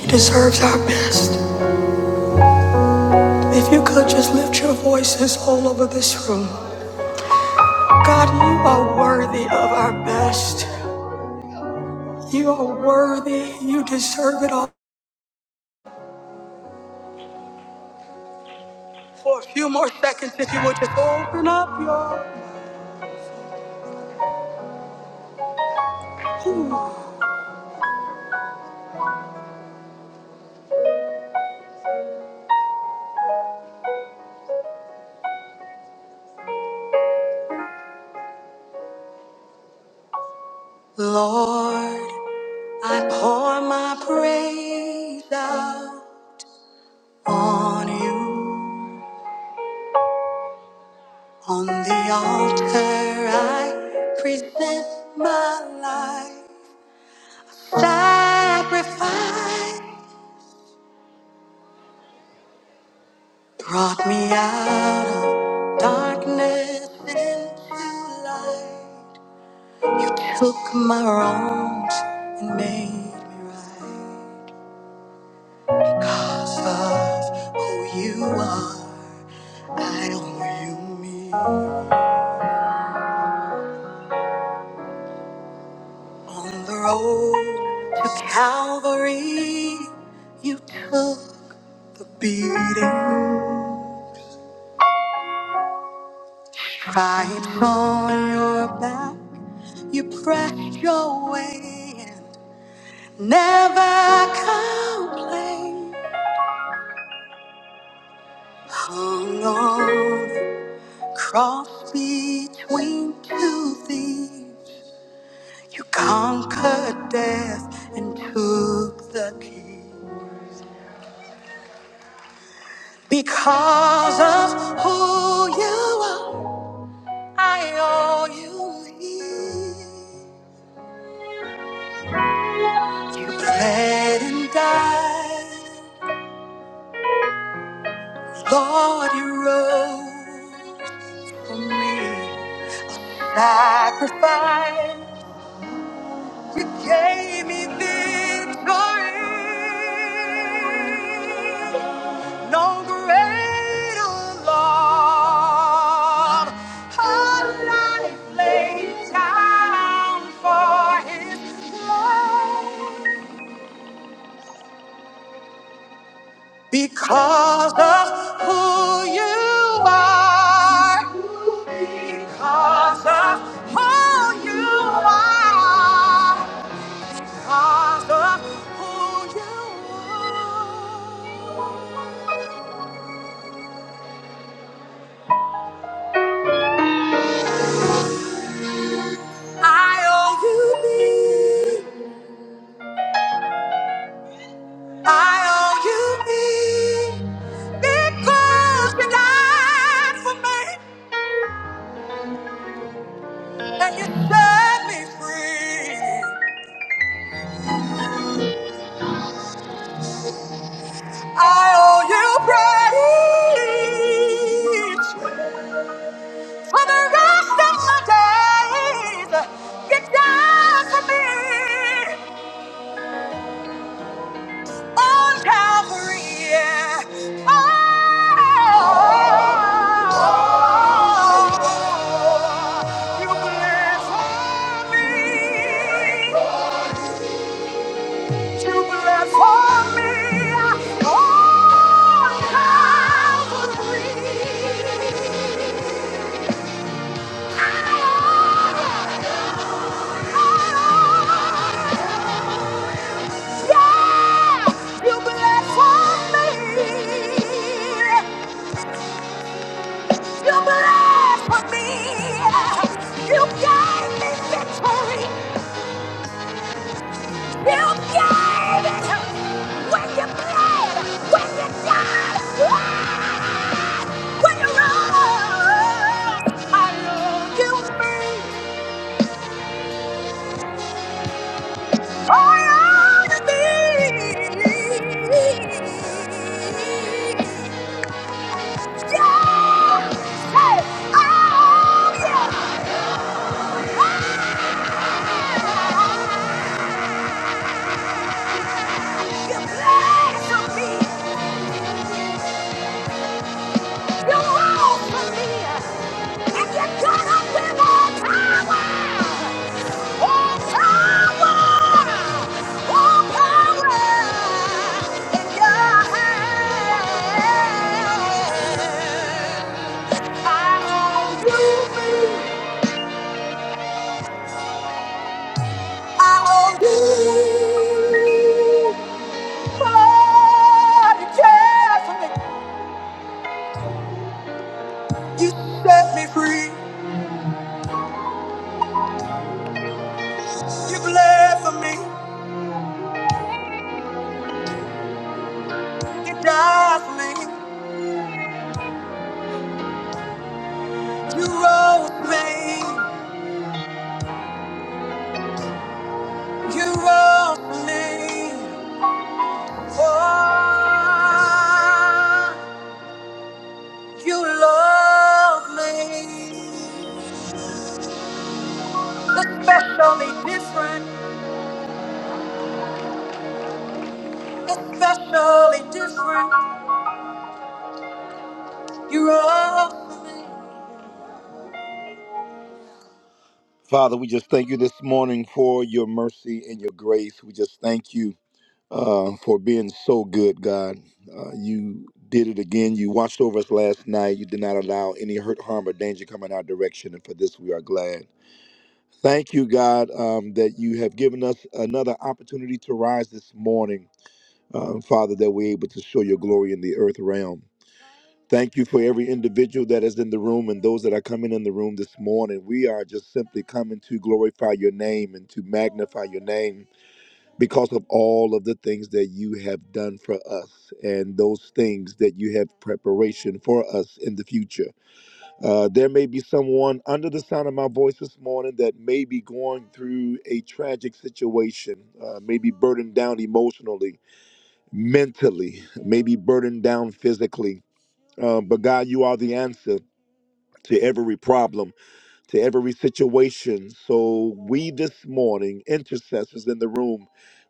He deserves our best. If you could just lift your voices all over this room. God, you are worthy of our best. You are worthy. You deserve it all. For a few more seconds, if you would just open up your Ooh. Lord, I pour my praise out on you. On the altar, I present my life sacrifice. Brought me out of darkness into light. You took my wrongs and made me right. Who you are, I owe you me. On the road to Calvary, you took the beating. Tried on your back, you pressed your way and never complained. Hung on the cross between two thieves, you conquered death and took the key. Because of who you are, I owe you me. You bled and died, Lord, you rose for me. Sacrifice. You gave me victory. No greater love. A life laid down for His love. Because of who you are. Because of who you are. Because of who you are. I owe you me. I owe you me. Because you died for me and you set me free. I owe you praise for the rest of my days. You died for me. on Calvary. yeah. Oh, you bless me. You bless for me on Calvary. Yeah, you bless for me. You bled for me. You gave me victory. You gave it when you bled, when you died, ah, when you rose. I love you, me. I love me. Yeah. Hey, I owe you. You bled for me. You long for me, and you got up with all power, all power, all power in your hand. I owe you, me, I owe you. Oh, you cared for me, you set me free, you bled for me, you died for me. You rose me, you rose me. Oh, you love me. Especially different, especially different. You rose me. Father, we just thank you this morning for your mercy and your grace. We just thank you. uh, for being so good, God. Uh, you did it again. You watched over us last night. You did not allow any hurt, harm, or danger come in our direction, and for this we are glad. Thank you, God, um, that you have given us another opportunity to rise this morning, um, Father, that we're able to show your glory in the earth realm. Thank you for every individual that is in the room and those that are coming in the room this morning. We are just simply coming to glorify your name and to magnify your name because of all of the things that you have done for us and those things that you have preparation for us in the future. Uh, there may be someone under the sound of my voice this morning that may be going through a tragic situation, uh, maybe burdened down emotionally, mentally, maybe burdened down physically. Uh, but God, you are the answer to every problem to every situation. So we this morning, intercessors in the room,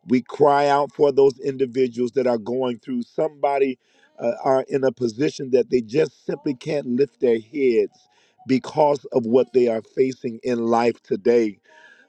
we cry out for those individuals that are going through. Somebody uh, are in a position that they just simply can't lift their heads because of what they are facing in life today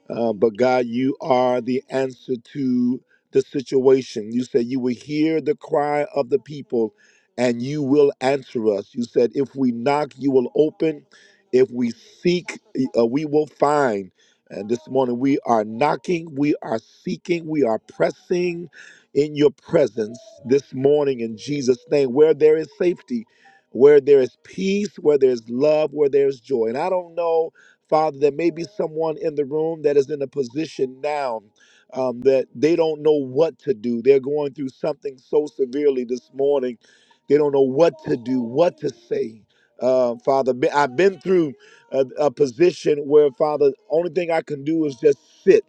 uh, but God, you are the answer to the situation. You said you will hear the cry of the people and you will answer us. You said, if we knock, you will open. If we seek, uh, we will find. And this morning we are knocking, we are seeking, we are pressing in your presence this morning in Jesus' name, where there is safety, where there is peace, where there is love, where there is joy. And I don't know Father, there may be someone in the room that is in a position now um, that they don't know what to do. They're going through something so severely this morning, they don't know what to do, what to say. Uh, Father, be- I've been through a, a position where, Father, only thing I can do is just sit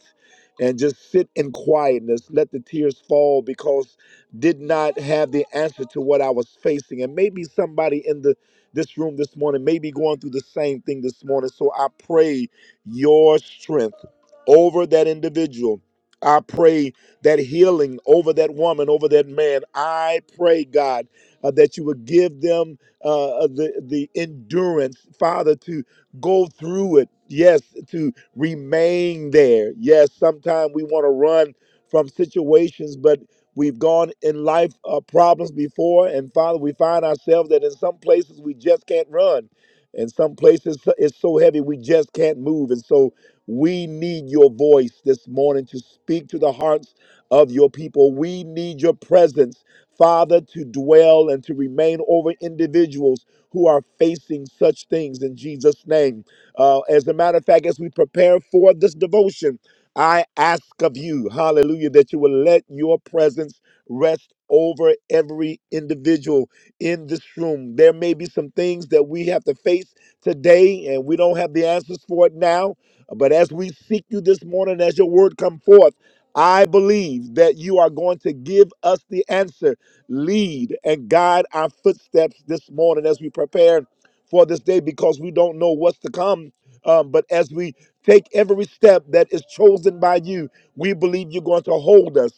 and just sit in quietness, let the tears fall because did not have the answer to what I was facing. And maybe somebody in the this room this morning may be going through the same thing this morning. So I pray your strength over that individual. I pray that healing over that woman, over that man. I pray, God, uh, that you would give them uh, uh, the the endurance, Father, to go through it. Yes, to remain there. Yes, sometimes we want to run from situations, but We've gone in life uh, problems before, and Father, we find ourselves that in some places we just can't run. In some places so, it's so heavy we just can't move. And so we need your voice this morning to speak to the hearts of your people. We need your presence, Father, to dwell and to remain over individuals who are facing such things in Jesus' name. Uh, as a matter of fact, as we prepare for this devotion, I ask of you, hallelujah, that you will let your presence rest over every individual in this room. There may be some things that we have to face today and we don't have the answers for it now, but as we seek you this morning as your word come forth, I believe that you are going to give us the answer. Lead and guide our footsteps this morning as we prepare for this day because we don't know what's to come. Um, but as we take every step that is chosen by you, we believe you're going to hold us.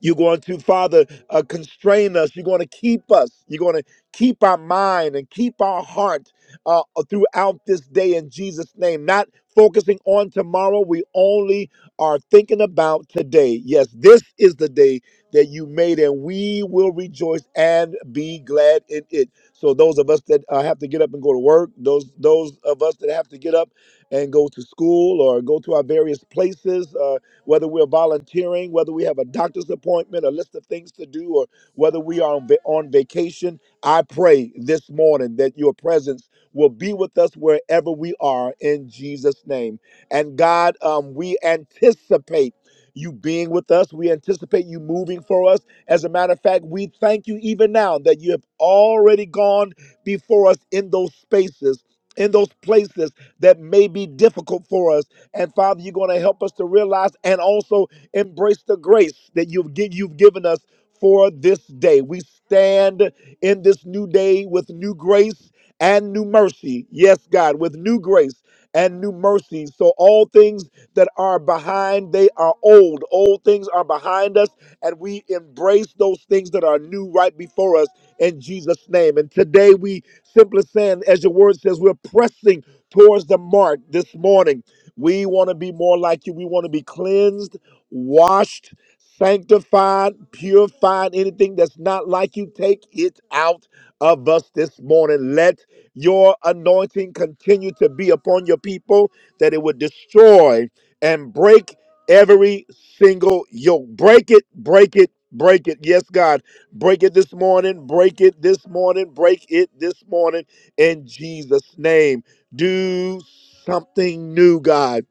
You're going to, Father, uh, constrain us. You're going to keep us. You're going to keep our mind and keep our heart uh, throughout this day in Jesus' name. Not focusing on tomorrow. We only are thinking about today. Yes, this is the day that you made, and we will rejoice and be glad in it. So those of us that uh, have to get up and go to work, those those of us that have to get up and go to school or go to our various places. uh, whether we're volunteering, whether we have a doctor's appointment, a list of things to do, or whether we are on, va- on vacation. I pray this morning that your presence will be with us wherever we are in Jesus' name. And God, um, we anticipate you being with us. We anticipate you moving for us. As a matter of fact, we thank you even now that you have already gone before us in those spaces in those places that may be difficult for us. And Father, you're going to help us to realize and also embrace the grace that you've gi- you've given us for this day. We stand in this new day with new grace and new mercy. Yes, God, with new grace and new mercies. So all things that are behind, they are old. Old things are behind us, and we embrace those things that are new right before us in Jesus' name. And today we simply saying, as your word says, we're pressing towards the mark this morning. We want to be more like you. We want to be cleansed, washed, sanctified, purified. Anything that's not like you, take it out of us this morning. Let your anointing continue to be upon your people, that it would destroy and break every single yoke. Break it, break it, break it. Yes, God, break it this morning, break it this morning, break it this morning in Jesus' name. Do something new, God.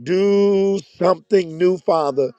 Do something new, Father.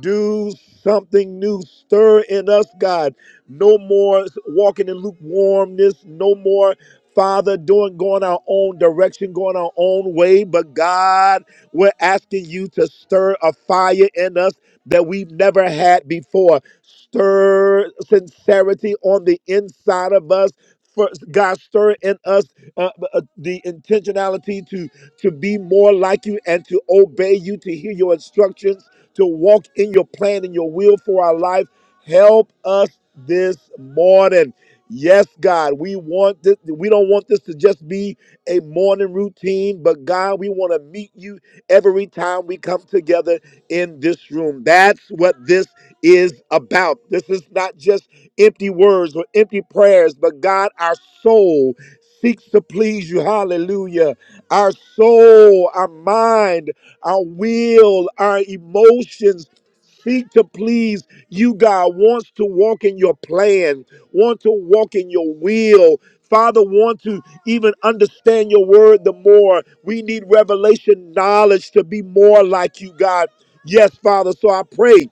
Do something new. Stir in us, God. No more walking in lukewarmness. No more, Father, doing going our own direction, going our own way. But God, we're asking you to stir a fire in us that we've never had before. Stir sincerity on the inside of us. First, God, stir in us uh, uh, the intentionality to to be more like you and to obey you, to hear your instructions to walk in your plan and your will for our life. Help us this morning. Yes, God, we want this. We don't want this to just be a morning routine, but God, we want to meet you every time we come together in this room. That's what this is about. This is not just empty words or empty prayers, but God, our soul seeks to please you. Hallelujah. Our soul, our mind, our will, our emotions seek to please you, God. Wants to walk in your plan, want to walk in your will. Father, want to even understand your word the more. We need revelation knowledge to be more like you, God. Yes, Father. So I pray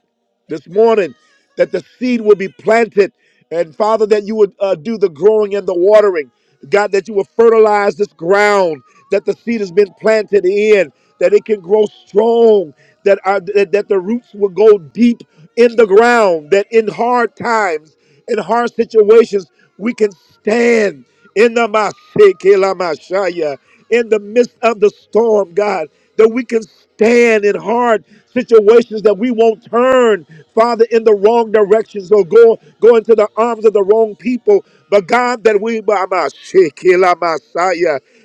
this morning that the seed will be planted. And Father, that you would uh, do the growing and the watering. God, that you will fertilize this ground that the seed has been planted in, that it can grow strong, that, our, that that the roots will go deep in the ground, that in hard times, in hard situations, we can stand in the Mashiach, in the midst of the storm, God, that we can stand in hard situations that we won't turn, Father, in the wrong directions or go, go into the arms of the wrong people. But God, that we Mashiach,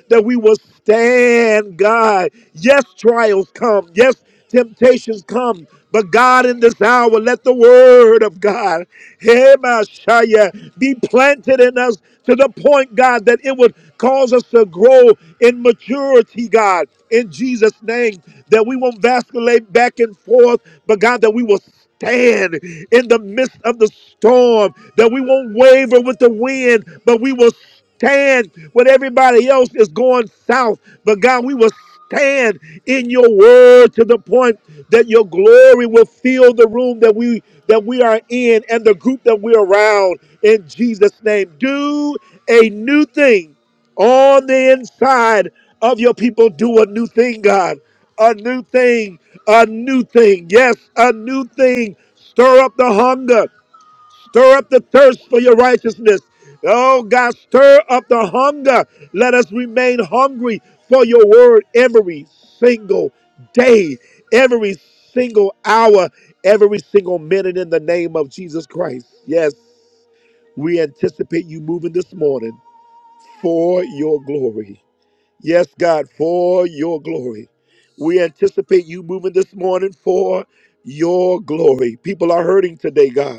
that we will stand, God. Yes, trials come. Yes, Temptations come, but God in this hour, let the word of God hey, Messiah, be planted in us to the point, God, that it would cause us to grow in maturity, God, in Jesus' name, that we won't vacillate back and forth, but God, that we will stand in the midst of the storm, that we won't waver with the wind, but we will stand when everybody else is going south. But God, we will stand in your word to the point that your glory will fill the room that we that we are in and the group that we're around in Jesus' name. Do a new thing on the inside of your people. Do a new thing, God. A new thing, a new thing. Yes, a new thing. Stir up the hunger. Stir up the thirst for your righteousness. Oh God, stir up the hunger. Let us remain hungry for your word every single day, every single hour, every single minute in the name of Jesus Christ. Yes, we anticipate you moving this morning for your glory. Yes, God, for your glory. We anticipate you moving this morning for your glory. People are hurting today, God.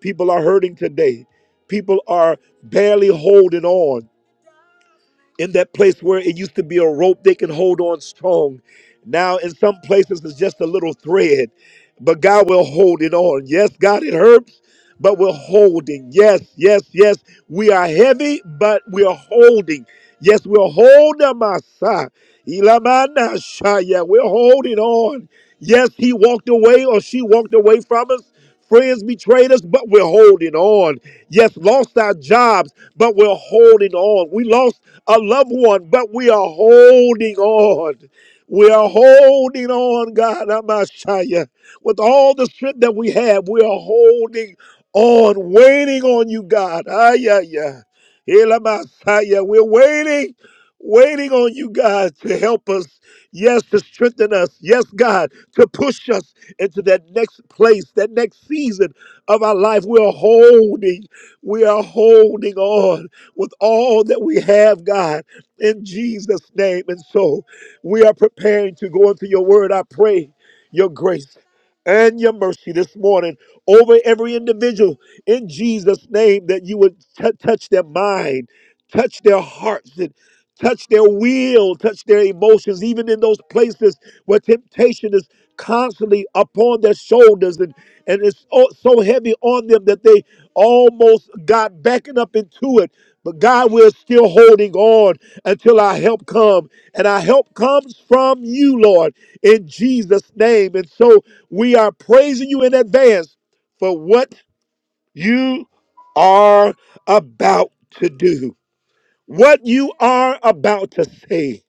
People are hurting today. People are barely holding on in that place where it used to be a rope they can hold on strong. Now, in some places, it's just a little thread, but God will hold it on. Yes, God, it hurts but we're holding. Yes, yes, yes. We are heavy, but we are holding. Yes, we're holding, my son. Ilamana shaya. We're holding on. Yes, he walked away or she walked away from us. Friends betrayed us, but we're holding on. Yes, lost our jobs, but we're holding on. We lost a loved one, but we are holding on. We are holding on, God, Amashaya, with all the strength that we have. We are holding on waiting on you, God. Ah, yeah, yeah. Ela We're waiting, waiting on you, God, to help us. Yes, to strengthen us. Yes, God, to push us into that next place, that next season of our life. We are holding, we are holding on with all that we have, God, in Jesus' name. And so we are preparing to go into your word. I pray your grace and your mercy this morning over every individual in Jesus' name that you would t- touch their mind, touch their hearts. and touch their will, touch their emotions, even in those places where temptation is constantly upon their shoulders and, and it's so so heavy on them that they almost got backing up into it. But God, we're still holding on until our help come. And our help comes from you, Lord, in Jesus' name. And so we are praising you in advance for what you are about to do what you are about to say.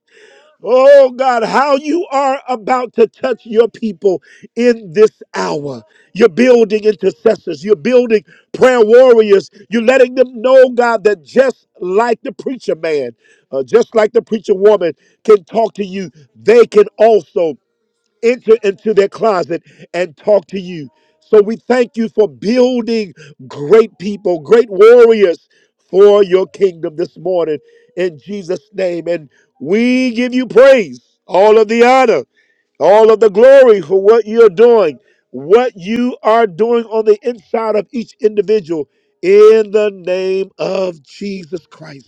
Oh God, how you are about to touch your people in this hour. You're building intercessors, you're building prayer warriors, you're letting them know, God, that just like the preacher man, uh, just like the preacher woman can talk to you, they can also enter into their closet and talk to you. So we thank you for building great people, great warriors for your kingdom this morning in Jesus' name. And we give you praise, all of the honor, all of the glory for what you're doing, what you are doing on the inside of each individual in the name of Jesus Christ.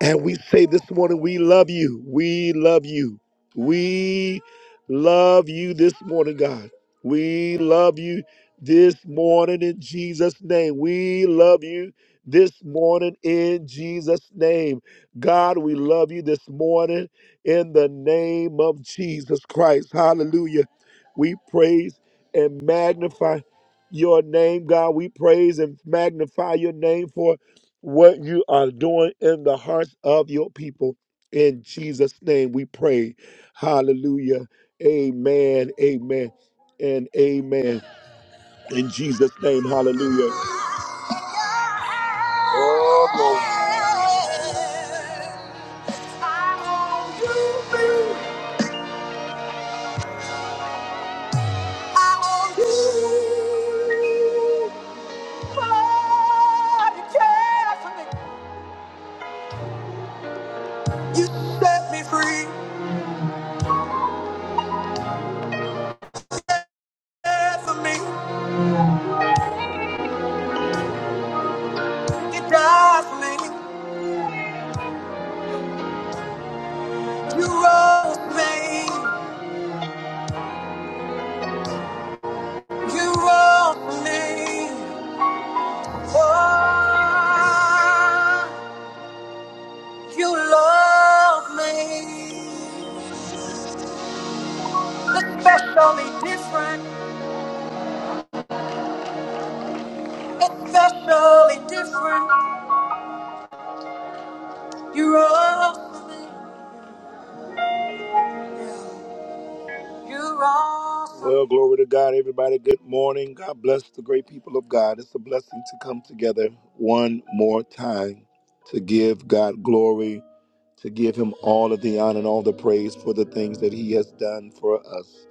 And we say this morning, we love you. We love you. We love you this morning, God. We love you this morning in Jesus' name. We love you this morning in Jesus' name. God, we love you this morning in the name of Jesus Christ. Hallelujah. We praise and magnify your name, God. We praise and magnify your name for what you are doing in the hearts of your people. In Jesus' name we pray. Hallelujah. Amen. Amen. And amen. In Jesus' name. Hallelujah. Oh, glory. I owe you. You set me free, care for me, you died for me, you rose for me, you rose for me. Oh, you love me. Especially different, especially different, you rose. You're awesome. Well, glory to God, everybody. Good morning. God bless the great people of God. It's a blessing to come together one more time to give God glory, to give Him all of the honor and all the praise for the things that He has done for us.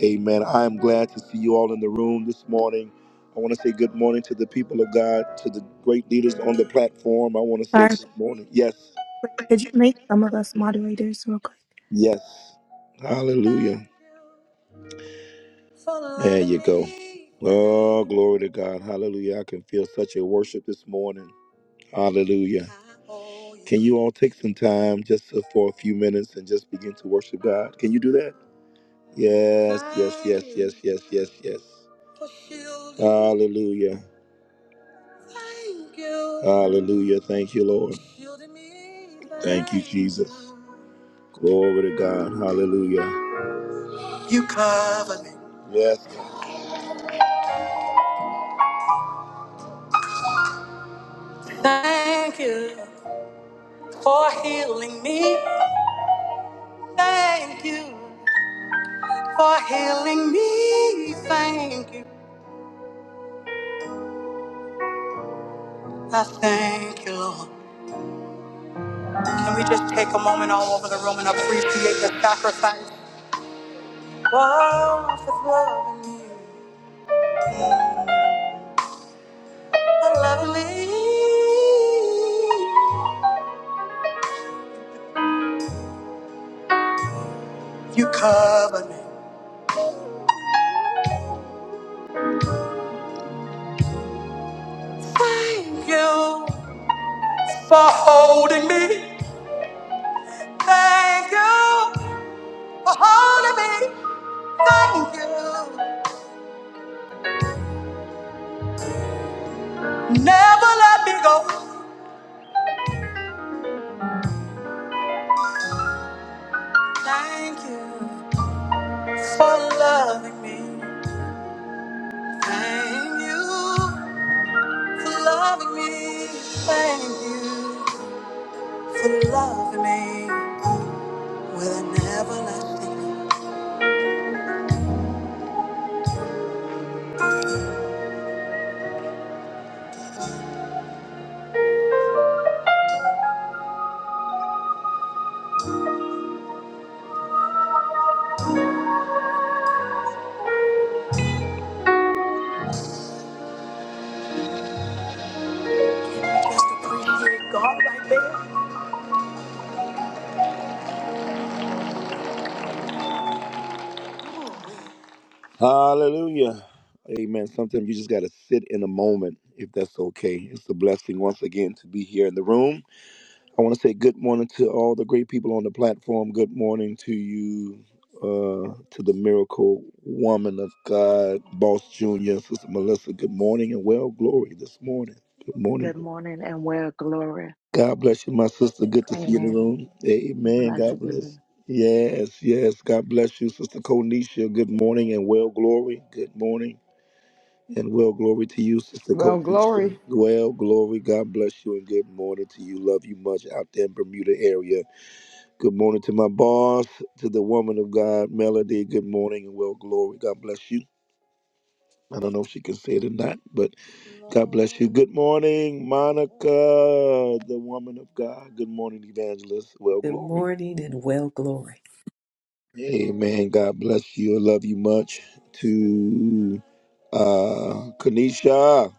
Amen. I am glad to see you all in the room this morning. I want to say good morning to the people of God, to the great leaders on the platform. I want to say Sorry, good Patrick. morning. Yes, Could you make some of us moderators real quick? yes. Hallelujah. There you go. Oh, glory to God. Hallelujah. I can feel such a worship this morning. Hallelujah. Can you all take some time just for a few minutes and just begin to worship God? Can you do that? Yes, yes, yes, yes, yes, yes, yes. Hallelujah. Hallelujah. Thank you, Lord. Thank you, Jesus. Glory to God. Hallelujah. You cover me. Yes, God. Thank you. for healing me. Thank you for healing me. Thank you. I thank you, Lord. Can we just take a moment all over the room and appreciate the sacrifice? Oh, for loving me, for loving me. You cover me. Thank you for holding me. Thank you for holding me. Thank you. Never let me go. Thank you for loving me. Thank you for loving me. Thank you for loving me with an everlasting love. Just appreciate God right there. Hallelujah. Amen. Sometimes you just got to sit in a moment if that's okay. It's a blessing once again to be here in the room. I want to say good morning to all the great people on the platform. Good morning to you, uh, to the miracle woman of God, Boss Junior, Sister Melissa. Good morning and well glory this morning. Good morning. Good morning and well, glory. God bless you, my sister. Good to see you in the Amen. room. I'm Amen. glad to God be bless. here. Yes, yes. God bless you, Sister Konisha. Good morning and well glory. Good morning and well glory to you, Sister Well, Konisha. glory. Well glory. God bless you and good morning to you. Love you much out there in Bermuda area. Good morning to my boss, to the woman of God, Melody. Good morning and well glory. God bless you. I don't know if she can say it or not, but God bless you. Good morning, Monica, the woman of God. Good morning, evangelist. Well Good glory. morning and well glory. Amen. God bless you. I love you much. To uh Kanisha,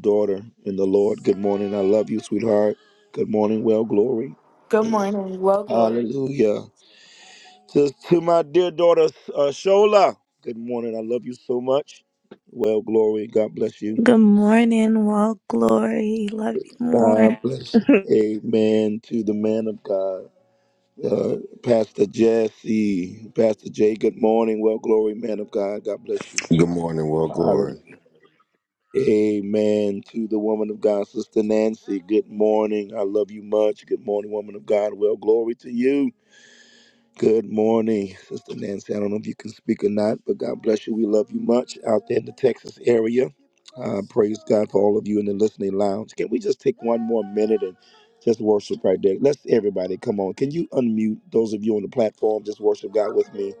daughter in the Lord. Good morning. I love you, sweetheart. Good morning. Well glory. Good morning. Well, glory. Hallelujah. To, to my dear daughter, uh, Shola, good morning. I love you so much. Well, glory. God bless you. Good morning, well, glory. Love you more. God bless you. Amen to the man of God. Uh, Pastor Jesse, Pastor Jay, good morning. Well, glory, man of God. God bless you. Good morning, world Hallelujah. glory. Amen to the woman of God, Sister Nancy. Good morning. I love you much. Good morning, woman of God. Well, glory to you. Good morning, Sister Nancy. I don't know if you can speak or not, but God bless you. We love you much out there in the Texas area. Uh, praise God for all of you in the listening lounge. Can we just take one more minute and just worship right there? Let's everybody come on. Can you unmute those of you on the platform? Just worship God with me,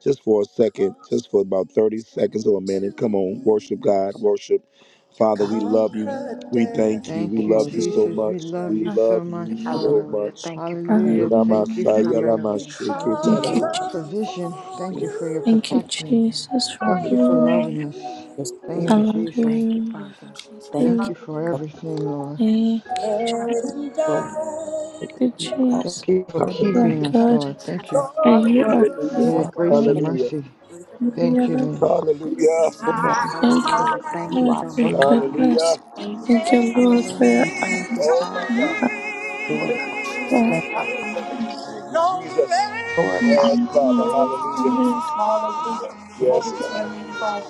just for a second, just for about thirty seconds or a minute. Come on, worship God, worship. Father, Father, we love you. that We you thank you. We the Thank you, love word you so Jesus. We much. love We you so love you much, of the so Lord. Hallelujah. much. Thank you, praise Father. Hallelujah. Thank you for Hallelujah. Ilamasaya your Hallelujah. Lamashiki even Thank the Hallelujah. you. l- taraba. Je- provision. Thank you freedom. for your Thank Thank you, protection. Jesus. Because Thank you Taraba. for of Hallelujah. loving you us. your Thank you, spirit. Jesus. Thank you, Hallelujah. Father. Thank Thank Thank you you you, for for everything, Lord. I owe thank you, let him your word. die. you, You all, Jesus. Thank you for You are keeping Hallelujah. us, Lord. Thank you And you are for your Hallelujah. faithful. Lord, grace Hallelujah. and Thank you, Hallelujah. mercy. Thank you, Lord. Hallelujah. Thank Lord, you, Jesus. Thank you, Hallelujah. Thank you you Lord, are so for your much, worthy, Father. Hallelujah. goodness. Thank you, Lord, for Hallelujah. your Thank you, Oh my Father. eyes. Lord. God bless, God. No Thank you, Jesus. glorify Yes, Father. Nevertheless, Hallelujah. hundreds your name. Yes, God.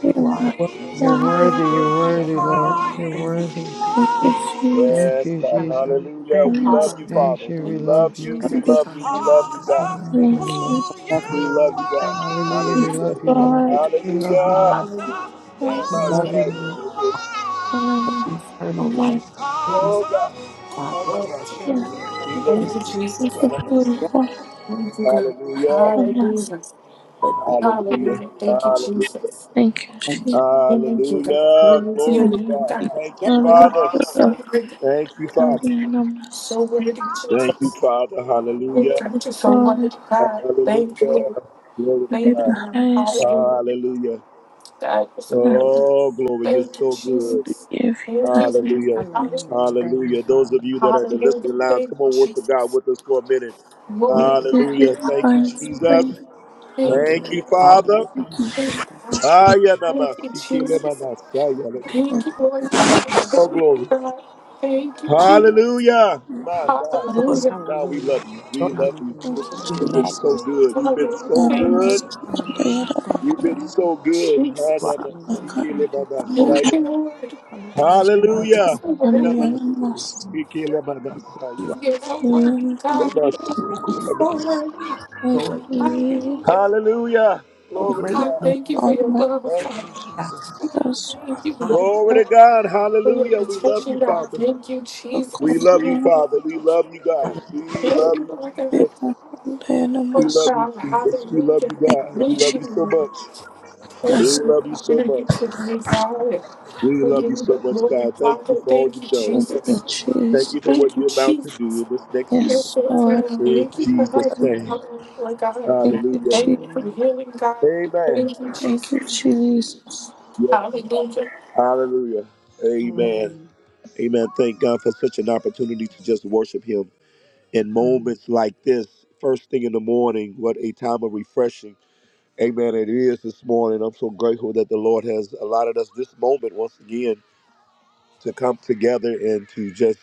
were You are worthy You're massacred worthy. You're worthy, Lord. Hallelujah. You're Thank you, worthy. Jesus. with shields, Thank Yes, you, God. Jesus. Hallelujah. Hallelujah. Thank We you, hammers, love you, Father. Hallelujah. Father. Thank you. We We Thank you, love love you. you. We Thank and you Jesus. love so you. We much, Hallelujah. love you, Father. We God. love you, Lord. blankets, of love, We love you, Hallelujah. God. Thank you, Hallelujah. Father. We Hallelujah. and love you, faith, of Lord. swords, We love you, Hallelujah. Lord. Hallelujah. Thank We you, love love you, God. Lord. to ornaments, eternal and life. You, Oh God. Father, Glory to your the name. God. thank Thank you, Jesus. rest of you. war Thank you, God. Hallelujah. hammers, Hallelujah. But we Hallelujah. Hallelujah. Thank you, Hallelujah. Jesus. thank you. handkerchiefs, Thank you, God. Hallelujah. Glory to your Glory and to name, God. God. You Thank get you, Oh, hundreds Father. God, you're of so worthy. Thank you, Father. candy numbers. So worthy, the Thank you, Jesus. Father. Oh, Thank Hallelujah. you God, you're so for worthy, it. God. Thank you, Hallelujah. Lord. Glory Give to you Thank you, the God. God. highest Hallelujah. Hallelujah. God, you're so praise. worthy. Oh, glory. You're Thank you, so good. Jesus. Give you Thank the you, Lord. highest Hallelujah. praise. Hallelujah. Hallelujah. Thank you, Hallelujah. Those of Father. you that are in the Hallelujah. listening lounge, Thank come you, on, worship God Jesus. with us for a minute. glory, Glory, Give you Hallelujah. the Thank you, highest Hallelujah. Jesus. praise. your Thank you, Thank you, Hallelujah. Lord. all Thank you Father. so much, Thank you, Father. God. Thank you, Jesus. Ayanamasikelemanasayanemi. God, Thank you, Lord God. Thank Oh, you, glory. God. Thank you, God, Jesus. Hallelujah. give you My the God. Lord, highest Hallelujah. God, we love Hallelujah. you. your We name. love you. Hallelujah. Thank We you, You've been Yes, magnify so Jesus. good. You've been Hallelujah. so Thank good. Aramas you, you. Hallelujah. Barreira Thank you, You've been Father. so good. You are Jesus. Hallelujah. Thank Bakan you, holy. Father. Thank Aramas you, Hanamasikelebanasayan. Lord. Hallelujah. Thank you, God, you're Hallelujah. so Father. worthy. Ambianamas Mm. You are You're so worthy, God. Universe You're so worthy. Lord. Hallelujah. Hallelujah. for Oh, Glory to great God, God. name, thank you for of your love, Thank Father. you, God. Jesus. Matters Thank you, Lord Glory to God. God. for your Hallelujah. We love you, protection, God. Father. Thank you, We Jesus. love you, Control Father. We love you, God. Hallelujah. We Thank love you, you, Lord Jesus. We Oh Danamas love you, God, Jesus. We love hallelujah. you, Thank God. you We Thank love you, you Jesus so Lord. much. Oh We Yes, God, love you I so honor you much. today, God. We We love give you you so the much, glory, God. Thank you Father. for all Thank you've you, done. Thank you Jesus. Thank Jesus you for Thank what you, you're about to do Jesus. in this next You're season. Yes so Yes, Lord good. In Thank Father. you for Thank you Jesus' so Thank much. name. helping, Jesus. Lord God. you Hallelujah. Thank Jesus you for Hallelujah. healing, God. Amen. Thank you, Thank you Jesus. Jesus Yeah. Hallelujah. Hallelujah. Amen. Hallelujah. Amen. Thank God for such an opportunity to just worship Him in moments like this, first thing in the morning. What a time of refreshing. Amen. It is this morning. I'm so grateful that the Lord has allotted us this moment once again to come together and to just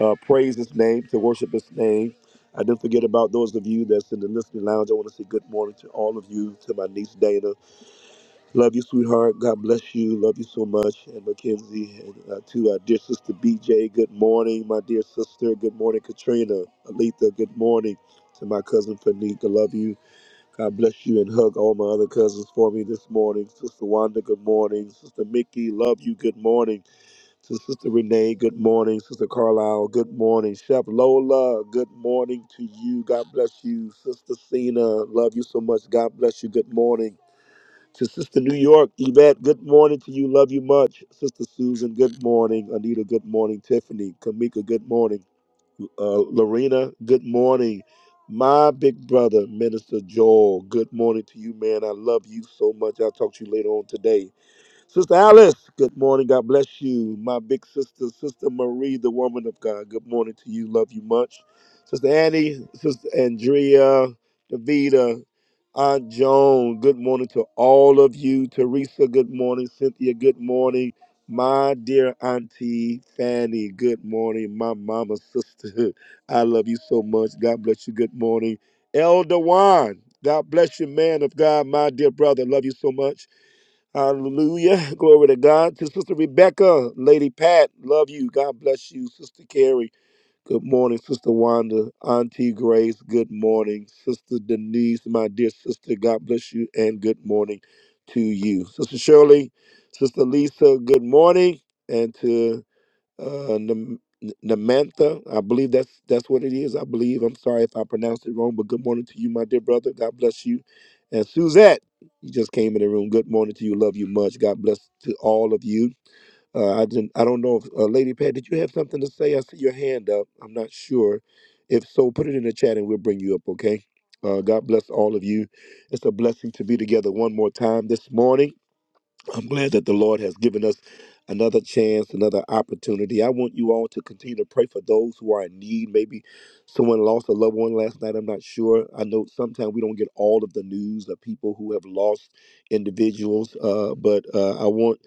uh, praise His name, to worship His name. I didn't forget about those of you that's in the listening lounge. I want to say good morning to all of you, to my niece Dana. Love you, sweetheart. God bless you. Love you so much. And Mackenzie, and uh, to our dear sister BJ, good morning. My dear sister, good morning. Katrina, Alita, good morning. To my cousin Fanika, love you. God bless you and hug all my other cousins for me this morning. Sister Wanda, good morning. Sister Mickey, love you. Good morning. To Sister Renee, good morning. Sister Carlisle, good morning. Chef Lola, good morning to you. God bless you. Sister Cena, love you so much. God bless you. Good morning. To Sister New York, Yvette, good morning to you. Love you much. Sister Susan, good morning. Anita, good morning. Tiffany, Kamika, good morning. Uh, Lorena, good morning. My big brother, Minister Joel, good morning to you, man. I love you so much. I'll talk to you later on today. Sister Alice, good morning. God bless you. My big sister, Sister Marie, the woman of God. Good morning to you. Love you much. Sister Annie, Sister Andrea, Davida, Aunt Joan, good morning to all of you. Teresa, good morning. Cynthia, good morning. My dear Auntie Fanny, good morning. My mama, sister, I love you so much. God bless you. Good morning. Elder Juan, God bless you, man of God. My dear brother, love you so much. Hallelujah. Glory to God. To Sister Rebecca, Lady Pat, love you. God bless you. Sister Carrie, good morning. Sister Wanda, Auntie Grace, good morning. Sister Denise, my dear sister, God bless you and good morning to you. Sister Shirley, Sister Lisa, good morning. And to uh, Nam- Namantha. I believe that's that's what it is. I believe. I'm sorry if I pronounced it wrong, but good morning to you, my dear brother. God bless you. And Suzette, you just came in the room. Good morning to you. Love you much. God bless to all of you. Uh, I didn't. I don't know if uh, Lady Pat, did you have something to say? I see your hand up. I'm not sure. If so, put it in the chat and we'll bring you up. Okay. Uh, God bless all of you. It's a blessing to be together one more time this morning. I'm glad that the Lord has given us another chance, another opportunity. I want you all to continue to pray for those who are in need. Maybe someone lost a loved one last night. I'm not sure. I know sometimes we don't get all of the news of people who have lost individuals, uh, but uh, I want.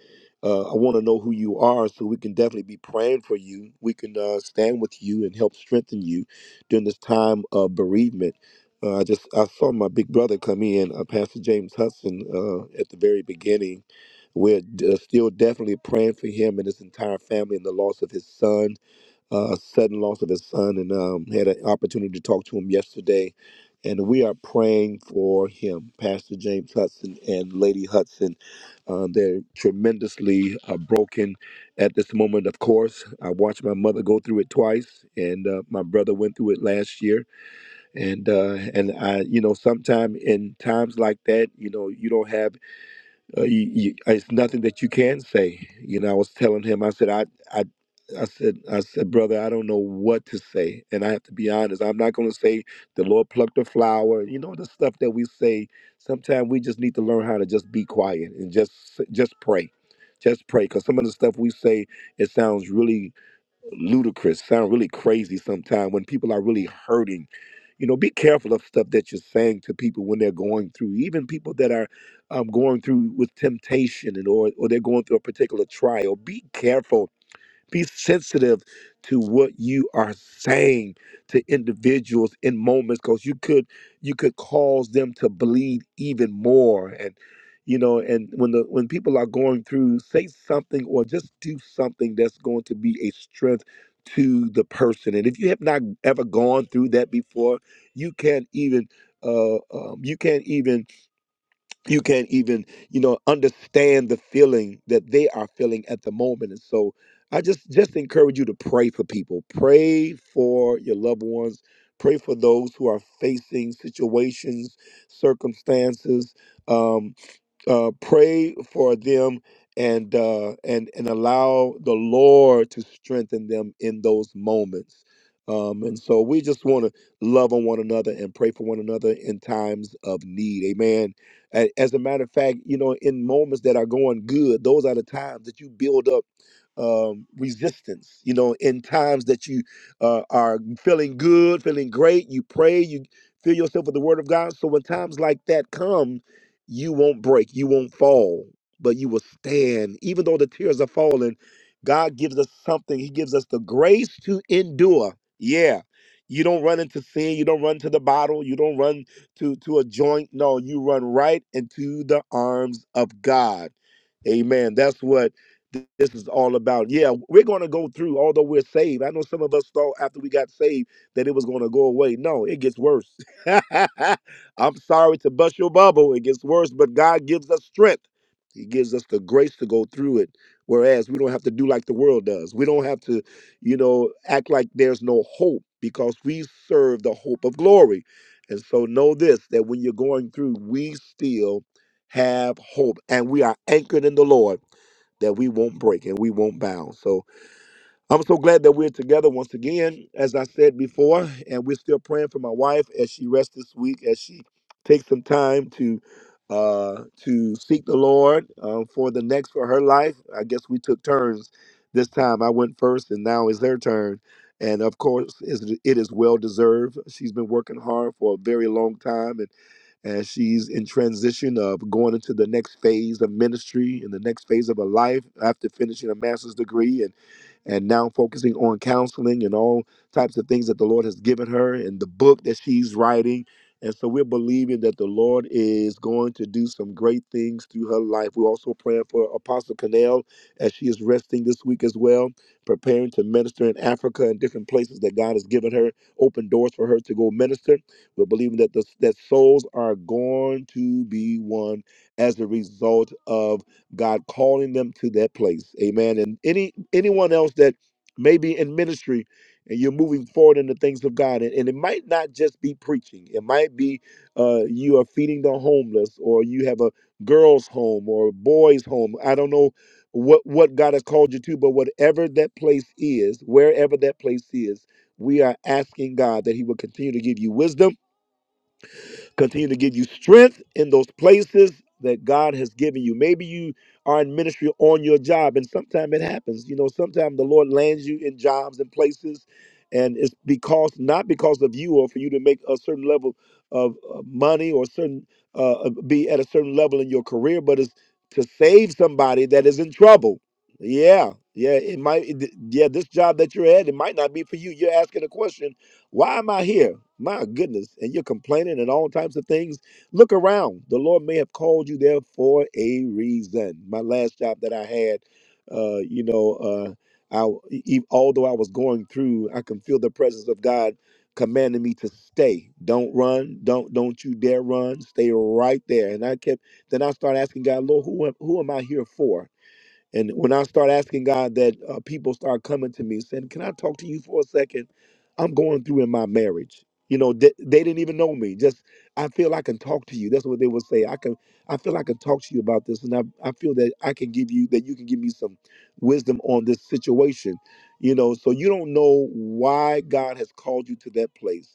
Uh, I want to know who you are so we can definitely be praying for you. We can uh, stand with you and help strengthen you during this time of bereavement. Uh, I just I saw my big brother come in, uh, Pastor James Hudson, uh, at the very beginning we're d- uh, still definitely praying for him and his entire family and the loss of his son, uh, sudden loss of his son. And um, had an opportunity to talk to him yesterday. And we are praying for him, Pastor James Hudson and Lady Hudson. Uh, they're tremendously uh, broken at this moment, of course. I watched my mother go through it twice, and uh, my brother went through it last year. And, uh, and I, you know, sometime in times like that, you know, you don't have uh, you, you, uh, it's nothing that you can say. You know, I was telling him, I said, I, I, I said, I said, brother, I don't know what to say, and I have to be honest. I'm not going to say the Lord plucked a flower. You know, the stuff that we say. Sometimes we just need to learn how to just be quiet and just, just pray, just pray, because some of the stuff we say, it sounds really ludicrous, sound really crazy sometimes when people are really hurting. You know, be careful of stuff that you're saying to people when they're going through, even people that are um, going through with temptation and or, or they're going through a particular trial. Be careful be sensitive to what you are saying to individuals in moments because you could you could cause them to bleed even more. And you know, and when the when people are going through, say something or just do something that's going to be a strength to the person. And if you have not ever gone through that before, you can't even uh, um, you can't even you can't even you know understand the feeling that they are feeling at the moment and so i just just encourage you to pray for people pray for your loved ones pray for those who are facing situations circumstances um, uh, pray for them and uh, and and allow the Lord to strengthen them in those moments. Um, and so we just want to love on one another and pray for one another in times of need. Amen. A- As a matter of fact, you know, in moments that are going good, those are the times that you build up um, resistance. You know, in times that you uh, are feeling good, feeling great, you pray, you fill yourself with the Word of God. So when times like that come, you won't break, you won't fall, but you will stand. Even though the tears are falling, God gives us something. He gives us the grace to endure. Yeah. You don't run into sin, you don't run to the bottle, you don't run to to a joint. No, you run right into the arms of God. Amen. That's what th- this is all about. Yeah, we're going to go through, although we're saved. I know some of us thought after we got saved that it was going to go away. No, it gets worse. I'm sorry to bust your bubble. It gets worse, but God gives us strength. He gives us the grace to go through it. Whereas we don't have to do like the world does. We don't have to, you know, act like there's no hope because we serve the hope of glory. And so know this that when you're going through, we still have hope and we are anchored in the Lord that we won't break and we won't bow. So I'm so glad that we're together once again, as I said before, and we're still praying for my wife as she rests this week, as she takes some time to uh, to seek the Lord uh, for the next for her life. I guess we took turns this time. I went first, and now it's her turn. And of course, it's- it is well deserved. She's been working hard for a very long time, and and she's in transition of going into the next phase of ministry and the next phase of her life after finishing a master's degree and now focusing on counseling and all types of things that the Lord has given her and the book that she's writing. And so we're believing that the Lord is going to do some great things through her life. We're also praying for Apostle Canal as she is resting this week as well, preparing to minister in Africa and different places that God has given her, open doors for her to go minister. We're believing that the, that souls are going to be won as a result of God calling them to that place. Amen. And any anyone else that may be in ministry and you're moving forward in the things of God, and, and it might not just be preaching. It might be uh, you are feeding the homeless, or you have a girls' home or a boys' home. I don't know what what God has called you to, but whatever that place is, wherever that place is, we are asking God that He will continue to give you wisdom Continue to give you strength in those places that God has given you. Maybe you are in ministry on your job, and sometimes it happens. You know, sometimes the Lord lands you in jobs and places, and it's because not because of you or for you to make a certain level of uh, money or certain uh, uh, be at a certain level in your career, but it's to save somebody that is in trouble. Yeah, yeah, it might. it- Yeah, this job that you're at, it might not be for you. You're asking a question why am I here? My goodness. And you're complaining and all types of things. Look around. The Lord may have called you there for a reason. My last job that I had, uh, you know, uh, I, e- although I was going through, I can feel the presence of God commanding me to stay. Don't run. Don't don't you dare run. Stay right there. And I kept. Then I started asking God, Lord, who am, who am I here for? And when I start asking God that, uh, people start coming to me saying, Can I talk to you for a second? I'm going through in my marriage. You know, they, they didn't even know me. Just, I feel I can talk to you. That's what they would say. I can, I feel I can talk to you about this. And I, I feel that I can give you, that you can give me some wisdom on this situation. You know, so you don't know why God has called you to that place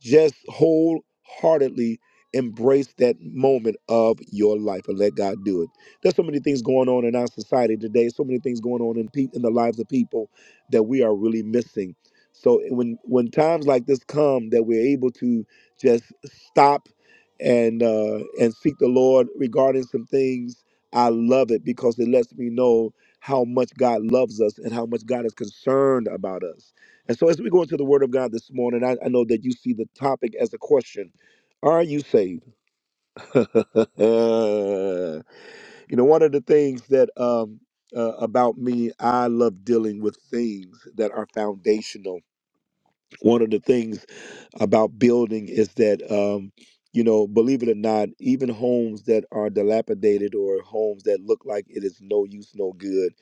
just wholeheartedly embrace that moment of your life and let God do it. There's so many things going on in our society today. So many things going on in pe- in the lives of people that we are really missing. So eh, when when times like this come, that we're able to just stop and uh, and seek the Lord regarding some things. I love it because it lets me know how much God loves us and how much God is concerned about us. And so, as we go into the Word of God this morning, I, I know that you see the topic as a question Are you saved? you know, one of the things that um, uh, about me, I love dealing with things that are foundational. One of the things about building is that, um, you know, believe it or not, even homes that are dilapidated or homes that look like it is no use, no good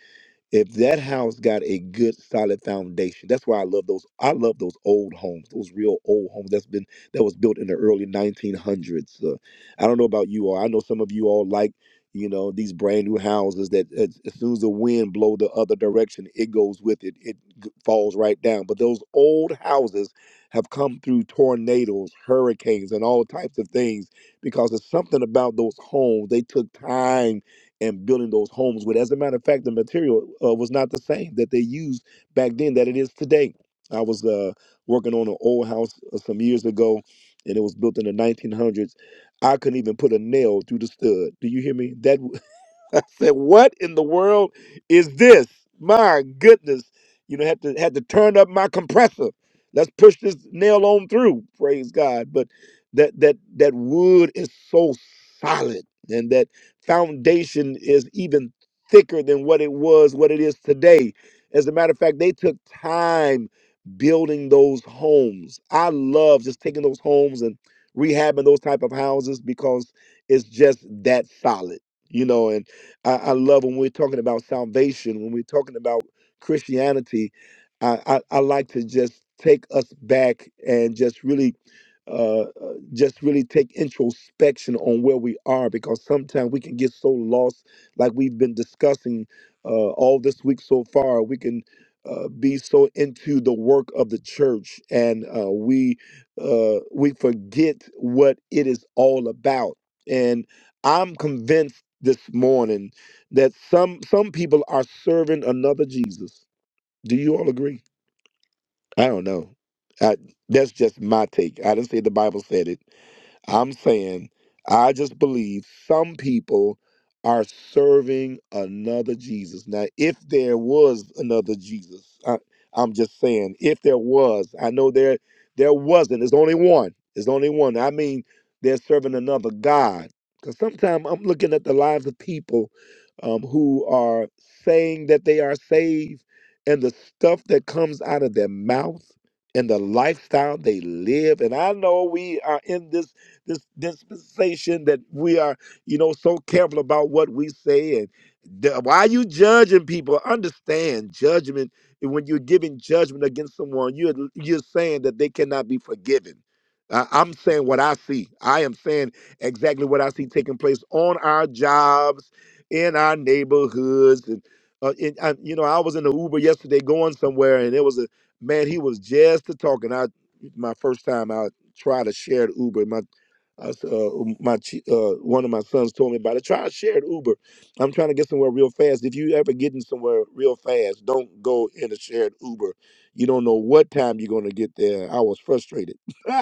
if that house got a good solid foundation that's why i love those i love those old homes those real old homes that's been that was built in the early 1900s uh, i don't know about you all i know some of you all like you know these brand new houses that as, as soon as the wind blow the other direction it goes with it it g- falls right down but those old houses have come through tornadoes hurricanes and all types of things because there's something about those homes they took time and building those homes with. As a matter of fact, the material uh, was not the same that they used back then that it is today. I was uh, working on an old house uh, some years ago, and it was built in the 1900s. I couldn't even put a nail through the stud. Do you hear me? That I said, "What in the world is this?" My goodness, you know, had to had to turn up my compressor. Let's push this nail on through. Praise God! But that that that wood is so solid, and that foundation is even thicker than what it was, what it is today. As a matter of fact, they took time building those homes. I love just taking those homes and rehabbing those type of houses because it's just that solid you know I, I love when we're talking about salvation, when we're talking about Christianity. I, I, I like to just take us back and just really, uh, uh, just really take introspection on where we are, because sometimes we can get so lost, like we've been discussing uh, all this week so far. We can uh, be so into the work of the church, and uh, we uh, we forget what it is all about. And I'm convinced this morning that some some people are serving another Jesus. Do you all agree? I don't know. I, that's just my take. I didn't say the Bible said it. I'm saying I just believe some people are serving another Jesus. Now, if there was another Jesus, I, I'm just saying if there was, I know there there wasn't. There's only one. There's only one. I mean, they're serving another God. Because sometimes I'm looking at the lives of people um, who are saying that they are saved, and the stuff that comes out of their mouth and the lifestyle they live. And I know we are in this this dispensation that we are, you know, so careful about what we say and the, why you judging people. Understand judgment. and When you're giving judgment against someone, you're you're saying that they cannot be forgiven. I- I'm saying what I see. I am saying exactly what I see taking place on our jobs, in our neighborhoods, and uh, in, I, you know, I was in the Uber yesterday going somewhere, and there was a man. He was just a talking. I my first time I tried to share the Uber. my. I s uh, um, my chi- uh, one of my sons told me about it. Try a shared Uber. I'm trying to get somewhere real fast. If you ever getting somewhere real fast, don't go in a shared Uber. You don't know what time you're going to get there. I was frustrated.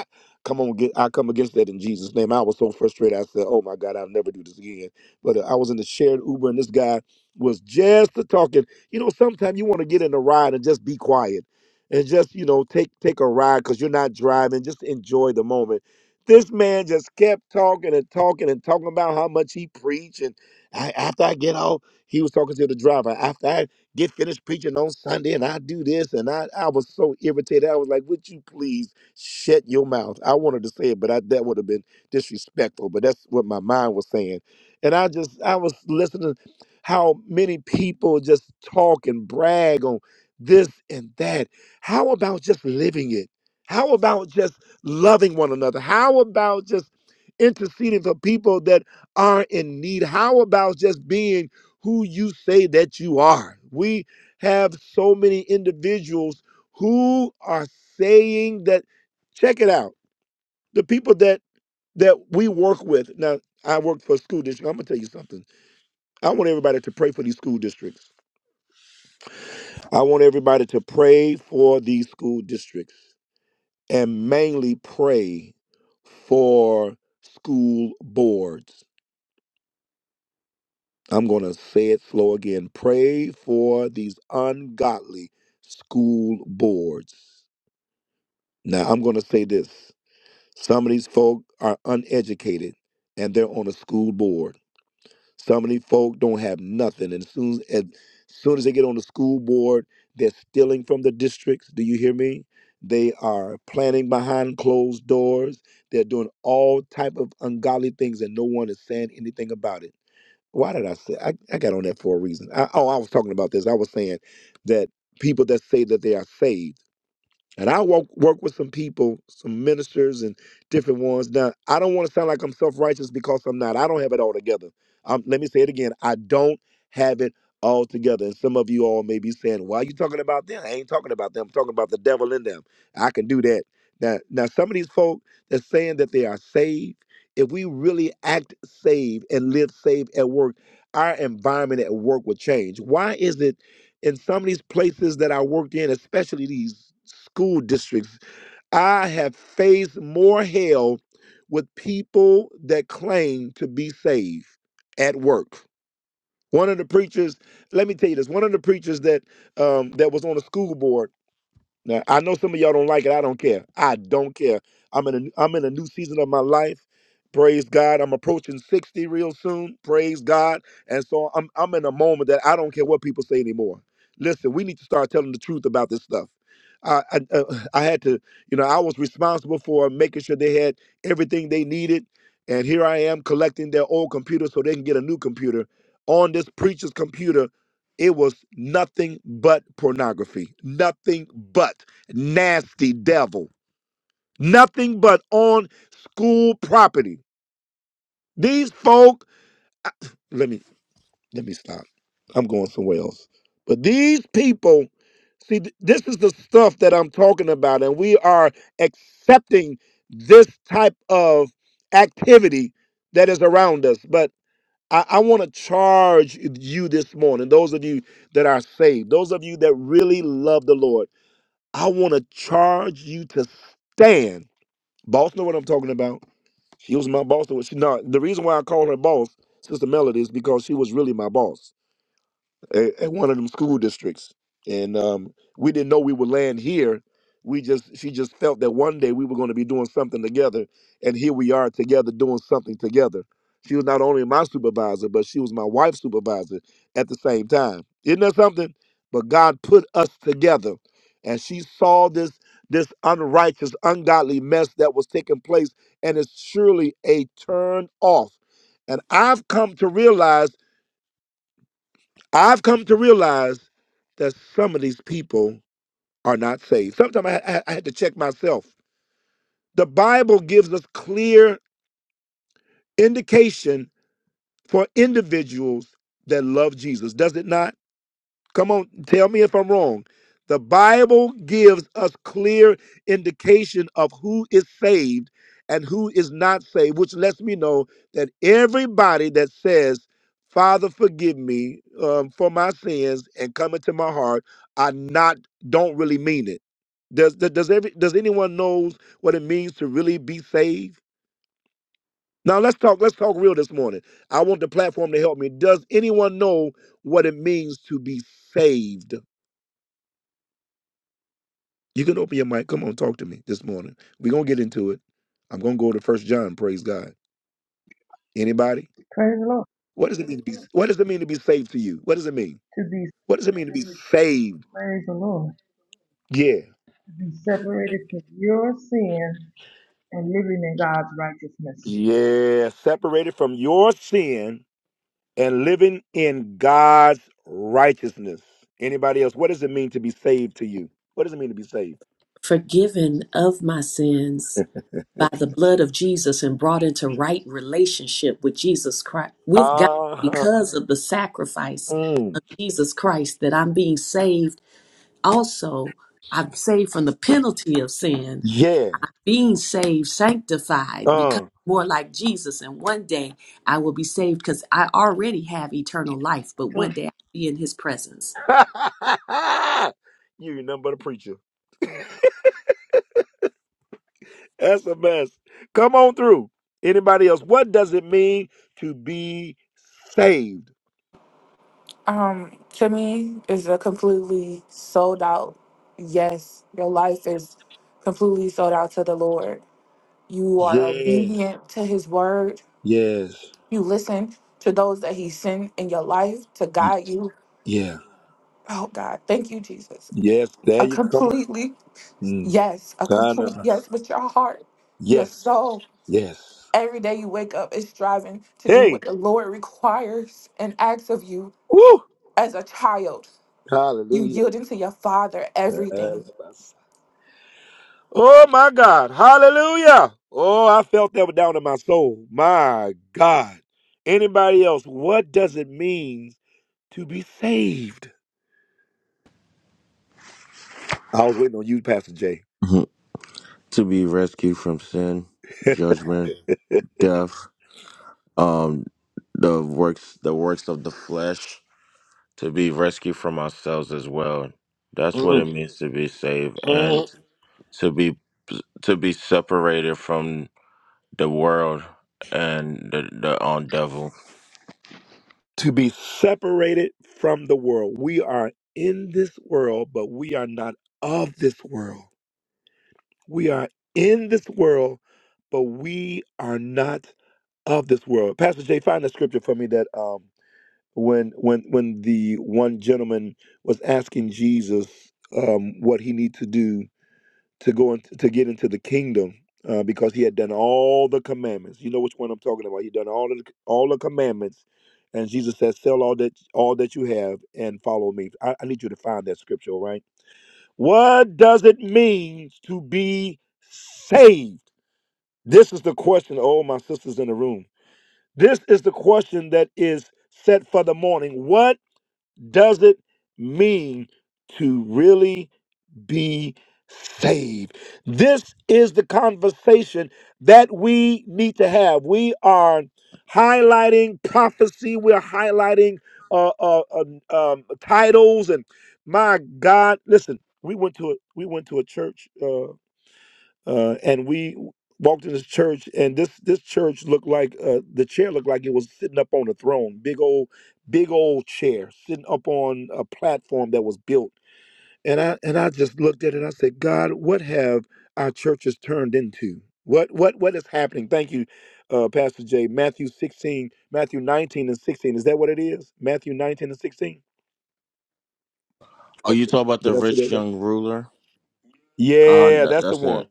come on, get I come against that in Jesus' name. I was so frustrated. I said, "Oh my God, I'll never do this again." But uh, I was in the shared Uber, and this guy was just a talking. You know, sometimes you want to get in a ride and just be quiet. And just you know, take take a ride because you're not driving. Just enjoy the moment this man just kept talking and talking and talking about how much he preached. And I, after I get off, he was talking to the driver. After I get finished preaching on Sunday and I do this, and I, I was so irritated. I was like, Would you please shut your mouth? I wanted to say it, but I, that would have been disrespectful. But that's what my mind was saying. And I just, I was listening how many people just talk and brag on this and that. How about just living it? How about just loving one another? How about just interceding for people that are in need? How about just being who you say that you are? We have so many individuals who are saying that, check it out, the people that that we work with. Now, I work for a school district. I'm gonna tell you something. I want everybody to pray for these school districts. I want everybody to pray for these school districts. and mainly pray for school boards. I'm going to say it slow again. Pray for these ungodly school boards. Now, I'm going to say this some of these folk are uneducated and they're on a school board. Some of these folk don't have nothing. And as soon as, soon as they get on the school board, they're stealing from the districts. Do you hear me? They are planning behind closed doors. They're doing all type of ungodly things, and no one is saying anything about it. Why did I say I, I got on that for a reason? I, oh, I was talking about this. I was saying that people that say that they are saved and I work work with some people, some ministers and different ones. Now, I don't want to sound like I'm self-righteous because I'm not. I don't have it all together. Um, let me say it again. I don't have it all together. And some of you all may be saying, Why are you talking about them? I ain't talking about them. I'm talking about the devil in them. I can do that. Now, now some of these folk that's saying that they are saved, if we really act saved and live saved at work, our environment at work will change. Why is it? in some of these places that I worked in, especially these school districts, I have faced more hell with people that claim to be saved at work. One of the preachers, let me tell you this, one of the preachers that um, that was on the school board now, I know some of y'all don't like it. I don't care. I don't care. I'm in a I'm in a new season of my life. Praise God. I'm approaching 60 real soon. Praise God. And so I'm I'm in a moment that I don't care what people say anymore. Listen, we need to start telling the truth about this stuff. I I, uh, I had to, you know, I was responsible for making sure they had everything they needed, and here I am collecting their old computer so they can get a new computer on this preacher's computer it was nothing but pornography, nothing but nasty devil, nothing but on school property. These folk, let me let me stop. I'm going somewhere else. But these people, see, th- this is the stuff that I'm talking about, and we are accepting this type of activity that is around us. But I, I want to charge you this morning, those of you that are saved, those of you that really love the Lord. I want to charge you to stand. Boss, know what I'm talking about? She was my boss. no, the reason why I call her boss, Sister Melody, is because she was really my boss at, at one of them school districts, and um, we didn't know we would land here. We just she just felt that one day we were going to be doing something together, and here we are together doing something together. She was not only my supervisor, but she was my wife's supervisor at the same time. Isn't that something? But God put us together, and she saw this this unrighteous, ungodly mess that was taking place, and it's surely a turn off. And I've come to realize. I've come to realize that some of these people are not saved. Sometimes I, I, I had to check myself. The Bible gives us clear indication for individuals that love Jesus, does it not? Come on, tell me if I'm wrong. The Bible gives us clear indication of who is saved and who is not saved, which lets me know that everybody that says, "Father, forgive me um, for my sins," and come into my heart, I not don't really mean it. Does does does every does anyone knows what it means to really be saved? Now let's talk. Let's talk real this morning. I want the platform to help me. Does anyone know what it means to be saved? You can open your mic. Come on, talk to me this morning. We're gonna get into it. I'm gonna go to First John. Praise God. Anybody? Praise the Lord. What does it mean to be? What does it mean to be saved to you? What does it mean? To be What does it mean to be saved? praise the Lord. Yeah, To be separated from your sin and living in God's righteousness. yeah. Separated from your sin and living in God's righteousness. Anybody else? What does it mean to be saved to you? What does it mean to be saved? forgiven of my sins by the blood of Jesus and brought into right relationship with Jesus Christ, with God, Uh huh. because of the sacrifice Mm. of Jesus Christ, that I'm being saved. Also, I'm saved from the penalty of sin, Yeah. being saved, sanctified, become Uh. more like Jesus. And one day I will be saved because I already have eternal life, but one day I'll be in his presence. you ain't nothing but a preacher. That's a mess. Come on through. Anybody else? What does it mean to be saved? Um, to me, is a completely sold out yes. Your life is completely sold out to the Lord. You are Yes, obedient to His word. yes, You listen to those that He sent in your life to y- guide you. yeah, Oh God, thank you, Jesus. yes. There A you come. completely Mm. yes, a complete Anonymous. yes with your heart, your Yes, soul. yes. Every day you wake up is striving to do what Hey, the Lord requires and asks of you woo! as a child. You Hallelujah. yield into your Father everything Anonymous. Oh my God! Hallelujah! Oh, I felt that down in my soul. My God. Anybody else? What does it mean to be saved? I was waiting on you, Pastor J. Mhm. to be rescued from sin, judgment, death, um, the works, the works of the flesh, to be rescued from ourselves as well. That's what it Mhm. means to be saved and to to be to be separated from the world and the the um, devil. be separated from the world. We are in this world, but we are not of this world. We are in this world, but we are not of this world. Pastor Jay, find a scripture for me that um when when when the one gentleman was asking Jesus um what he need to do to go in, to get into the kingdom uh, because he had done all the commandments. You know which one I'm talking about. He done all of the all the commandments, and Jesus said, "Sell all that all that you have and follow me." I, I need you to find that scripture, all right? What does it mean to be saved? This is the question. Oh, my sisters in the room. This is the question that is set for the morning. What does it mean to really? be saved. This is the conversation that we need to have. We are highlighting prophecy, we're highlighting uh, uh, um, um, titles, and my God, listen, we went to a, we went to a church uh, uh, and we walked in this church and this this church looked like uh, the chair looked like it was sitting up on a throne big old big old chair sitting up on a platform that was built and I and I just looked at it. and I said, God, what have our churches turned into? What what what is happening? Thank you, uh, Pastor Jay. Matthew sixteen, Matthew nineteen and sixteen. Is that what it is? Matthew nineteen and sixteen. Oh, you talk about the Did I say that rich right? young ruler? Uh, Yeah, that, that's the that's one. it,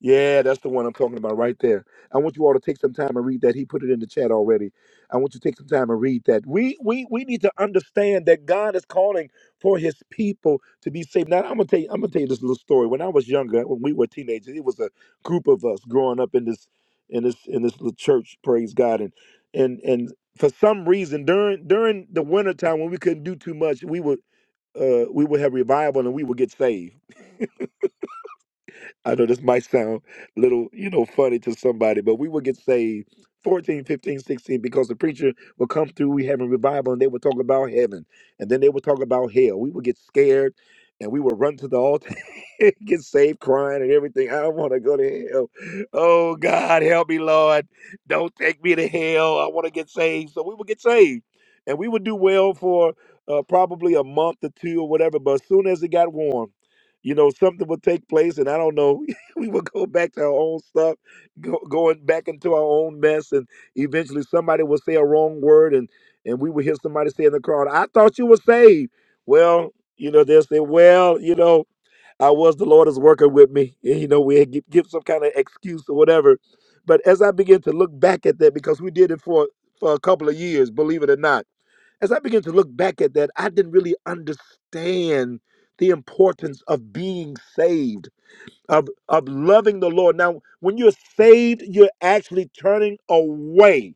Yeah, that's the one I'm talking about right there. I want you all to take some time and read that. He put it in the chat already. I want you to take some time and read that. We we we need to understand that God is calling for his people to be saved. Now I'm gonna tell you, I'm gonna tell you this little story. When I was younger, when we were teenagers, it was a group of us growing up in this in this in this little church, praise God. And and and for some reason during during the wintertime when we couldn't do too much, we would uh we would have revival and we would get saved I know this might sound a little, you know, funny to somebody, but we would get saved 14, 15, 16, because the preacher would come through, we having revival, and they would talk about heaven. And then they would talk about hell. We would get scared and we would run to the altar, get saved crying and everything. I don't want to go to hell. Oh, God, help me, Lord. Don't take me to hell. I want to get saved. So we would get saved. And we would do well for uh, probably a month or two or whatever. But as soon as it got warm, you know something would take place and i don't know we would go back to our own stuff go, going back into our own mess and eventually somebody would say a wrong word and and we would hear somebody say in the crowd i thought you were saved well you know they'll say well you know i was the lord is working with me and, you know we give, give some kind of excuse or whatever but as i began to look back at that because we did it for for a couple of years believe it or not as I began to look back at that, I didn't really understand the importance of being saved, of, of loving the Lord. Now, when you're saved, you're actually turning away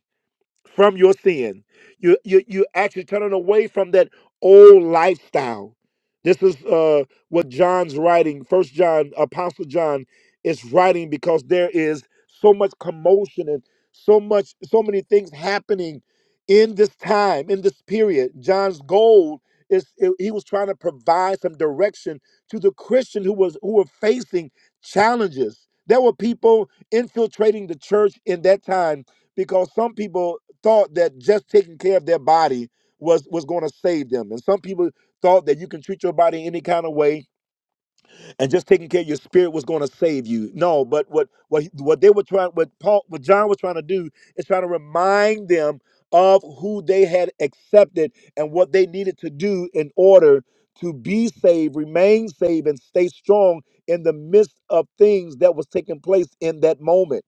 from your sin. You you you actually turning away from that old lifestyle. This is uh, what John's writing. First John, Apostle John, is writing because there is so much commotion and so much, so many things happening in this time, in this period. John's goal is he was trying to provide some direction to the Christian who was who were facing challenges. There were people infiltrating the church in that time because some people thought that just taking care of their body was was going to save them and some people thought that you can treat your body any kind of way and just taking care of your spirit was going to save you no but what what he- what they were trying what paul what john was trying to do is trying to remind them of who they had accepted and what they needed to do in order to be saved remain saved and stay strong in the midst of things that was taking place in that moment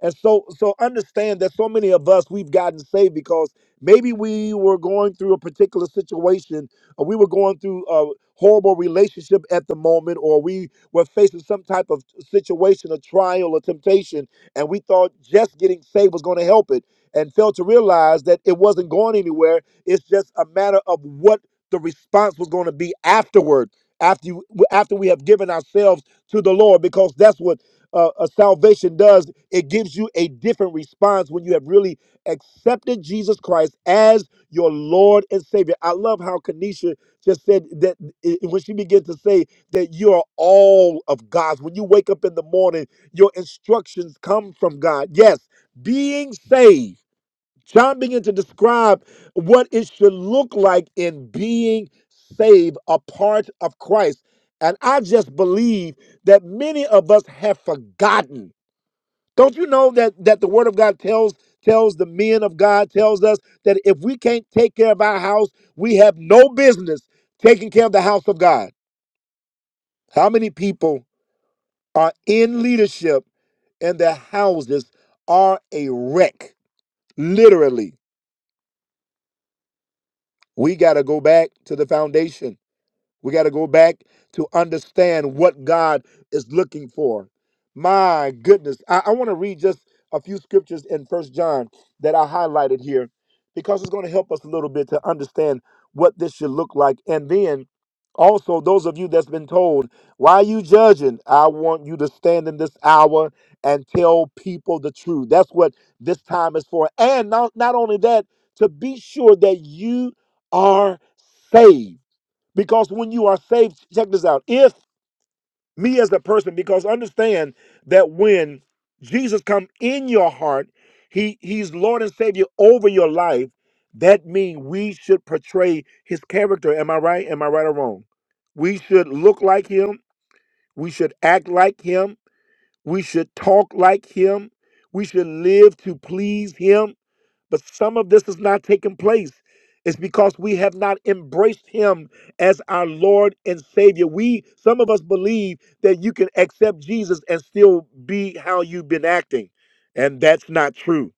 and so so understand that so many of us we've gotten saved because maybe we were going through a particular situation or we were going through a horrible relationship at the moment or we were facing some type of situation a trial or temptation and we thought just getting saved was going to help it and failed to realize that it wasn't going anywhere it's just a matter of what the response was going to be afterward after you, after we have given ourselves to the Lord because that's what uh, uh, salvation does, it gives you a different response when you have really accepted Jesus Christ as your Lord and Savior. I love how Kanisha just said that i- when she began to say that you are all of God's, when you wake up in the morning, your instructions come from God. Yes, being saved. John began to describe what it should look like in being saved, a part of Christ. And I just believe that many of us have forgotten. Don't you know that that the word of God tells tells the men of God tells us that if we can't take care of our house, we have no business taking care of the house of God. How many people are in leadership and their houses are a wreck, literally? We got to go back to the foundation. We got to go back to understand what God is looking for. My goodness. I, I want to read just a few scriptures in First John that I highlighted here because it's going to help us a little bit to understand what this should look like. And then also, those of you that's been told, why are you judging? I want you to stand in this hour and tell people the truth. That's what this time is for. And not, not only that, to be sure that you are saved. Because when you are saved, check this out. If me as a person, because understand that when Jesus come in your heart, he he's Lord and Savior over your life. That means we should portray his character. Am I right? Am I right or wrong? We should look like him. We should act like him. We should talk like him. We should live to please him but some of this is not taking place. It's because we have not embraced him as our Lord and Savior. We, some of us believe that you can accept Jesus and still be how you've been acting. And that's not true.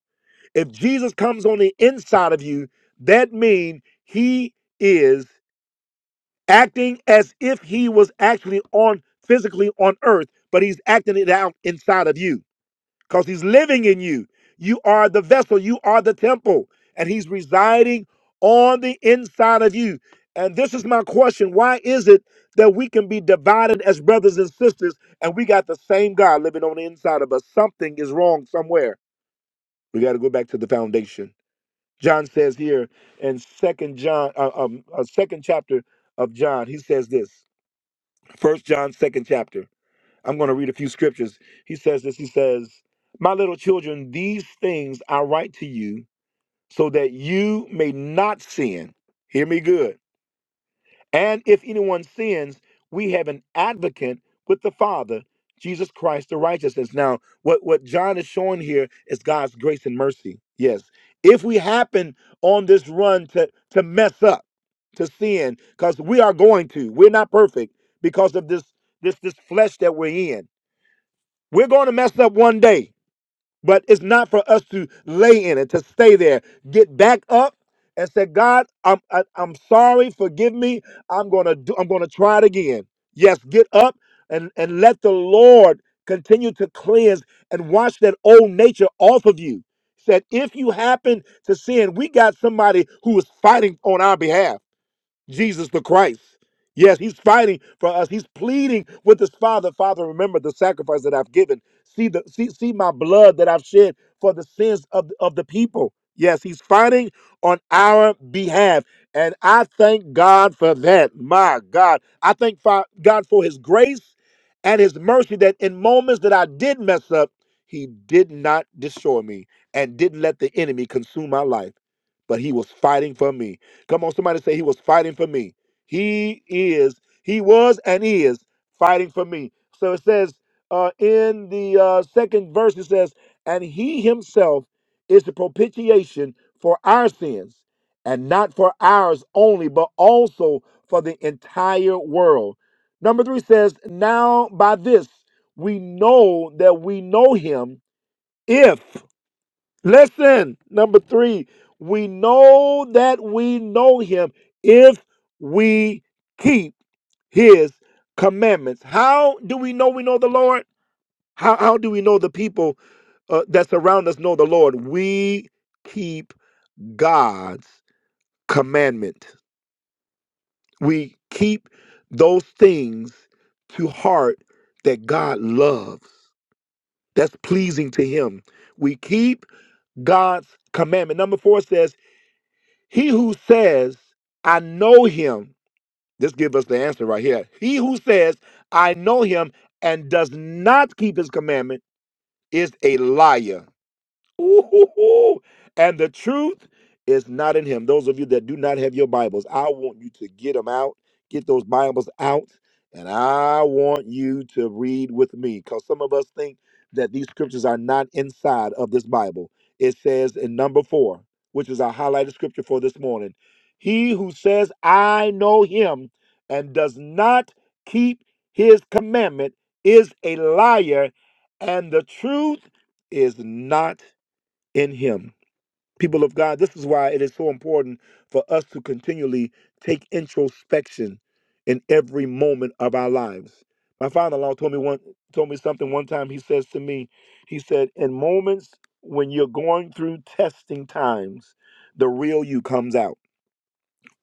If Jesus comes on the inside of you, that means he is acting as if he was actually on physically on earth, but he's acting it out inside of you because he's living in you. You are the vessel, you are the temple, and he's residing on the inside of you. And this is my question why is it that we can be divided as brothers and sisters and we got the same God living on the inside of us? Something is wrong somewhere. We got to go back to the foundation. John says here in second John, uh, um, uh, second chapter of John, he says this. First John, second chapter. I'm going to read a few scriptures. He says this He says, My little children, these things I write to you so that you may not sin. Hear me good. And if anyone sins, we have an advocate with the Father, Jesus Christ the righteousness. Now, what, what John is showing here is God's grace and mercy. Yes. If we happen on this run to, to mess up, to sin, because we are going to, we're not perfect because of this this this flesh that we're in. We're going to mess up one day, but it's not for us to lay in it, to stay there. Get back up and say, God, I'm I, I'm sorry, forgive me. I'm gonna do. I'm gonna try it again. Yes, get up and and let the Lord continue to cleanse and wash that old nature off of you. Said, if you happen to sin, we got somebody who is fighting on our behalf Jesus the Christ. Yes, he's fighting for us. He's pleading with his father. Father, remember the sacrifice that I've given. See the see, see my blood that I've shed for the sins of, of the people. Yes, he's fighting on our behalf. And I thank God for that. My God. I thank fi- God for his grace and his mercy that in moments that I did mess up, he did not destroy me and didn't let the enemy consume my life. But he was fighting for me. Come on, somebody say he was fighting for me. He is, he was and is fighting for me. So it says uh, in the uh, second verse, it says, and he himself is the propitiation for our sins, and not for ours only, but also for the entire world. Number three says, now by this we know that we know him if." Listen, number three, we know that we know him if we keep his commandments. How do we know we know the Lord? How, how do we know the people uh, that surround us know the Lord? We keep God's commandment. We keep those things to heart that God loves. That's pleasing to him. We keep God's commandment. Number four says, He who says, I know him, this gives us the answer right here. He who says, I know him and does not keep his commandment is a liar. Ooh, and the truth is not in him. Those of you that do not have your Bibles, I want you to get them out, get those Bibles out, and I want you to read with me because some of us think that these scriptures are not inside of this Bible. It says in number four, which is our highlighted scripture for this morning He who says, I know him, and does not keep his commandment is a liar, and the truth is not in him. People of God, this is why it is so important for us to continually take introspection in every moment of our lives. My father-in-law told me one told me something one time. He says to me, he said, in moments when you're going through testing times, the real you comes out.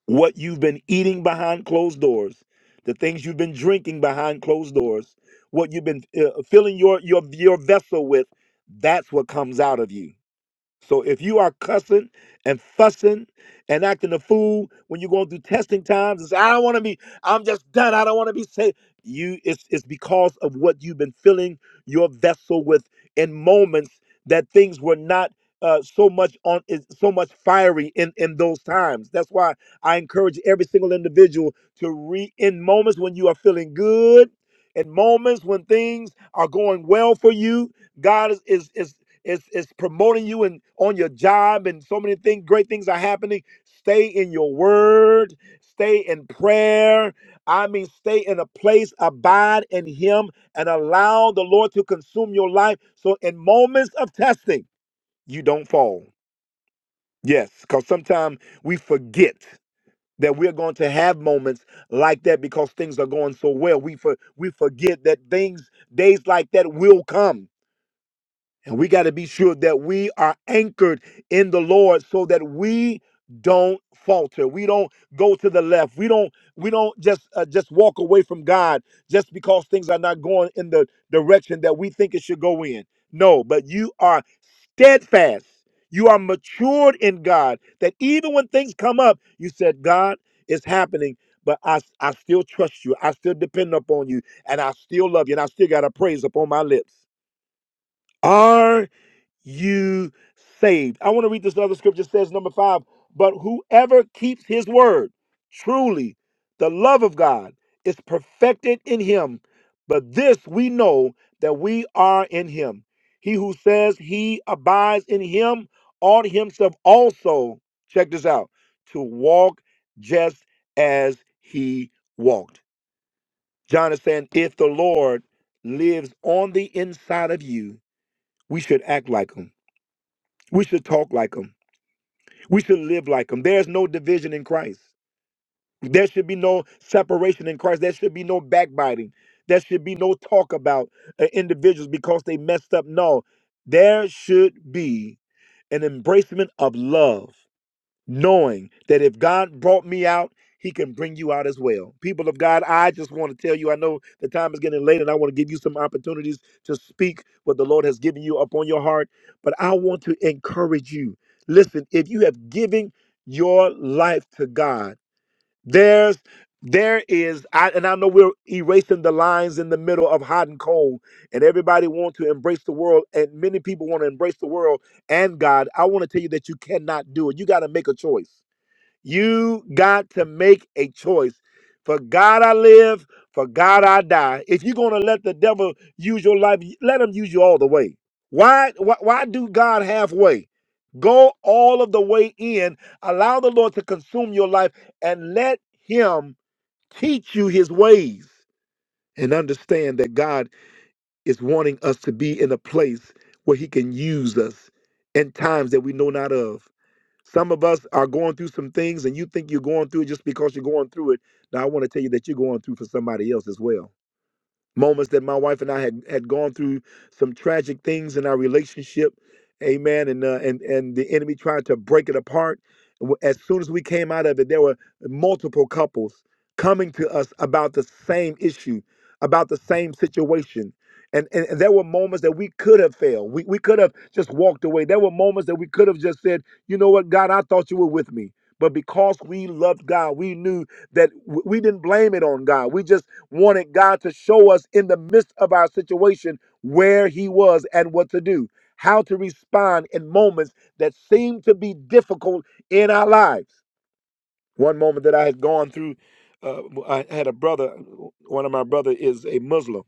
What you've been eating behind closed doors, the things you've been drinking behind closed doors, what you've been uh, filling your your your vessel with, that's what comes out of you. So if you are cussing and fussing and acting a fool when you're going through testing times and say, I don't want to be, I'm just done. I don't want to be saved. You it's it's because of what you've been filling your vessel with in moments that things were not uh, so much on is so much fiery in in those times. That's why I encourage every single individual to re in moments when you are feeling good, in moments when things are going well for you, God is is is it's it's promoting you and on your job and so many things, great things are happening. Stay in your word, stay in prayer. I mean, stay in a place, abide in him, and allow the Lord to consume your life. So in moments of testing, you don't fall. Yes, because sometimes we forget that we're going to have moments like that because things are going so well. We for, we forget that things, days like that will come and we got to be sure that we are anchored in the Lord so that we don't falter. We don't go to the left. We don't we don't just uh, just walk away from God just because things are not going in the direction that we think it should go in. No, but you are steadfast. You are matured in God that even when things come up, you said, God, it's happening, but I, I still trust you. I still depend upon you and I still love you and I still got a praise upon my lips. Are you saved. I want to read this other scripture It says number 5, but whoever keeps his word, truly the love of God is perfected in him. But this we know that we are in him. He who says he abides in him ought himself also, check this out, to walk just as he walked. John is saying, if the Lord lives on the inside of you, we should act like him we should talk like them. We should live like them. There's no division in Christ. There should be no separation in Christ. There should be no backbiting. There should be no talk about uh, individuals because they messed up. No, there should be an embracement of love knowing that if God brought me out, he can bring you out as well. People of God, I just want to tell you, I know the time is getting late and I want to give you some opportunities to speak what the Lord has given you upon your heart, but I want to encourage you. Listen, if you have given your life to God, there's there is I and I know we're erasing the lines in the middle of hot and cold and everybody want to embrace the world and many people want to embrace the world and God. I want to tell you that you cannot do it. You got to make a choice. You got to make a choice. For God I live, for God I die. If you're going to let the devil use your life, let him use you all the way. Why, why, why do God halfway? Go all of the way in, allow the Lord to consume your life, and let Him teach you His ways. And understand that God is wanting us to be in a place where He can use us in times that we know not of. Some of us are going through some things and you think you're going through it just because you're going through it. Now, I want to tell you that you're going through for somebody else as well moments that my wife and I had had gone through some tragic things in our relationship, amen. And uh, and and the enemy tried to break it apart. W- As soon as we came out of it, there were multiple couples coming to us about the same issue, about the same situation. And, and, and there were moments that we could have failed. We, we could have just walked away. There were moments that we could have just said, you know what, God, I thought you were with me. But because we loved God, we knew that w- we didn't blame it on God. We just wanted God to show us in the midst of our situation where He was and what to do, how to respond in moments that seem to be difficult in our lives. One moment that I had gone through, uh, I had a brother, one of my brother is a Muslim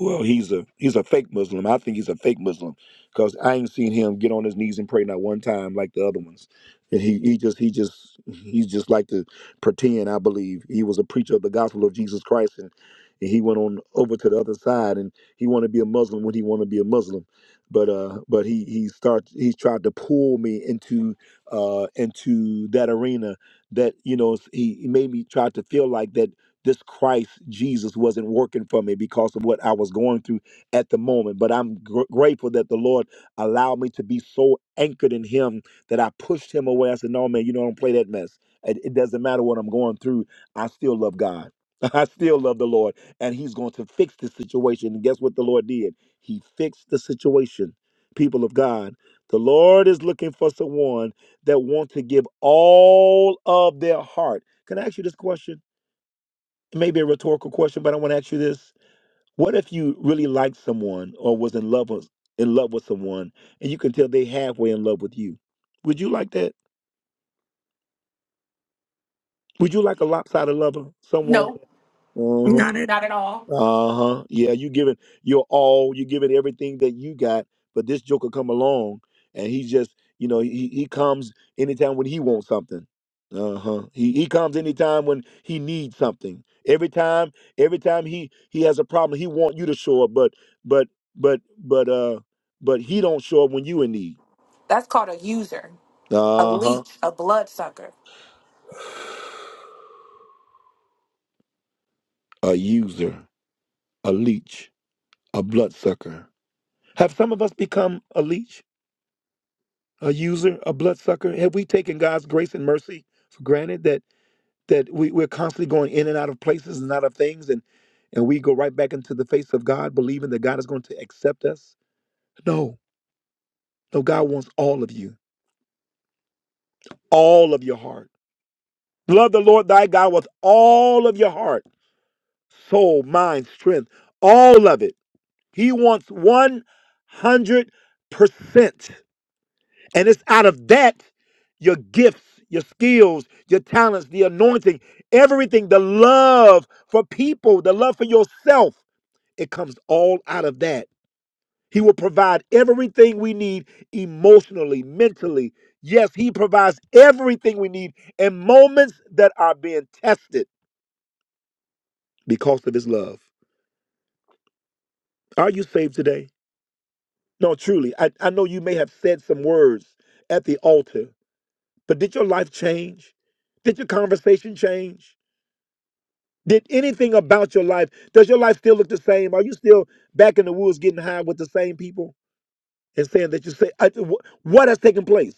well, he's a he's a fake Muslim. I think he's a fake Muslim because I ain't seen him get on his knees and pray not one time like the other ones. And he he just he just he just like to pretend. I believe he was a preacher of the gospel of Jesus Christ, and, and he went on over to the other side, and he wanted to be a Muslim when he wanted to be a Muslim. But uh, but he he starts he tried to pull me into uh into that arena that you know he he made me try to feel like that this Christ Jesus wasn't working for me because of what I was going through at the moment. But I'm gr- grateful that the Lord allowed me to be so anchored in Him that I pushed Him away. I said, No, man, you know, I don't play that mess. It, it doesn't matter what I'm going through. I still love God. I still love the Lord, and He's going to fix this situation. And guess what the Lord did? He fixed the situation. People of God, the Lord is looking for someone that want to give all of their heart. Can I ask you this question? It may be a rhetorical question, but I want to ask you this: What if you really liked someone or was in love with in love with someone, and you can tell they halfway in love with you? Would you like that? Would you like a lopsided lover, someone? So, that, uh-huh. Not it Uh-huh. Yeah, you give it your all, you give it everything that you got, but this joker come along and he just, you know, he, he comes anytime when he wants something. Uh-huh. He he comes anytime when he needs something. Every time, every time he he has a problem, he want you to show up, but but but but uh but he don't show up when you in need. That's called a user, a Uh-huh. leech, a bloodsucker. A user, a leech, a bloodsucker. Have some of us become a leech? a user, a bloodsucker? Have we taken God's grace and mercy for granted that that we, we're constantly going in and out of places and out of things and and we go right back into the face of God believing that God is going to accept us? No. No, God wants all of you, all of your heart. Love the Lord thy God with all of your heart, soul, mind, strength, all of it. He wants 100%. And it's out of that your gifts, your skills, your talents, the anointing, everything, the love for people, the love for yourself, it comes all out of that. He will provide everything we need emotionally, mentally. Yes, He provides everything we need in moments that are being tested because of His love. Are you saved today? No, truly. I, I know you may have said some words at the altar, but did your life change? Did your conversation change? Did anything about your life, does your life still look the same? Are you still back in the woods getting high with the same people and saying that you say, I- wh- what has taken place?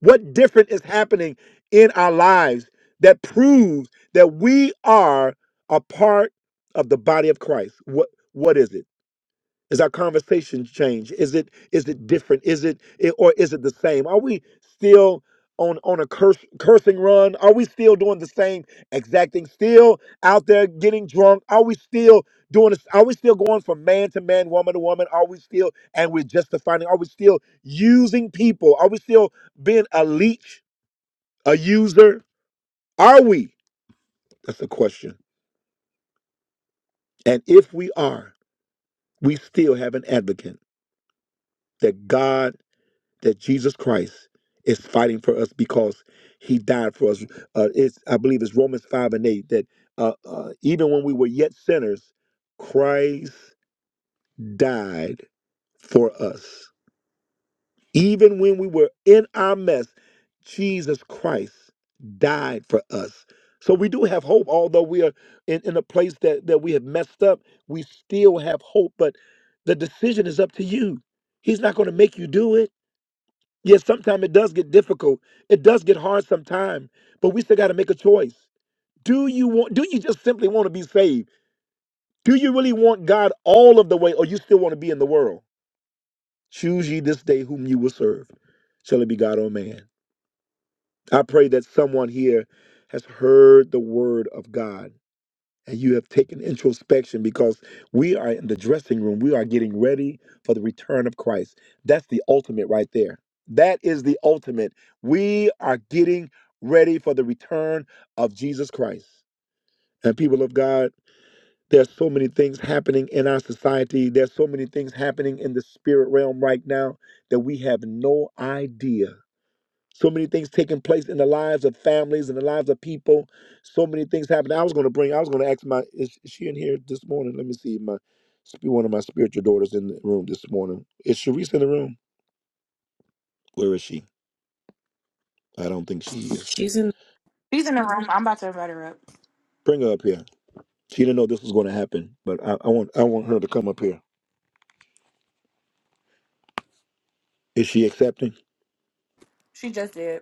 What different is happening in our lives that proves that we are a part of the body of Christ? What What is it? Is our conversation changed? Is it is it different? Is it i- or is it the same? Are we still on on a curse, cursing run? Are we still doing the same exact thing? Still out there getting drunk? Are we still doing? this- Are we still going from man to man, woman to woman? Are we still and we're justifying? Are we still using people? Are we still being a leech, a user? Are we? That's the question. And if we are, we still have an advocate that God that Jesus Christ is fighting for us because he died for us. Uh, it's, I believe it's Romans 5 and 8 that uh, uh, even when we were yet sinners, Christ died for us. Even when we were in our mess, Jesus Christ died for us. So we do have hope, although we are in, in a place that, that we have messed up, we still have hope. But the decision is up to you. He's not going to make you do it. Yes, sometimes it does get difficult. It does get hard sometimes, but we still got to make a choice. Do you want do you just simply want to be saved? Do you really want God all of the way or you still want to be in the world? Choose ye this day whom you will serve. Shall it be God or man? I pray that someone here has heard the word of God and you have taken introspection because we are in the dressing room. We are getting ready for the return of Christ. That's the ultimate right there. That is the ultimate. We are getting ready for the return of Jesus Christ. And people of God, there's so many things happening in our society. There's so many things happening in the spirit realm right now that we have no idea. So many things taking place in the lives of families and the lives of people. So many things happening. I was going to bring. I was going to ask my. Is is she in here this morning? Let me see. My sp- one of my spiritual daughters in the room this morning. Is Sharice in the room? Where is she? I don't think she is. She's in the room. I'm about to invite her up. Bring her up here. She didn't know this was going to happen, but I, I want I want her to come up here. Is she accepting? She just did.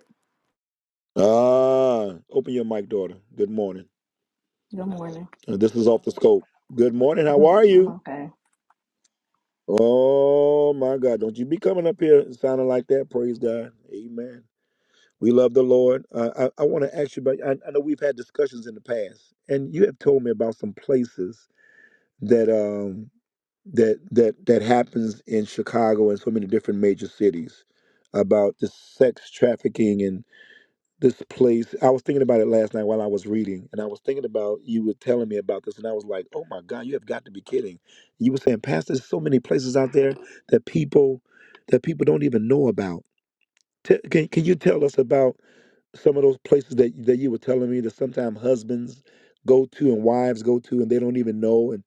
Ah, open your mic, daughter. Good morning. Good morning. Uh, This is off the scope. Good morning. How Mhm, are you? I'm okay. Oh my God! Don't you be coming up here sounding like that. Praise God, Amen. We love the Lord. Uh, I I want to ask you about. I, I know we've had discussions in the past, and you have told me about some places that um that that that happens in Chicago and so many different major cities about the sex trafficking this place. I was thinking about it last night while I was reading, and I was thinking about you were telling me about this, and I was like, "Oh my God, you have got to be kidding!" You were saying, "Pastor, there's so many places out there that people that people don't even know about." Te- can Can you tell us about some of those places that that you were telling me that sometimes husbands go to and wives go to, and they don't even know? And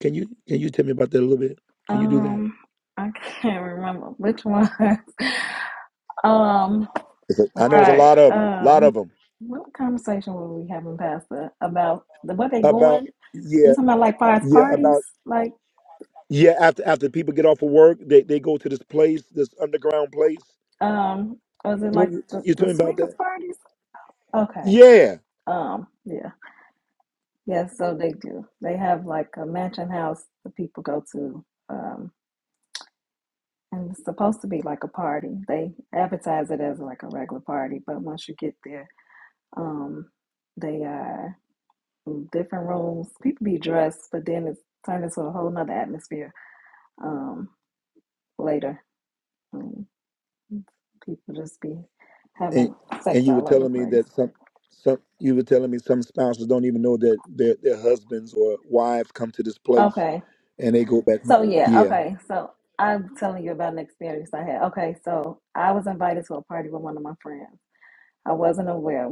can you can you tell me about that a little bit? Can you do that? Um, I can't remember which one. um, It's a- I know it's a right. lot of them, a lot of Um, them. what conversation were we having, Pastor, about the what they About going? You yeah talking about like far as yeah parties? about Like, Yeah, after after people get off of work, they, they go to this place, this underground place. um, or is it like Remember the you the told me about swingers that? parties? Okay. Yeah. Um, yeah, yeah. So they do. They have like a mansion house that people go to. Um. And it's supposed to be like a party. They advertise it as like a regular party, but once you get there, um, they are in different rooms. People be dressed, but then it's turned into a whole nother atmosphere um, later. Um, people just be And having sex and you were all over the telling me place. that some some you were telling me some spouses don't even know that their their husbands or wives come to this place Okay. and they go back home. So yeah, Yeah. okay. So I'm telling you about an experience I had. Okay, so I was invited to a party with one of my friends. I wasn't aware.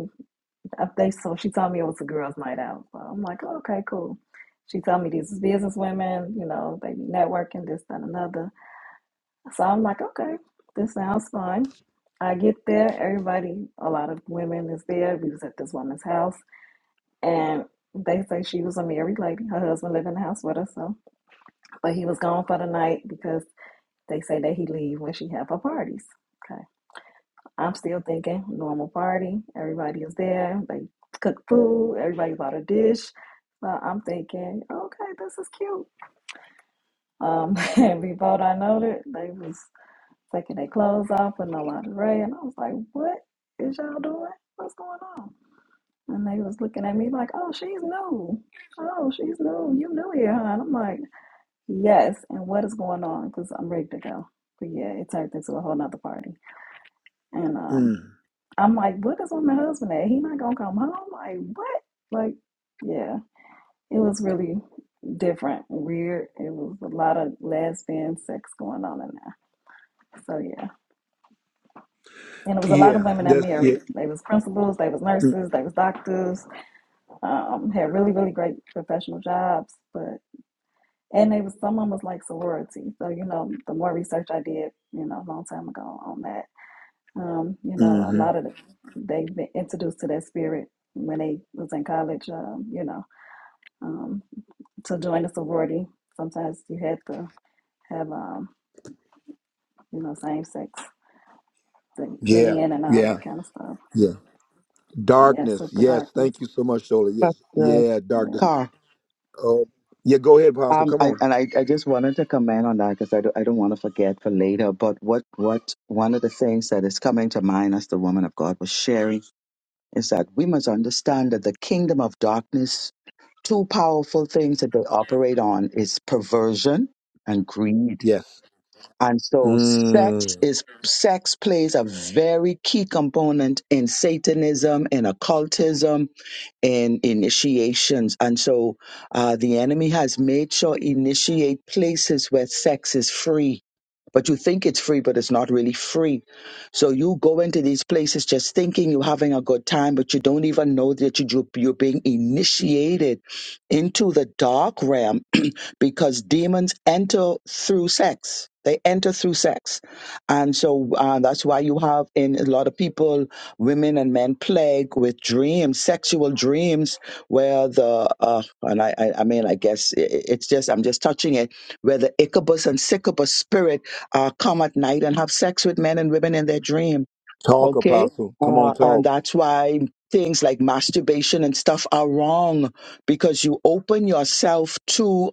I think so. She told me it was a girls' night out. So I'm like, oh, okay, cool. She told me these business women, you know, they be networking, this, that, another. So I'm like, okay, this sounds fun. I get there, everybody, a lot of women is there. We was at this woman's house, and they say she was a married lady. Her husband lived in the house with her, so but he was gone for the night because they say that he leave when she have her parties. Okay. I'm still thinking normal party. Everybody is there. They cook food. Everybody bought a dish. So I'm thinking, okay, this is cute. Um, and before I know it, they was taking their clothes off with no lingerie, and I was like, what is y'all doing? What's going on? And they was looking at me like, oh, she's new. Oh, she's new. You new here, huh? And I'm like, yes. And what is going on? Because I'm ready to go. But yeah, it turned into a whole nother party. And um, Mm. I'm like, what is on my husband at? He not gonna come home? Like what? Like, yeah. It was really different, weird. It was a lot of lesbian sex going on in there. So yeah. And it was a lot of Yeah. women that That's yeah. married. They was principals, they was Mm, nurses, they was doctors, um, had really, really great professional jobs, but and they was some of them was like sorority. So, you know, the more research I did, you know, a long time ago on that, Um, you know, a hmm lot of the, they've been introduced to that spirit when they was in college. Um, you know, um, to join a sorority, sometimes you had to have um, you know, same sex to get Yeah. in and all Yeah. that kind of stuff. Yeah. Yeah, Darkness. super Yes. darkness. Thank you so much, Shola. Yes. Pastor Yeah, darkness. Yeah. Car, Oh yeah, go ahead, Apostle. Um, Come I, on. and I, I just wanted to comment on that because I don't, I don't want to forget for later. But what, what one of the things that is coming to mind as the woman of God was sharing is that we must understand that the kingdom of darkness, two powerful things that they operate on is perversion and greed. Yes. And so sex Mm. is sex plays a very key component in Satanism, in occultism, in initiations. And so uh, the enemy has made sure initiate places where sex is free. But you think it's free, but it's not really free. So you go into these places just thinking you're having a good time, but you don't even know that you- you're being initiated into the dark realm because demons enter through sex. They enter through sex. And so uh, that's why you have in a lot of people, women and men plague with dreams, sexual dreams, where the, uh, and I, I, I mean, I guess i i- it's just, I'm just touching it, where the Ichabus and Sycabus spirit uh, come at night and have sex with men and women in their dream Talk, Okay. Apostle. Come on, Uh, and talk. that's why things like masturbation and stuff are wrong because you open yourself to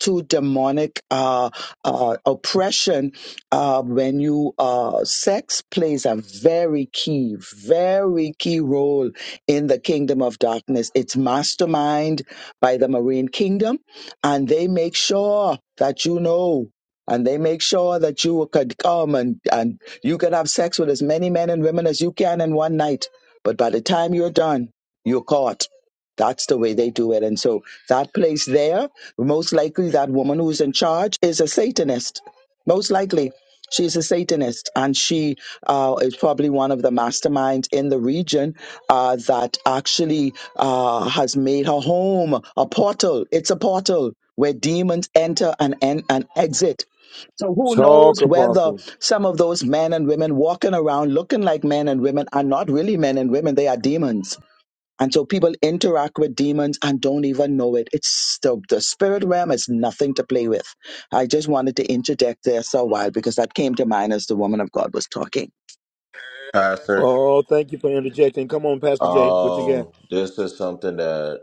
to demonic uh, uh, oppression uh, when you uh, sex plays a very key very key role in the kingdom of darkness it's mastermind by the marine kingdom and they make sure that you know and they make sure that you could come and, and you can have sex with as many men and women as you can in one night, but by the time you're done, you're caught. That's the way they do it. And so that place there, most likely that woman who's in charge is a Satanist. Most likely. She's a Satanist, and she uh, is probably one of the masterminds in the region uh, that actually uh, has made her home a portal. It's a portal where demons enter and, and, and exit so who Talk, knows whether Apostle. some of those men and women walking around looking like men and women are not really men and women, they are demons. And so people interact with demons and don't even know it. It's the, the spirit realm is nothing to play with. I just wanted to interject there so while because that came to mind as the woman of God was talking. Pastor. Oh, thank you for interjecting. Come on, Pastor Jay. What you got? Um, this is something that.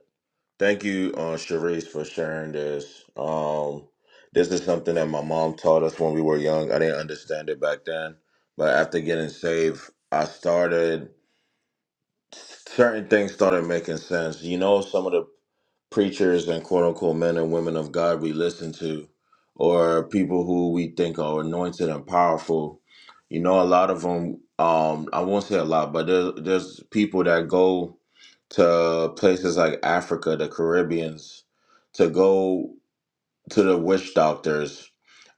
Thank you, uh, Charisse, for sharing this. Um, this is something that my mom taught us when we were young. I didn't understand it back then, but after getting saved, I started certain things started making sense. You know, some of the preachers and quote unquote men and women of God we listen to, or people who we think are anointed and powerful, you know, a lot of them, um, I won't say a lot, but there, there's people that go to places like Africa, the Caribbeans, to go to the witch doctors,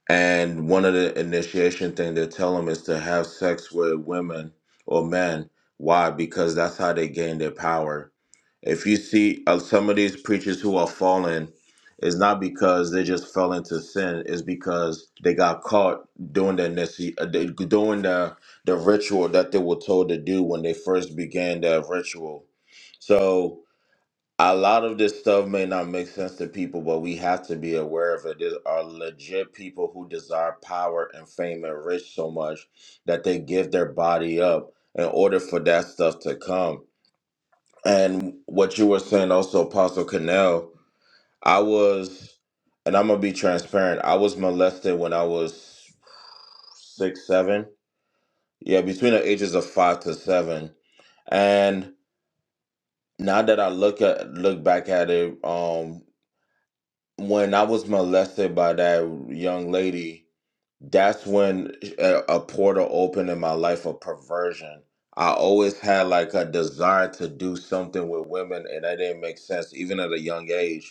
and one of the initiation thing they tell them is to have sex with women or men. Why? Because that's how they gain their power. If you see uh, some of these preachers who are fallen, it's not because they just fell into sin. It's because they got caught doing the initi- uh, they- doing the the ritual that they were told to do when they first began that ritual. So a lot of this stuff may not make sense to people, but we have to be aware of it. There are legit people who desire power and fame and rich so much that they give their body up in order for that stuff to come. And what you were saying also, Apostle Canal, I was, and I'm going to be transparent, I was molested when I was six, seven. Yeah, between the ages of five to seven. And now that I look at look back at it, um, when I was molested by that young lady, that's when a, a portal opened in my life of perversion. I always had like a desire to do something with women, and that didn't make sense even at a young age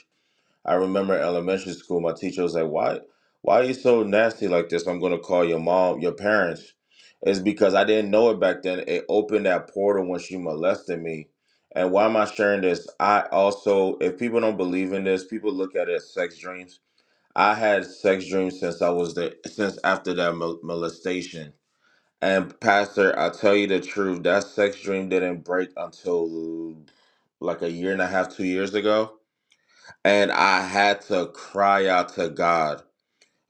I remember elementary school, my teacher was like, "Why, why are you so nasty like this? I'm gonna call your mom, your parents." It's because I didn't know it back then. It opened that portal when she molested me. And why am I sharing this? I also, if people don't believe in this, people look at it as sex dreams. I had sex dreams since I was the since after that mol- molestation. And pastor, I'll tell you the truth. That sex dream didn't break until like a year and a half, two years ago and I had to cry out to God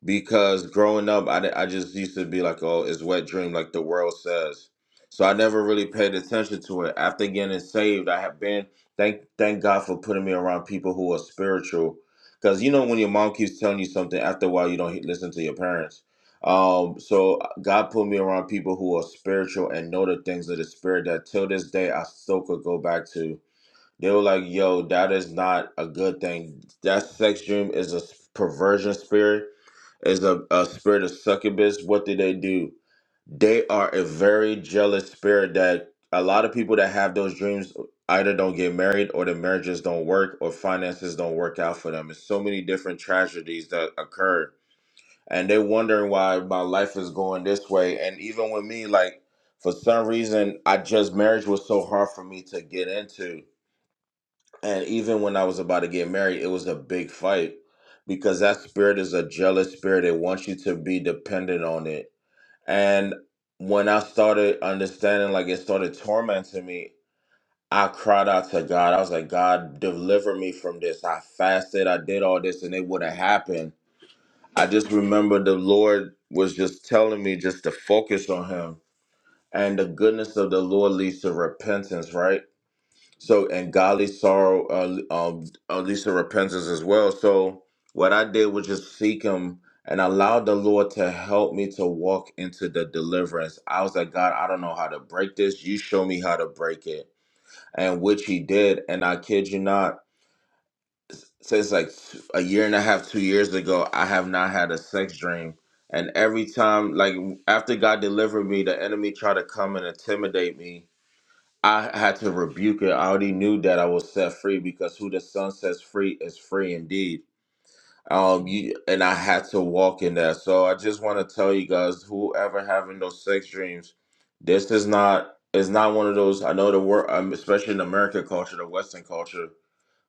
because growing up, I, di- I just used to be like, oh, it's wet dream, like the world says. So I never really paid attention to it. After getting saved, I have been thank thank God for putting me around people who are spiritual. Because you know when your mom keeps telling you something, after a while you don't he- listen to your parents. Um, so God put me around people who are spiritual and know the things of the spirit that till this day I still could go back to they were like, "Yo, that is not a good thing. That sex dream is a perversion spirit, is a, a spirit of succubus. What did they do? They are a very jealous spirit that a lot of people that have those dreams either don't get married or the marriages don't work or finances don't work out for them. It's so many different tragedies that occur, and they're wondering why my life is going this way. And even with me, like for some reason, I just marriage was so hard for me to get into and even when I was about to get married, it was a big fight because that spirit is a jealous spirit. It wants you to be dependent on it. And when I started understanding, like it started tormenting me, I cried out to God. I was like, God, deliver me from this. I fasted, I did all this, and it wouldn't happen. I just remember the Lord was just telling me just to focus on Him. And the goodness of the Lord leads to repentance, right? So and godly sorrow, uh, um, uh, least of repentance as well. So what I did was just seek Him and allow the Lord to help me to walk into the deliverance. I was like, God, I don't know how to break this. You show me how to break it, and which He did. And I kid you not, since like a year and a half, two years ago, I have not had a sex dream. And every time, like after God delivered me, the enemy tried to come and intimidate me I had to rebuke it. I already knew that I was set free because who the Son sets free is free indeed. Um, you, and I had to walk in that. So I just want to tell you guys, whoever having those sex dreams, this is not. It's not one of those. I know the word, um, especially in American culture, the Western culture.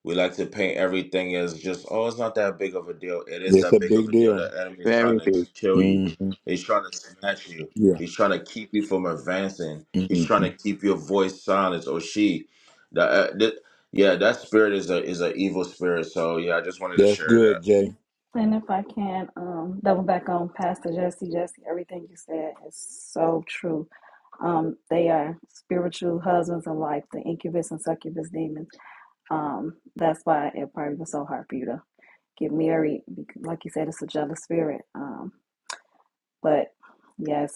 We like to paint everything as just, oh, it's not that big of a deal. It is It's that a big of big a deal. deal. The enemy is Right. trying to kill you. hmm He's trying to snatch you. Yeah. He's trying to keep you from advancing. He's hmm trying to keep your voice silent. Or she, the, uh, th- yeah, that spirit is a is an evil spirit. So yeah, I just wanted to That's share that. good, Jay. And if I can um, double back on Pastor Jesse, Jesse, everything you said is so true. Um, they are spiritual husbands and wife, the incubus and succubus demons. Um, that's why it probably was so hard for you to get married. bec- Like you said, it's a jealous spirit. Um, but yes,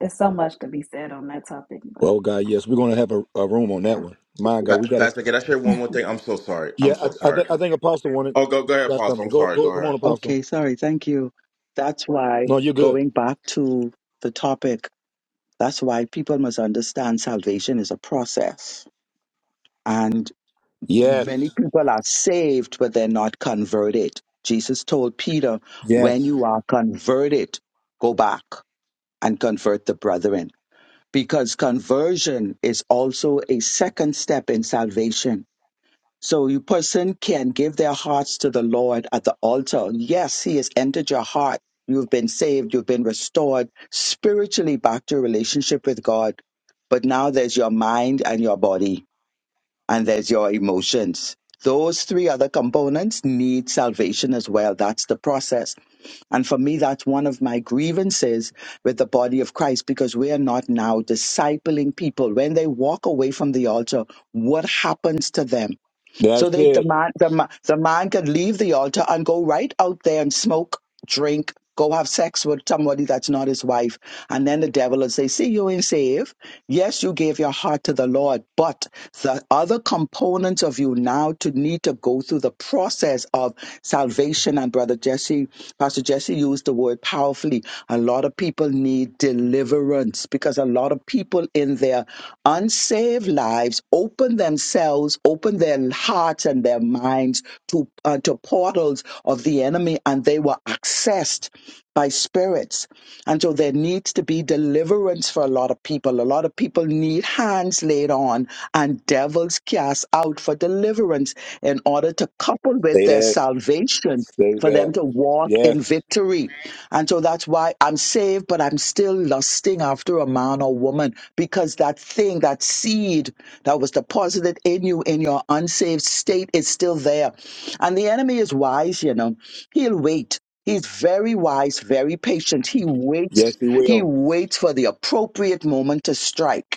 it's so much to be said on that topic. But Oh, God, yes. We're going to have a, a room on that yeah, one. My God, we Pa- got to. Pastor, can I share one more thing? I'm so sorry. Yeah, I'm so I, I, sorry. th- I think Apostle wanted. Oh, go go ahead, Got Pastor. something. I'm Go, sorry. Go go. Come ahead. on, Apostle. Okay, sorry, thank you. That's why No, you're good. going back to the topic, that's why people must understand salvation is a process. Yes. Many people are saved, but they're not converted. Jesus told Peter, when Yes. you are converted, go back and convert the brethren. Because conversion is also a second step in salvation. So a person can give their hearts to the Lord at the altar. Yes, He has entered your heart. You've been saved. You've been restored spiritually back to your relationship with God. But now there's your mind and your body and there's your emotions. Those three other components need salvation as well. That's the process. And for me, that's one of my grievances with the body of Christ because we are not now discipling people. When they walk away from the altar, what happens to them? So That's they the it. man the, ma- the man can leave the altar and go right out there and smoke, drink, go have sex with somebody that's not his wife, and then the devil will say, "See, you ain't saved. Yes, you gave your heart to the Lord, but the other components of you now to need to go through the process of salvation." And brother Jesse, Pastor Jesse used the word powerfully. A lot of people need deliverance this because a lot of people in their unsaved lives open themselves, open their hearts and their minds to, uh, to portals of the enemy and they were accessed by spirits. And so there needs to be deliverance for a lot of people. A lot of people need hands laid on and devils cast out for deliverance in order to couple with Say their that. salvation Say for them that. to walk in Yes. victory and so that's why I'm saved, but I'm still lusting after a man or woman because that thing, that seed that was deposited in you in your unsaved state is still there. And the enemy is wise, you know, he'll wait. He's very wise, very patient. He waits. Yes, he He will. waits for the appropriate moment to strike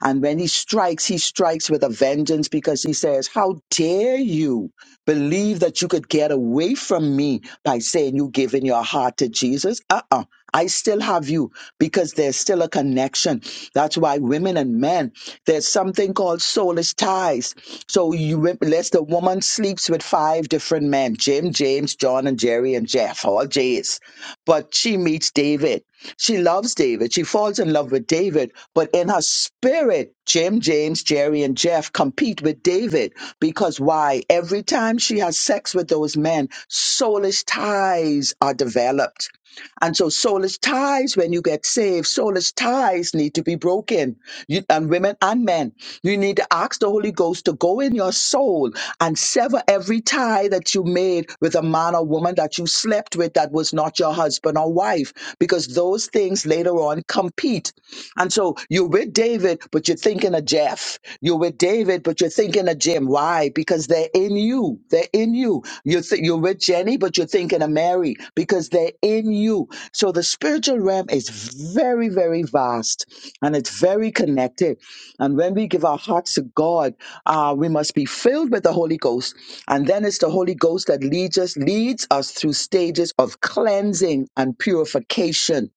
and when he strikes, he strikes with a vengeance because he says, How dare you believe that you could get away from me by saying you giving your heart to Jesus? Uh uh I still have you because there's still a connection. That's why women and men, there's something called soulish ties. So you, lest the woman sleeps with five different men, Jim, James, John, and Jerry, and Jeff, all J's. But she meets David she loves David. She falls in love with David, but in her spirit, Jim, James, Jerry, and Jeff compete with David because why? Every time she has sex with those men, soulish ties are developed and so soulless ties, when you get saved, soulless ties need to be broken. You, and women and men, you need to ask the Holy Ghost to go in your soul and sever every tie that you made with a man or woman that you slept with that was not your husband or wife, because those things later on compete and so you're with David, but you're thinking of Jeff. You're with David, but you're thinking of Jim. Why? Because they're in you. They're in you. You're, th- you're with Jenny, but you're thinking of Mary because they're in you. So the spiritual realm is very, very vast and it's very connected. And when we give our hearts to God, uh, we must be filled with the Holy Ghost. And then it's the Holy Ghost that leads us, leads us through stages of cleansing and purification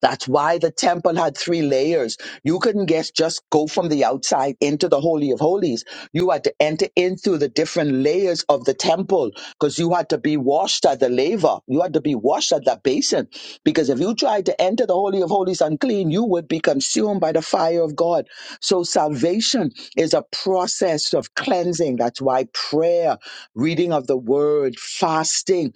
that's why the temple had three layers. You couldn't guess just go from the outside into the Holy of Holies. You had to enter in through the different layers of the temple because you had to be washed at the laver. You had to be washed at that basin because if you tried to enter the Holy of Holies unclean, you would be consumed by the fire of God. So salvation is a process of cleansing. That's why prayer, reading of the word, fasting,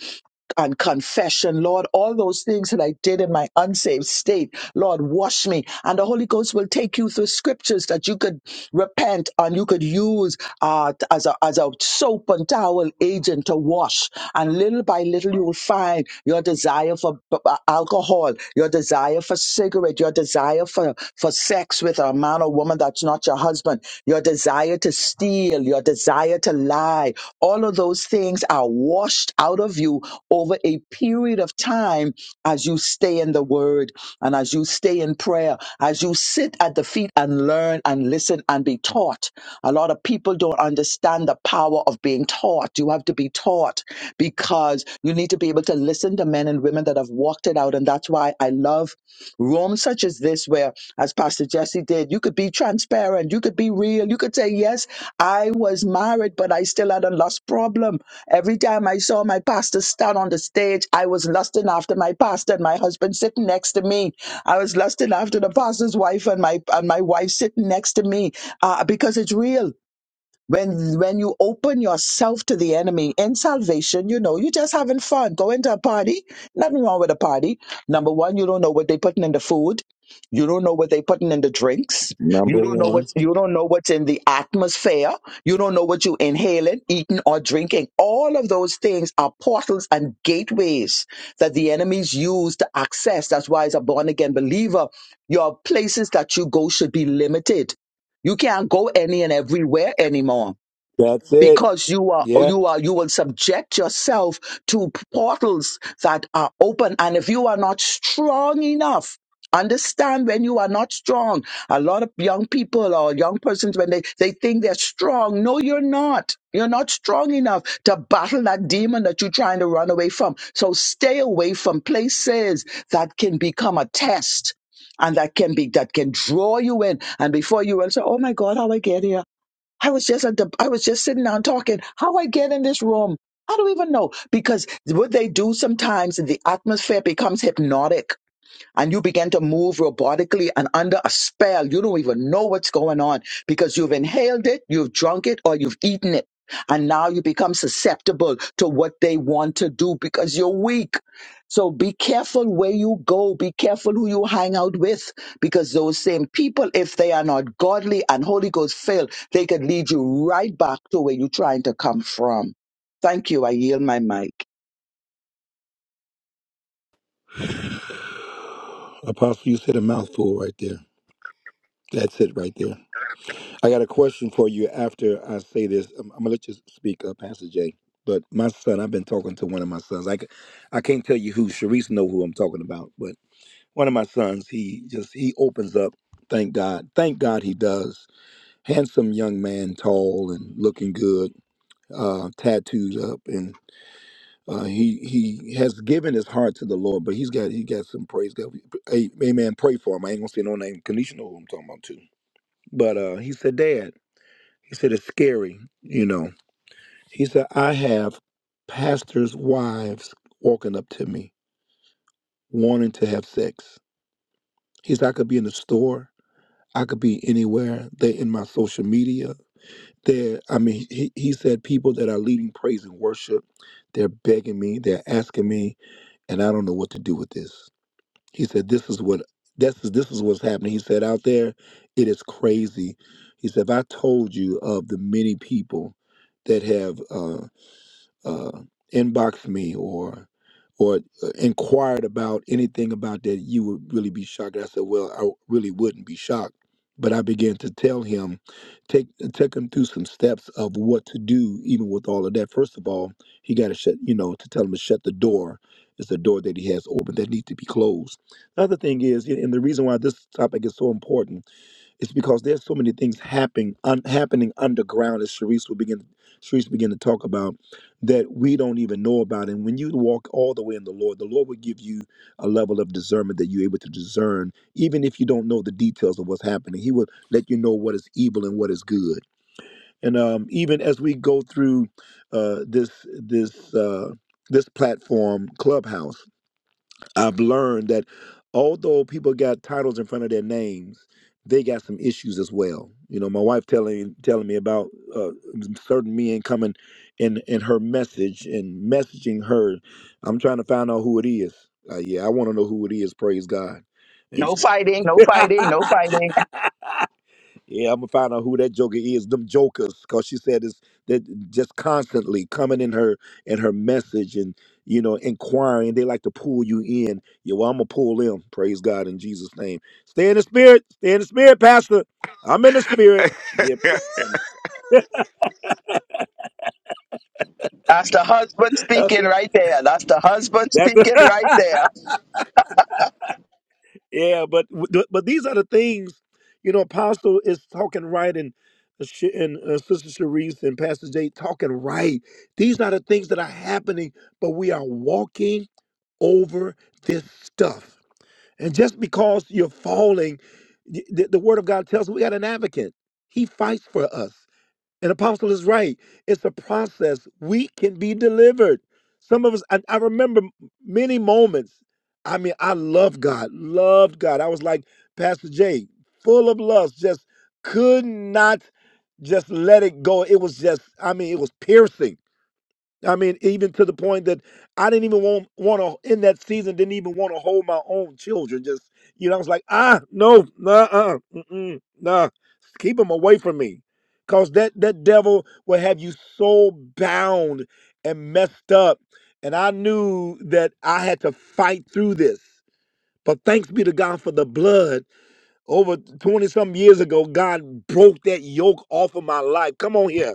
and confession, Lord, all those things that I did in my unsaved state, Lord, wash me. And the Holy Ghost will take you through scriptures that you could repent and you could use uh, as, a, as a soap and towel agent to wash. And little by little, you will find you're your desire for b- b- alcohol, your desire for cigarette, your desire for, for sex with a man or woman that's not your husband, your desire to steal, your desire to lie, all of those things are washed out of you over a period of time as you stay in the word. And as you stay in prayer, as you sit at the feet and learn and listen and be taught, a lot of people don't understand the power of being taught. You have to be taught because you need to be able to listen to men and women that have walked it out. And that's why I love Rooms such as this, where, as Pastor Jesse did, you could be transparent, you could be real, you could say, Yes, I was married, but I still had a lust problem. Every time I saw my pastor stand on the stage, I was lusting after my pastor and my husband sitting next to me. I was lusting after the pastor's wife and my and my wife sitting next to me uh, because it's real when when you open yourself to the enemy in salvation you know you're just having fun going to a party nothing wrong with a party number one you don't know what they're putting in the food you don't know what they're putting in the drinks Number you don't know one. what's you don't know what's in the atmosphere you don't know what you inhaling eating or drinking all of those things are portals and gateways that the enemies use to access that's why as a born-again believer your places that you go should be limited you can't go any and everywhere anymore That's it. because you are you are you will subject yourself to portals that are open and if you are not strong enough understand when you are not strong a lot of young people or young persons when they they think they're strong no you're not you're not strong enough to battle that demon that you're trying to run away from so stay away from places that can become a test and that can be that can draw you in and before you will say oh my god how i get here I was just at the I was just sitting down talking. How I get in this room? I don't even know because what they do sometimes the atmosphere becomes hypnotic and you begin to move robotically and under a spell. You don't even know what's going on because you've inhaled it, you've drunk it, or you've eaten it. And now you become susceptible to what they want to do because you're weak. So be careful where you go. Be careful who you hang out with because those same people, if they are not godly and Holy Ghost filled, they could lead you right back to where you're trying to come from. Thank you. I yield my mic. Apostle, you said a mouthful right there. That's it right there. I got a question for you after I say this. I'm, I'm going to let you speak, uh, Pastor Jay. But my son, I've been talking to one of my sons. I, c- I can't tell you who. Sharice know who I'm talking about. But one of my sons, he just, he opens up. Thank God. Thank God he does. Handsome young man, tall and looking good, uh, tattoos up. Uh, he he has given his heart to the Lord, but he's got he got some praise. God, hey, amen. Pray for him. I ain't gonna say no name. Kanisha know who I'm talking about too. But uh, he said, Dad, he said it's scary. You know, he said I have pastors' wives walking up to me wanting to have sex. He said I could be in the store, I could be anywhere. They're in my social media. They're I mean, he, he said people that are leading praise and worship, they're begging me, they're asking me, and I don't know what to do with this. He said, "This is what this is this is what's happening." He said, "Out there, it is crazy." He said, "If I told you of the many people that have." uh, uh, inboxed me or or uh, inquired about anything about that, you would really be shocked. I said, well, I really wouldn't be shocked. But I began to tell him, take take him through some steps of what to do, even with all of that. First of all, he got to shut, you know, to tell him to shut the door. It's a door that he has open that needs to be closed. The other thing is, and and the reason why this topic is so important it's because there's so many things happening un, happening underground, as Sharice will begin Sharice begin to talk about, that we don't even know about. And when you walk all the way in the Lord, the Lord will give you a level of discernment that you're able to discern, even if you don't know the details of what's happening. He will let you know what is evil and what is good. And um, even as we go through uh, this this uh, this platform, Clubhouse. I've learned that although people got titles in front of their names, they got some issues as well. You know, my wife telling telling me about uh, certain men coming in in her message and messaging her. I'm trying to find out who it is. Uh, yeah, I want to know who it is. Praise God. No fighting, no fighting, no fighting. Yeah, I'm gonna find out who that joker is. Them jokers, cause she said it's that just constantly coming in her in her message and you know inquiring. They like to pull you in. Yeah, well, I'm gonna pull them. Praise God in Jesus' name. Stay in the spirit. Stay in the spirit, Pastor. I'm in the spirit. Yeah, praise husband God. speaking right there. That's the husband that's speaking right there. yeah. But but these are the things you know. Apostle is talking right and. uh, Sh- And uh, Sister Sharice and Pastor Jay talking right. These are the things that are happening, but we are walking over this stuff. And just because you're falling, y- the, the word of God tells us we got an advocate. He fights for us. And Apostle is right. It's a process. We can be delivered. Some of us, I, I remember many moments. I mean, I love God, loved God. I was like Pastor Jay, full of lust, just could not just let it go. It was just, I mean, it was piercing I mean, even to the point that I didn't even want want to in that season didn't even want to hold my own children. Just you know, I was like, ah, no, nah, uh, mm-mm, nah, keep them away from me, cause that that devil will have you so bound and messed up. And I knew that I had to fight through this. But thanks be to God for the blood. Over 20 some years ago, God broke that yoke off of my life. Come on here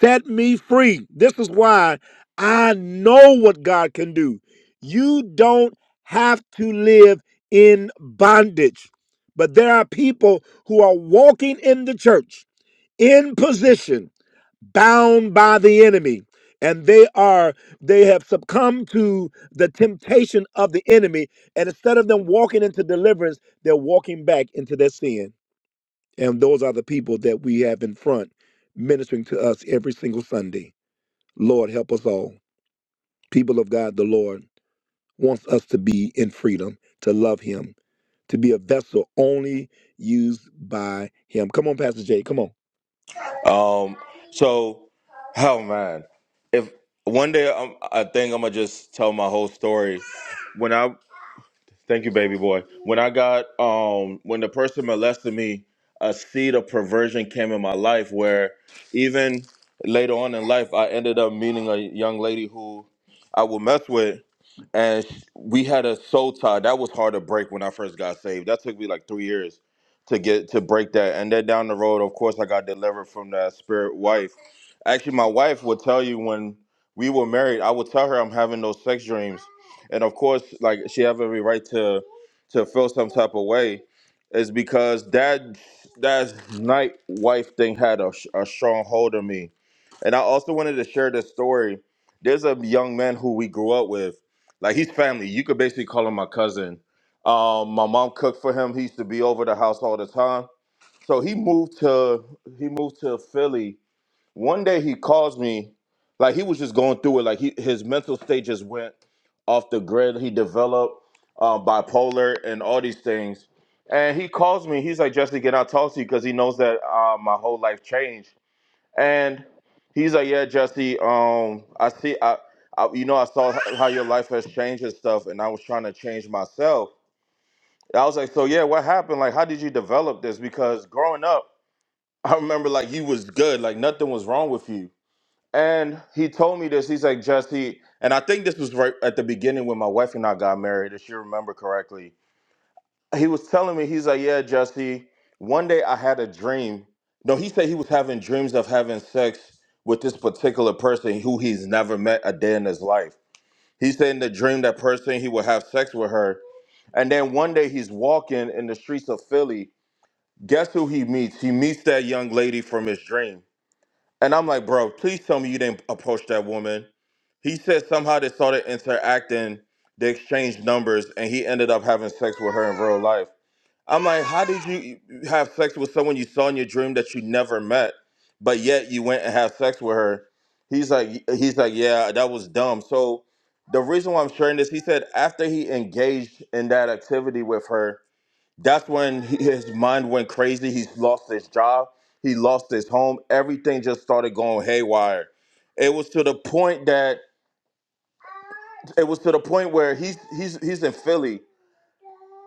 set me free. This is why I know what God can do. You don't have to live in bondage. But there are people who are walking in the church in position, bound by the enemy. And they are, they have succumbed to the temptation of the enemy. And instead of them walking into deliverance, they're walking back into their sin. And those are the people that we have in front ministering to us every single Sunday. Lord, help us all. People of God, the Lord wants us to be in freedom, to love Him, to be a vessel only used by Him. Come on, Pastor Jay. Come on. Um, so, oh man, if one day I'm, I think I'm gonna just tell my whole story. When I Thank you, baby boy. When I got um when the person molested me, a seed of perversion came in my life where even later on in life I ended up meeting a young lady who I would mess with and sh- we had a soul tie. That was hard to break when I first got saved. That took me like 3 years to get to break that. And then down the road, of course, I got delivered from that spirit wife. Actually, my wife would tell you when we were married, I would tell her I'm having those sex dreams and of course like she have every right to to feel some type of way is because that that night wife thing had a, a strong hold on me and i also wanted to share this story there's a young man who we grew up with like he's family you could basically call him my cousin um, my mom cooked for him he used to be over the house all the time so he moved to he moved to philly one day he calls me, like he was just going through it. Like he, his mental state just went off the grid. He developed uh, bipolar and all these things. And he calls me. He's like, Justin, can I talk to you? Because he knows that uh, my whole life changed. And he's like, Yeah, Jesse. Um, I see. I, I, you know, I saw h- how your life has changed and stuff. And I was trying to change myself. And I was like, So yeah, what happened? Like, how did you develop this? Because growing up, I remember like you was good. Like nothing was wrong with you and he told me this. He's like, Jesse, and I think this was right at the beginning when my wife and I got married, if you remember correctly. He was telling me, he's like, Yeah, Jesse, one day I had a dream. No, he said he was having dreams of having sex with this particular person who he's never met a day in his life. He said in the dream that person he would have sex with her. And then one day he's walking in the streets of Philly. Guess who he meets? He meets that young lady from his dream. And I'm like, bro, please tell me you didn't approach that woman he said somehow they started interacting, they exchanged numbers, and he ended up having sex with her in real life. I'm like, how did you have sex with someone you saw in your dream that you never met, but yet you went and had sex with her? He's like, he's like, yeah, that was dumb. So the reason why I'm sharing this, he said after he engaged in that activity with her, that's when he- his mind went crazy. He's lost his job. He lost his home. Everything just started going haywire. It was to the point that it was to the point where he's he's he's in Philly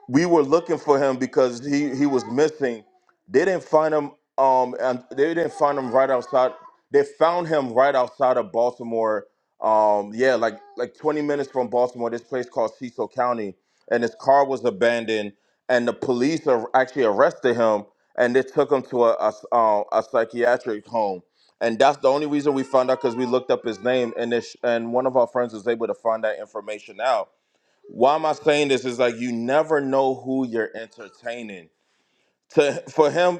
we were looking for him because he he was missing. They didn't find him. Um, and they didn't find him right outside. They found him right outside of Baltimore. Um, yeah, like like 20 minutes from Baltimore, this place called Cecil County, and his car was abandoned, and the police ar- actually arrested him, and they took him to a a, s- uh, a psychiatric home, and that's the only reason we found out because we looked up his name, and this, and one of our friends was able to find that information out why am I saying this? Is like you never know who you're entertaining. To for him,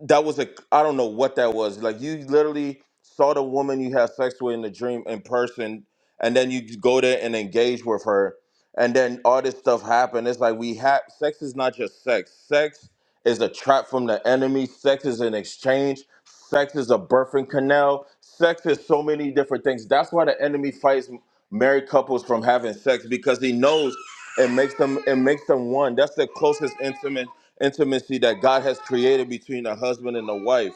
that was a I don't know what that was. Like you literally saw the woman you had sex with in the dream in person, and then you go there and engage with her, and then all this stuff happened. It's like we have sex is not just sex. Sex is a trap from the enemy. Sex is an exchange. Sex is a birthing canal. Sex is so many different things. That's why the enemy fights married couples from having sex because he knows it makes them it makes them one. That's the closest intimate intimacy that God has created between a husband and a wife.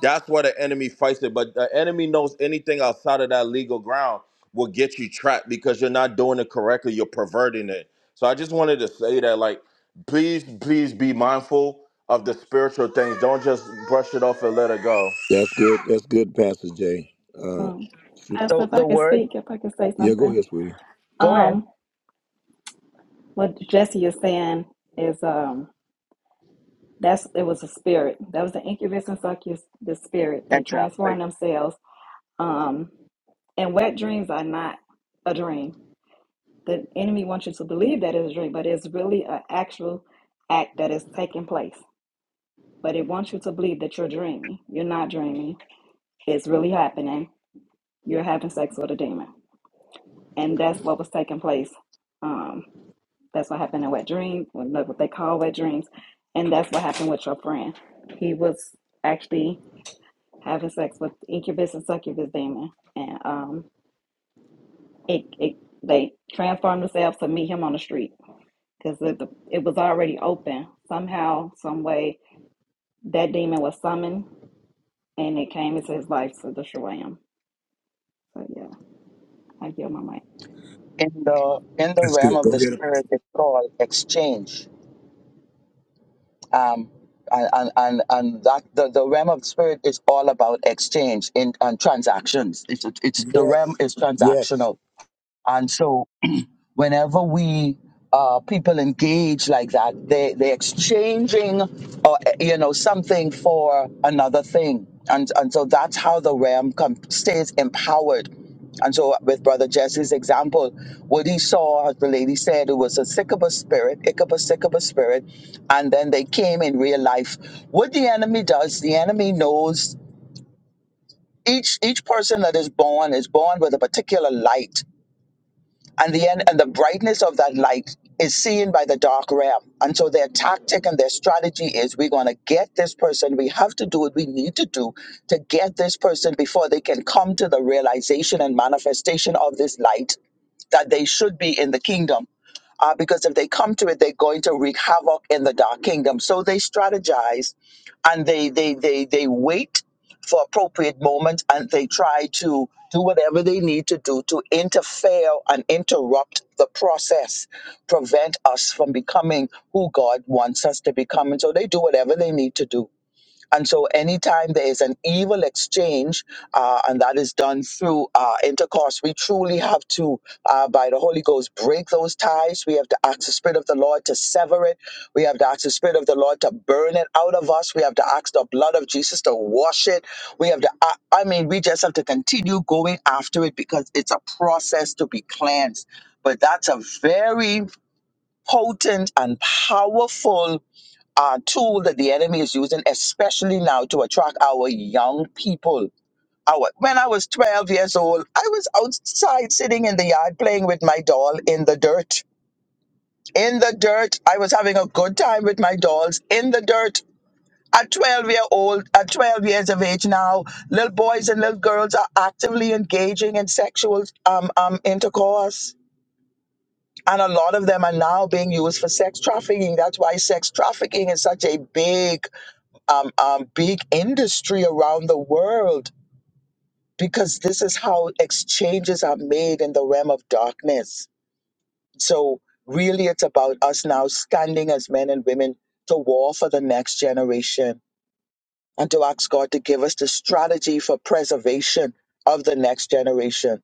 That's where the enemy fights it. But the enemy knows anything outside of that legal ground will get you trapped because you're not doing it correctly. You're perverting it. So I just wanted to say that, like, please, please be mindful of the spiritual things. Don't just brush it off and let it go. That's good. That's good, Pastor Jay. Uh, um, as So if I the could word, speak, if I could say yeah, go something. ahead, sweetie. go ahead. Um, what Jesse is saying is um, that's it was a spirit. That was the incubus and succubus, the spirit. They transform Exactly. themselves. Um, and wet dreams are not a dream. The enemy wants you to believe that it's a dream, but it's really an actual act that is taking place. but it wants you to believe that you're dreaming. You're not dreaming. It's really happening. You're having sex with a demon. And that's what was taking place. Um, that's what happened in wet dreams, what what they call wet dreams. And that's what happened with your friend. He was actually having sex with incubus and succubus demon. And um, it, it they transformed themselves to meet him on the street because it, it was already open. Somehow, some way, that demon was summoned and it came into his life to destroy him So yeah, I yield my mic. In the in the That's realm good. of Go the ahead. spirit, it's called exchange. Um, and and and, and that the, the realm of the spirit is all about exchange in and transactions. It's it's Apostle. the realm Yes. is Yes. transactional, and so whenever we uh, people engage like that, they they're exchanging, or you know, something for another thing, and and so that's how the realm com- stays empowered. And so, with Brother Jesse's example, what he saw, as the lady said, it was a sycamore spirit, Ichabus sycamore spirit, and then they came in real life. What the enemy does, the enemy knows each each person that is born is born with a particular light and the end and the brightness of that light is seen by the dark realm and so their tactic and their strategy is we're going to get this person we have to do what we need to do to get this person before they can come to the realization and manifestation of this light that they should be in the kingdom uh, because if they come to it they're going to wreak havoc in the dark kingdom so they strategize and they they they they wait for appropriate moment and they try to do whatever they need to do to interfere and interrupt the process prevent us from becoming who god wants us to become and so they do whatever they need to do and so, anytime there is an evil exchange, uh, and that is done through uh, intercourse, we truly have to, uh, by the Holy Ghost, break those ties. We have to ask the Spirit of the Lord to sever it. We have to ask the Spirit of the Lord to burn it out of us. We have to ask the blood of Jesus to wash it. We have to, I I mean, we just have to continue going after it because it's a process to be cleansed. But that's a very potent and powerful uh, tool that the enemy is using, especially now to attract our young people. Our, when I was 12 years old, I was outside sitting in the yard playing with my doll in the dirt. In the dirt, I was having a good time with my dolls in the dirt. At 12 year old, at 12 years of age now, little boys and little girls are actively engaging in sexual um, um, intercourse. And a lot of them are now being used for sex trafficking. That's why sex trafficking is such a big um, um, big industry around the world because this is how exchanges are made in the realm of darkness. So, really, it's about us now standing as men and women to war for the next generation and to ask God to give us the strategy for preservation of the next generation.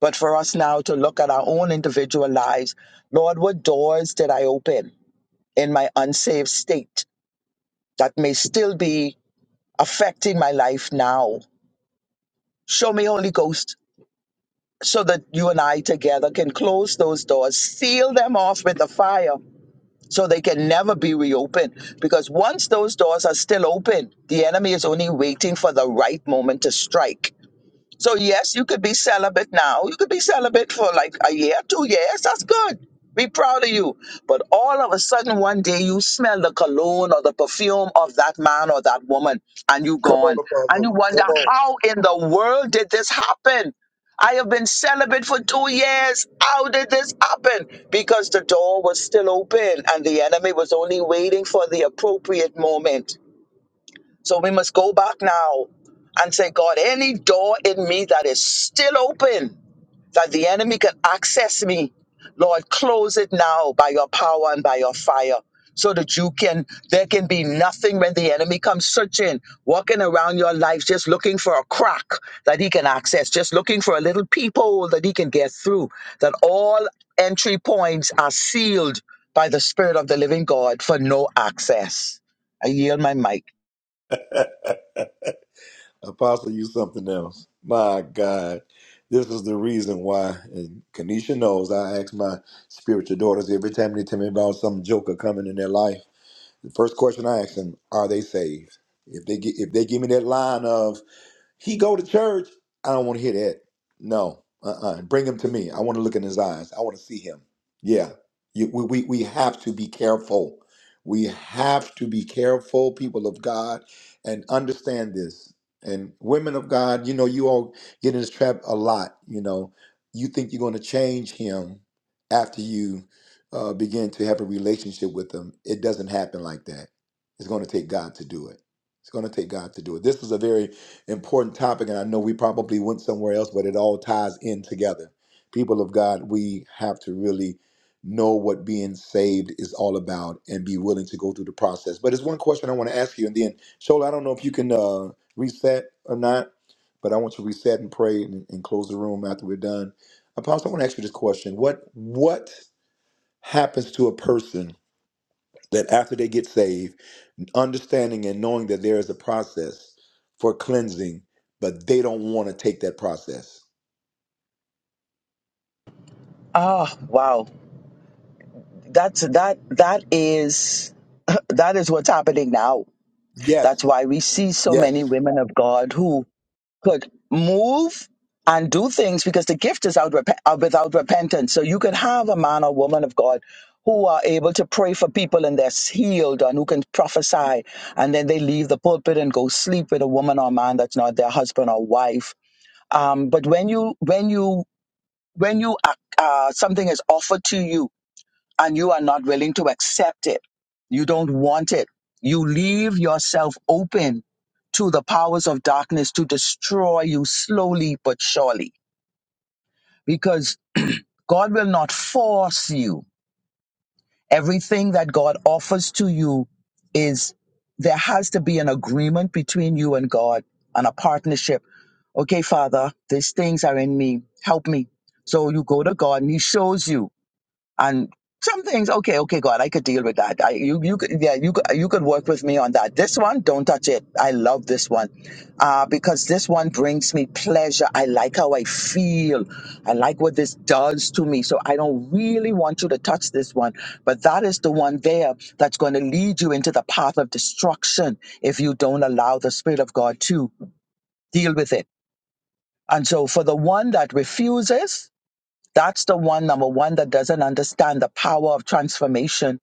But for us now to look at our own individual lives, Lord, what doors did I open in my unsaved state that may still be affecting my life now? Show me, Holy Ghost, so that you and I together can close those doors, seal them off with the fire so they can never be reopened. Because once those doors are still open, the enemy is only waiting for the right moment to strike. So yes, you could be celibate now. You could be celibate for like a year, two years. That's good. Be proud of you. But all of a sudden, one day you smell the cologne or the perfume of that man or that woman, and you Come gone, on, and Apostle. you wonder Come on. how in the world did this happen? I have been celibate for two years. How did this happen? Because the door was still open, and the enemy was only waiting for the appropriate moment so we must go back now and say, God, any door in me that is still open, that the enemy can access me, Lord, close it now by your power and by your fire. So that you can, there can be nothing when the enemy comes searching, walking around your life, just looking for a crack that he can access, just looking for a little peephole that he can get through. That all entry points are sealed by the Spirit of the living God for no access. I yield my mic. Apostle, you something else. My God. This is the reason why, and Kanisha knows, I ask my spiritual daughters every time they tell me about some joker coming in their life. The first question I ask them, are they saved? If they gi- if they give me that line of he go to church. I don't want to hear that. No. Uh-uh. Bring him to me. I want to look in his eyes. I want to see him. Yeah. You, we, we, we have to be careful. We have to be careful, people of God, and understand this. And women of God, you know, you all get in this trap a lot. You know, you think you're going to change him after you uh, begin to have a relationship with him. It doesn't happen like that. It's going to take God to do it. It's going to take God to do it. This is a very important topic, and I know we probably went somewhere else, but it all ties in together. People of God, we have to really know what being saved is all about and be willing to go through the process. But there's one question I want to ask you, and then Shola, I don't know if you can uh, reset or not, but I want you to reset and pray and, and close the room after we're done. Apostle, I want to ask you this question: What what happens to a person that after they get saved? understanding and knowing that there is a process for cleansing, but they don't want to take that process. Oh, wow. That's that that is that is what's happening now. That's Yes, why we see so many yes, women of God who could move and do things because the gift is out rep- uh, without repentance. So you could have a man or woman of God who are able to pray for people and they're healed and who can prophesy and then they leave the pulpit and go sleep with a woman or man that's not their husband or wife. Um, but when you when you when you uh, uh, something is offered to you and you are not willing to accept it. You don't want it. You leave yourself open to the powers of darkness to destroy you slowly but surely because God will not force you. Everything that God offers to you is there has to be an agreement between you and God and a partnership. Okay, Father, these things are in me. Help me. So you go to God and He shows you And some things, okay, okay, God, I could deal with that. I, you, you could, yeah, you could, you could work with me on that. This one, don't touch it. I love this one, uh, because this one brings me pleasure. I like how I feel. I like what this does to me. So I don't really want you to touch this one. But that is the one there that's going to lead you into the path of destruction if you don't allow the Spirit of God to deal with it. And so for the one that refuses. That's the one, number one, that doesn't understand the power of transformation,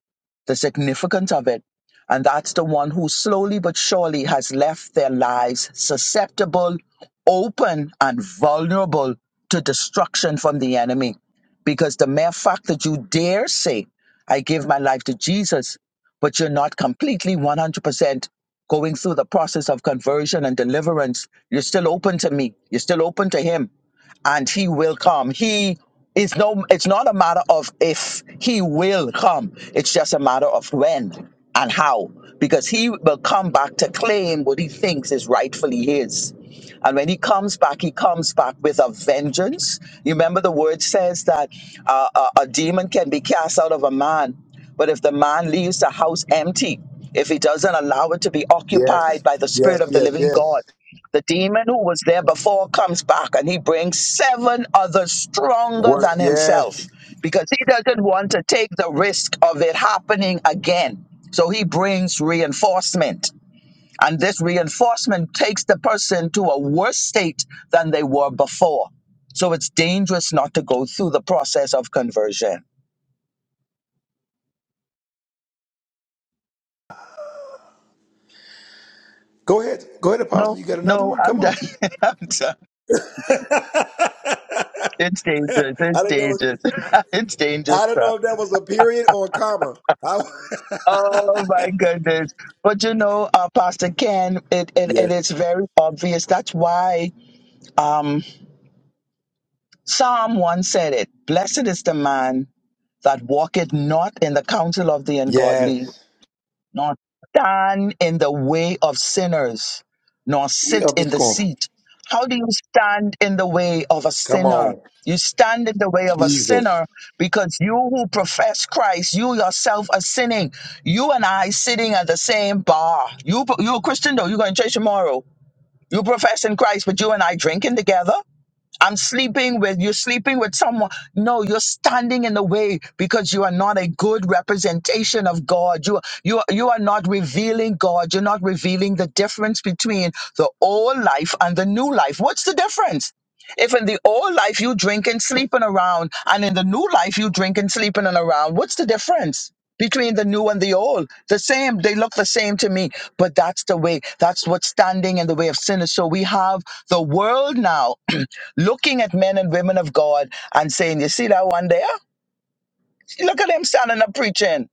the significance of it. And that's the one who slowly but surely has left their lives susceptible, open, and vulnerable to destruction from the enemy. Because the mere fact that you dare say, I give my life to Jesus, but you're not completely 100% going through the process of conversion and deliverance, you're still open to me, you're still open to Him and he will come. He is no it's not a matter of if he will come. It's just a matter of when and how. Because he will come back to claim what he thinks is rightfully his. And when he comes back, he comes back with a vengeance. You remember the word says that uh, a, a demon can be cast out of a man, but if the man leaves the house empty, if he doesn't allow it to be occupied yes, by the yes, Spirit of the yes, living God, yes. the demon who was there before comes back and he brings seven others stronger Worse, than yes. himself because he doesn't want to take the risk of it happening again. So he brings reinforcement. And this reinforcement takes the person to a worse state than they were before. So it's dangerous not to go through the process of conversion. Go ahead, go ahead, Apostle. No, You got another no, one? I'm Come done. on. I'm done. I It's dangerous. It's don't know. dangerous. It's dangerous. I don't know if that was a period or a comma. I, Oh my goodness. But you know, uh, Pastor Ken, it, it, it yes, is very obvious. That's why um, Psalm 1 said it Blessed is the man that walketh not in the counsel of the ungodly, yes. nor stand in the way of sinners, nor Eat sit Up the in the scorn. seat. How do you stand in the way of a Come sinner? on, You stand in the way of a Jesus. sinner because you who profess Christ, you yourself are sinning. You and I sitting at the same bar. You you a Christian though, you're going to church tomorrow. You profess in Christ, but you and I drinking together. I'm sleeping with, you're sleeping with someone. No, you're standing in the way because you are not a good representation of God. You, you, are- you are not revealing God. You're not revealing the difference between the old life and the new life. What's the difference? If in the old life you drink and sleeping around, and in the new life you drink and sleeping and around, what's the difference? Between the new and the old, the same, they look the same to me, but that's the way, that's what's standing in the way of sin. is. So we have the world now looking at men and women of God and saying, You see that one there? Look at him standing up preaching.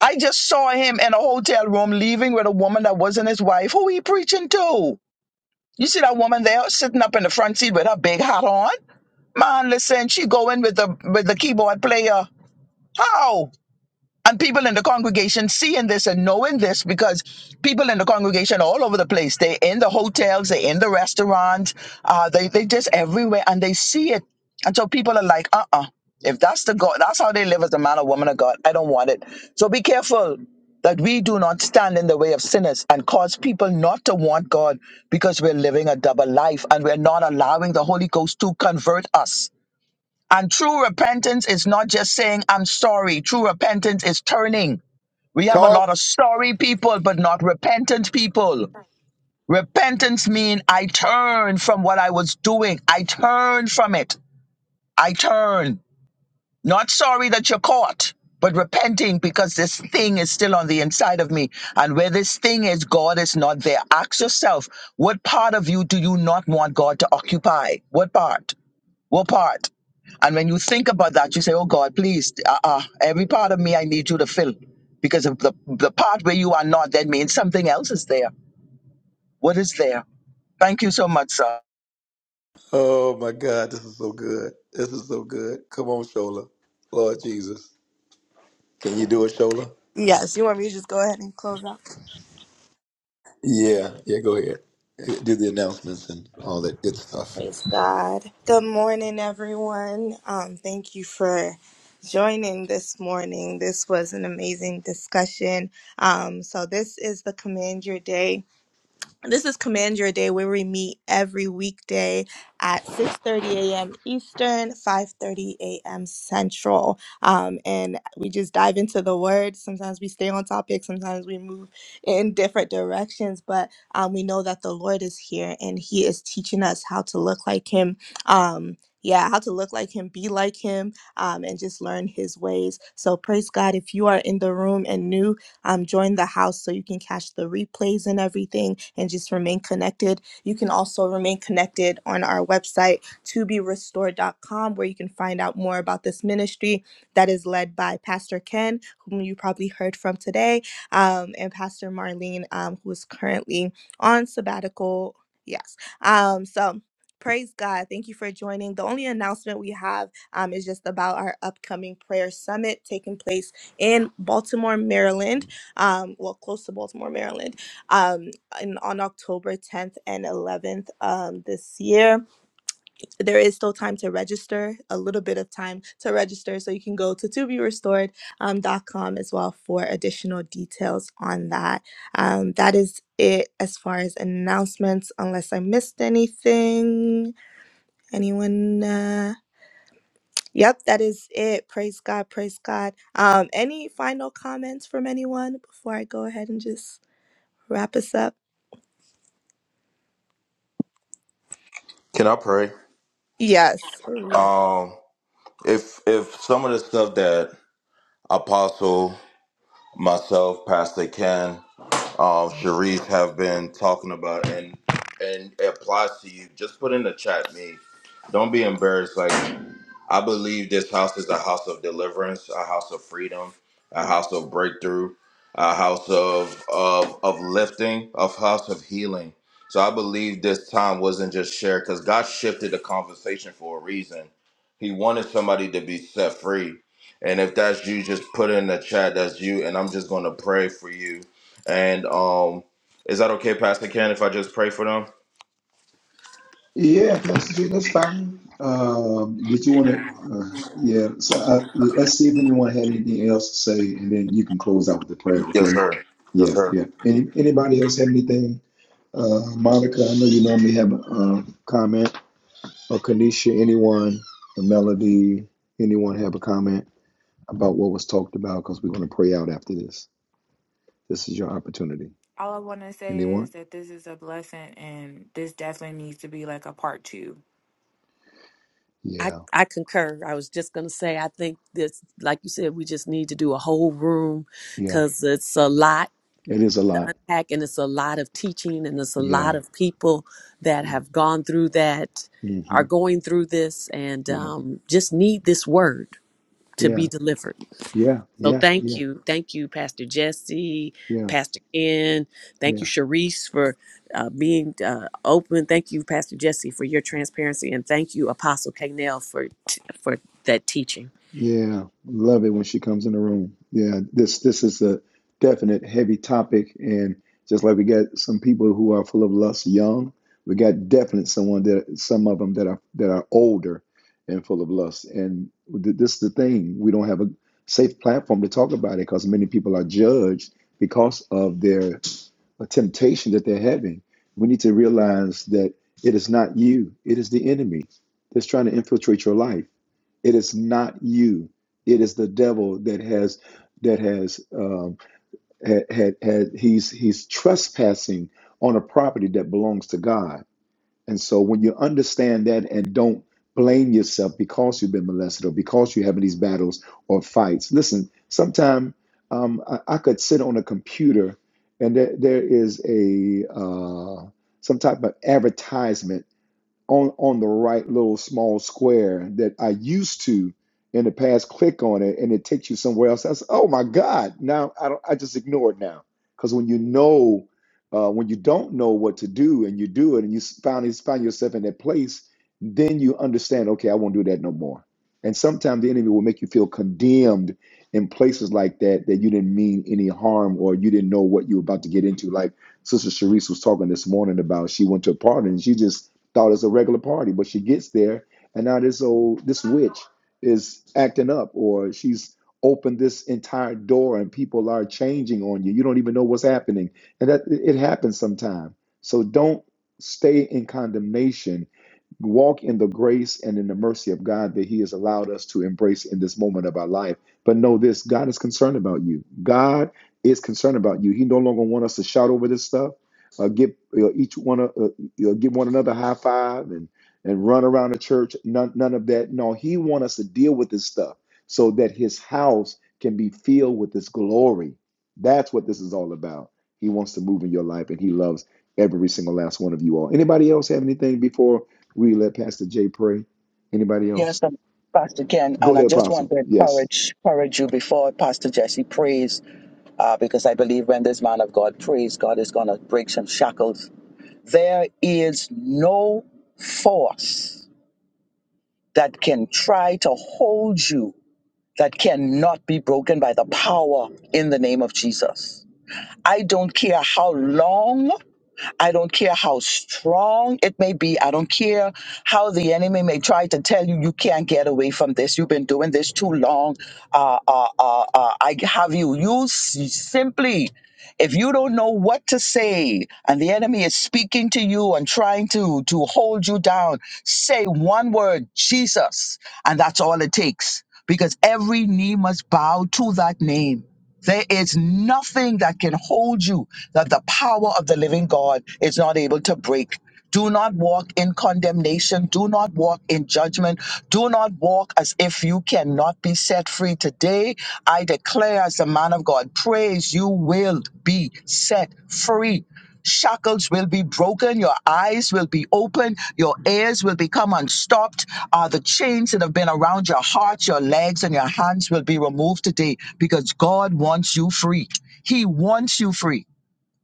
I just saw him in a hotel room leaving with a woman that wasn't his wife. Who he preaching to? You see that woman there sitting up in the front seat with her big hat on? Man, listen, she going with the with the keyboard player. How? And people in the congregation seeing this and knowing this because people in the congregation are all over the place. They're in the hotels, they're in the restaurants, uh, they, they just everywhere and they see it. And so people are like, uh uh if that's the God, that's how they live as a man or woman of God, I don't want it. So be careful that we do not stand in the way of sinners and cause people not to want God because we're living a double life and we're not allowing the Holy Ghost to convert us. And true repentance is not just saying, I'm sorry. True repentance is turning. We have a Talk. lot of sorry people, but not repentant people. Repentance means I turn from what I was doing. I turn from it. I turn. Not sorry that you're caught, but repenting because this thing is still on the inside of me. And where this thing is, God is not there. Ask yourself, what part of you do you not want God to occupy? What part? What part? And when you think about that, you say, Oh God, please, uh, uh, every part of me I need you to fill. Because of the, the part where you are not, that means something else is there. What is there? Thank you so much, sir. Oh my God, this is so good. This is so good. Come on, Shola. Lord Jesus. Can you do it, Shola? Yes, you want me to just go ahead and close out? Yeah, yeah, go ahead. Do the announcements and all that good stuff. Praise God. Good morning, everyone. Um, thank you for joining this morning. This was an amazing discussion. Um, so this is the Command Your Day this is Command Your Day where we meet every weekday at 6:30 a.m. Eastern, 5:30 a.m. Central. Um, and we just dive into the word. Sometimes we stay on topic, sometimes we move in different directions, but um, we know that the Lord is here and he is teaching us how to look like him. Um, yeah, how to look like him, be like him, um, and just learn his ways. So praise God if you are in the room and new um, join the house so you can catch the replays and everything and just remain connected. You can also remain connected on our website, toberestored.com, where you can find out more about this ministry that is led by Pastor Ken, whom you probably heard from today, um, and Pastor Marlene, um, who is currently on sabbatical. Yes. Um, so praise God. Thank you for joining. The only announcement we have um, is just about our upcoming prayer summit taking place in Baltimore, Maryland um, well, close to Baltimore, Maryland, um, in, on October 10th and 11th um, this year. There is still time to register, a little bit of time to register. So you can go to to be restored dot com um, dot com as well for additional details on that. Um, that is it as far as announcements, unless I missed anything. Anyone? Uh, yep, that is it. Praise God, praise God. Um, any final comments from anyone before I go ahead and just wrap us up? Can I pray? Yes. Oh, yes. Um, if if some of the stuff that Apostle, myself, Pastor Ken um, Sharice have been talking about, and and it applies to you. Just put in the chat, me. Don't be embarrassed. Like I believe this house is a house of deliverance, a house of freedom, a house of breakthrough, a house of of of lifting, a house of healing. So I believe this time wasn't just shared because God shifted the conversation for a reason. He wanted somebody to be set free. And if that's you, just put in the chat that's you, and I'm just gonna pray for you. And um is that okay, Pastor Ken, if I just pray for them? Yeah, Pastor Jay, that's fine. Um, did you want to? Uh, yeah, so uh let's see if anyone had anything else to say, and then you can close out with the prayer. Yes, Okay. sir. Yes, Yeah, sir. yeah. Any anybody else have anything? Uh, Monica, I know you normally have a uh, comment, or Kanisha, anyone, Melody, anyone have a comment? about what was talked about because we're going to pray out after this. This is your opportunity. All I want to say Anyone? is that this is a blessing, and this definitely needs to be like a part two. I, Yeah, I concur. I was just going to say, I think this, like you said, we just need to do a whole room yeah. because it's a lot It is a to lot. unpack and it's a lot of teaching and it's a Yeah, lot of people that yeah. have gone through that, hmm are going through this, and Yeah, um, just need this word to yeah, be delivered. yeah, So yeah, thank yeah, you, thank you, Pastor Jesse, yeah, Pastor Ken. Thank yeah. you, Sharice, for uh, being uh, open. Thank you, Pastor Jesse, for your transparency, and thank you, Apostle Cagnell, for t- for that teaching. Yeah, love it when she comes in the room. Yeah, this this is a definite heavy topic, and just like we got some people who are full of lust, young, we got definite someone that some of them that are that are older and full of lust. And th- this is the thing: we don't have a safe platform to talk about it because many people are judged because of their temptation that they're having. We need to realize that it is not you; it is the enemy that's trying to infiltrate your life it is not you. It is the devil that has that has um, had, had had he's he's trespassing on a property that belongs to God. And so when you understand that and don't blame yourself because you've been molested or because you're having these battles or fights. Listen, Sometimes um, I, I could sit on a computer and there, there is a uh, some type of advertisement on on the right little small square that I used to in the past click on it and it takes you somewhere else. That's oh my God. Now I don't I just ignore it now. Because when you know uh, when you don't know what to do and you do it and you s- finally find yourself in that place, then you understand, okay, I won't do that no more. And sometimes the enemy will make you feel condemned in places like that that you didn't mean any harm or you didn't know what you were about to get into. Like Sister Sharice was talking this morning about she went to a party and she just thought it's a regular party, but she gets there and now this old this witch is acting up or she's opened this entire door and people are changing on you. You don't even know what's happening. And that it happens sometime. So don't stay in condemnation. Walk in the grace and in the mercy of God that He has allowed us to embrace in this moment of our life. But know this God is concerned about you. God is concerned about you. He no longer wants us to shout over this stuff uh, get uh, each one of uh, you know, give one another a high five and and run around the church. None none of that. No, he wants us to deal with this stuff so that his house can be filled with his glory. That's what this is all about. He wants to move in your life, and he loves every single last one of you all. Anybody else have anything before we let Pastor Jay pray? Anybody Yes, else? um, Pastor Ken. Go And I ahead, just want Apostle. to Yes, encourage, encourage you before Pastor Jesse prays, uh, because I believe when this man of God prays, God is going to break some shackles. There is no force that can try to hold you that cannot be broken by the power in the name of Jesus. I don't care how long I don't care how strong it may be. I don't care how the enemy may try to tell you you can't get away from this. You've been doing this too long. Uh, uh, uh, uh, I have you. You s- simply, if you don't know what to say, and the enemy is speaking to you and trying to to hold you down, say one word, Jesus, and that's all it takes. Because every knee must bow to that name there is nothing that can hold you that the power of the living God is not able to break. Do not walk in condemnation. Do not walk in judgment. Do not walk as if you cannot be set free. Today, I declare as the man of God, praise you will be set free shackles will be broken, your eyes will be open, your ears will become unstopped. Uh, the chains that have been around your heart, your legs, and your hands will be removed today because God wants you free. He wants you free.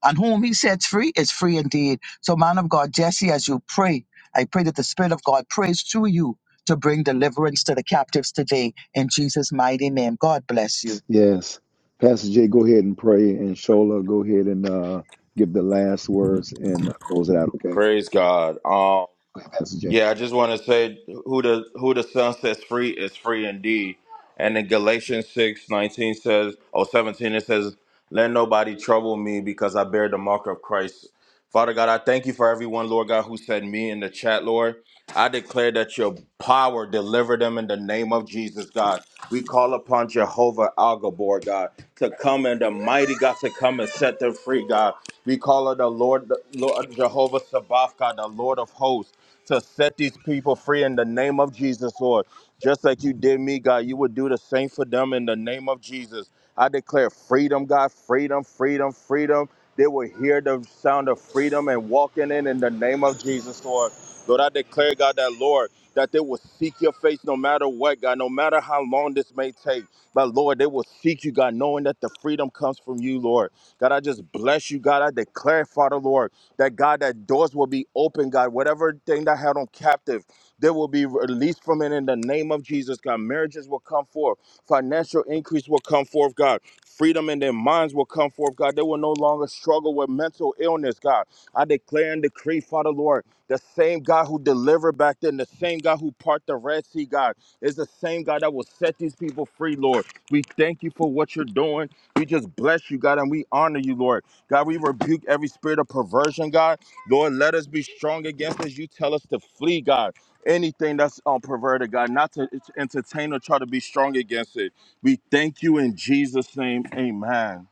And whom he sets free is free indeed. So, man of God, Jesse, as you pray, I pray that the Spirit of God prays through you to bring deliverance to the captives today in Jesus' mighty name. God bless you. yes. Pastor Jay, go ahead and pray, and Shola, go ahead and uh, give the last words and uh, close it out. Okay, Praise God. Um, go ahead, Pastor Yeah, Jay. I just want to say who the who the son sets free is free indeed. And in Galatians 6 19 says, or 17, it says, Let nobody trouble me because I bear the mark of Christ. Father God, I thank you for everyone, Lord God, who said me in the chat, Lord. I declare that your power deliver them in the name of Jesus, God. We call upon Jehovah Al Gabor, God, to come and the mighty God to come and set them free, God. We call on the Lord, Lord Jehovah Sabaoth, God, the Lord of hosts to set these people free in the name of Jesus, Lord. Just like you did me, God, you would do the same for them in the name of Jesus. I declare freedom, God, freedom, freedom, freedom. They will hear the sound of freedom and walk in it in the name of Jesus, Lord. Lord, I declare, God, that, Lord, that they will seek your face no matter what, God, no matter how long this may take. But, Lord, they will seek you, God, knowing that the freedom comes from you, Lord. God, I just bless you, God. I declare, Father, Lord. That God, that doors will be open, God. Whatever thing that held them captive, they will be released from it in the name of Jesus, God. Marriages will come forth, financial increase will come forth, God. Freedom in their minds will come forth, God. They will no longer struggle with mental illness, God. I declare and decree, Father Lord, the same God who delivered back then, the same God who part the Red Sea, God, is the same God that will set these people free, Lord. We thank you for what you're doing. We just bless you, God, and we honor you, Lord. God, we rebuke every spirit of perversion, God. Lord, let us be strong against as you tell us to flee, God. Anything that's um, perverted, God, not to to entertain or try to be strong against it. We thank you in Jesus' name. Amen.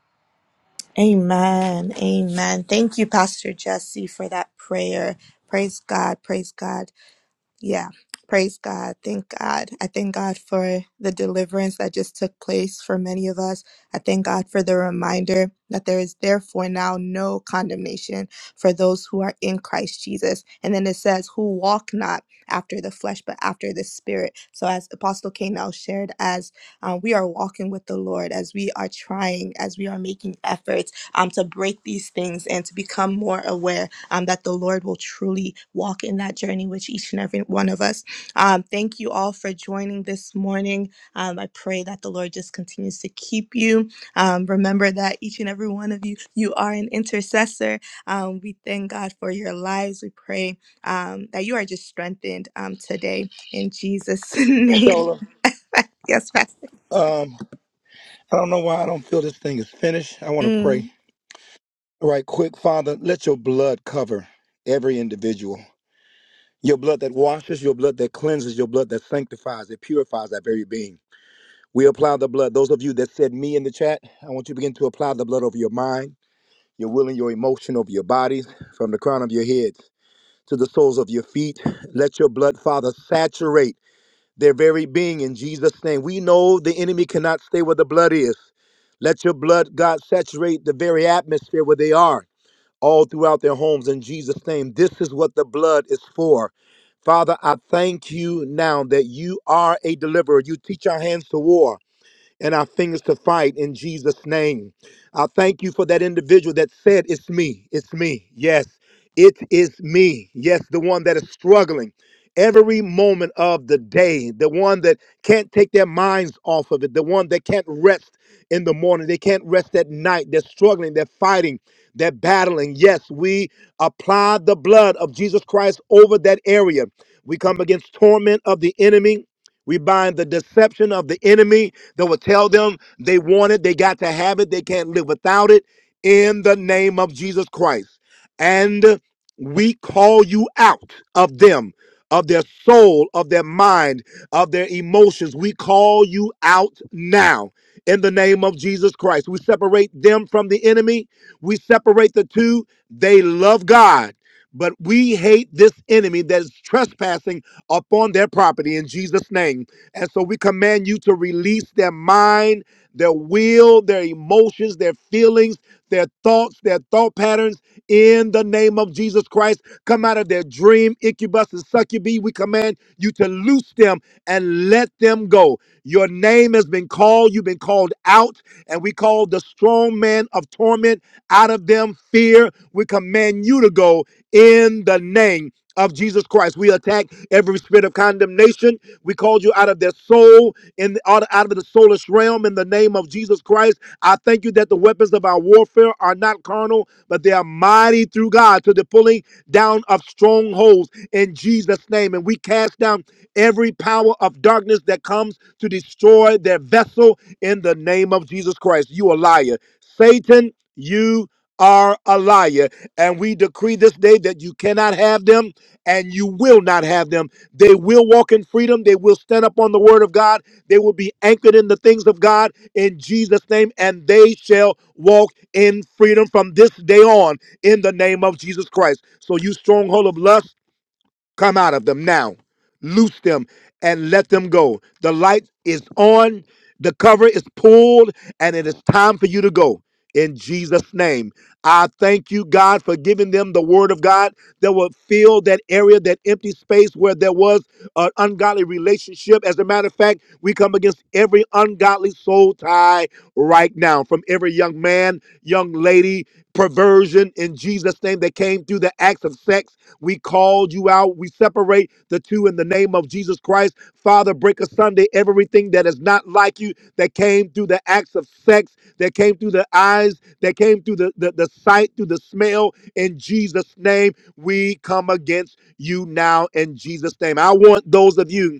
Amen. Amen. Thank you, Pastor Jesse, for that prayer. Praise God. Praise God. Yeah. Praise God. Thank God. I thank God for the deliverance that just took place for many of us. I thank God for the reminder that there is therefore now no condemnation for those who are in Christ Jesus. And then it says, who walk not after the flesh, but after the spirit. So, as Apostle K now shared, as uh, we are walking with the Lord, as we are trying, as we are making efforts um, to break these things and to become more aware um, that the Lord will truly walk in that journey with each and every one of us. Um, thank you all for joining this morning. Um, I pray that the Lord just continues to keep you. Um, remember that each and every one of you, you are an intercessor. Um, we thank God for your lives. We pray um, that you are just strengthened um, today in Jesus' name. Yes, Pastor. Um, I don't know why I don't feel this thing is finished. I want to Mm. pray. All right, quick, Father, let your blood cover every individual. Your blood that washes, your blood that cleanses, your blood that sanctifies, it purifies that very being. We apply the blood. Those of you that said me in the chat, I want you to begin to apply the blood over your mind, your will, and your emotion, over your bodies, from the crown of your heads to the soles of your feet. Let your blood, Father, saturate their very being in Jesus' name. We know the enemy cannot stay where the blood is. Let your blood, God, saturate the very atmosphere where they are, all throughout their homes in Jesus' name. This is what the blood is for. Father, I thank you now that you are a deliverer. You teach our hands to war and our fingers to fight in Jesus' name. I thank you for that individual that said, It's me, it's me. Yes, it is me. Yes, the one that is struggling every moment of the day, the one that can't take their minds off of it, the one that can't rest in the morning, they can't rest at night, they're struggling, they're fighting, they're battling. Yes, we apply the blood of Jesus Christ over that area. We come against torment of the enemy. We bind the deception of the enemy that will tell them they want it, they got to have it, they can't live without it in the name of Jesus Christ. And we call you out of them, of their soul, of their mind, of their emotions. We call you out now in the name of Jesus Christ. We separate them from the enemy, we separate the two. They love God. But we hate this enemy that is trespassing upon their property in Jesus' name. And so we command you to release their mind, their will, their emotions, their feelings, their thoughts, their thought patterns in the name of Jesus Christ. Come out of their dream, incubus and succubi. We command you to loose them and let them go. Your name has been called, you've been called out, and we call the strong man of torment out of them fear. We command you to go in the name of Jesus Christ. We attack every spirit of condemnation. We called you out of their soul in out out of the soulless realm in the name of Jesus Christ. I thank you that the weapons of our warfare are not carnal, but they are mighty through God to the pulling down of strongholds in Jesus' name. And we cast down every power of darkness that comes to destroy their vessel in the name of Jesus Christ. You a liar. Satan, you are a liar. And we decree this day that you cannot have them and you will not have them. They will walk in freedom. They will stand up on the word of God. They will be anchored in the things of God in Jesus' name, and they shall walk in freedom from this day on in the name of Jesus Christ. So, you stronghold of lust. Come out of them now. Loose them and let them go. The light is on, the cover is pulled, and it is time for you to go. In Jesus' name, I thank you, God, for giving them the word of God that will fill that area, that empty space where there was an ungodly relationship. As a matter of fact, we come against every ungodly soul tie right now from every young man, young lady, perversion in Jesus' name that came through the acts of sex. We called you out. We separate the two in the name of Jesus Christ. Father, break a Sunday everything that is not like you that came through the acts of sex, that came through the eyes, that came through the, the, the sight, through the smell. In Jesus' name, we come against you now in Jesus' name. I want those of you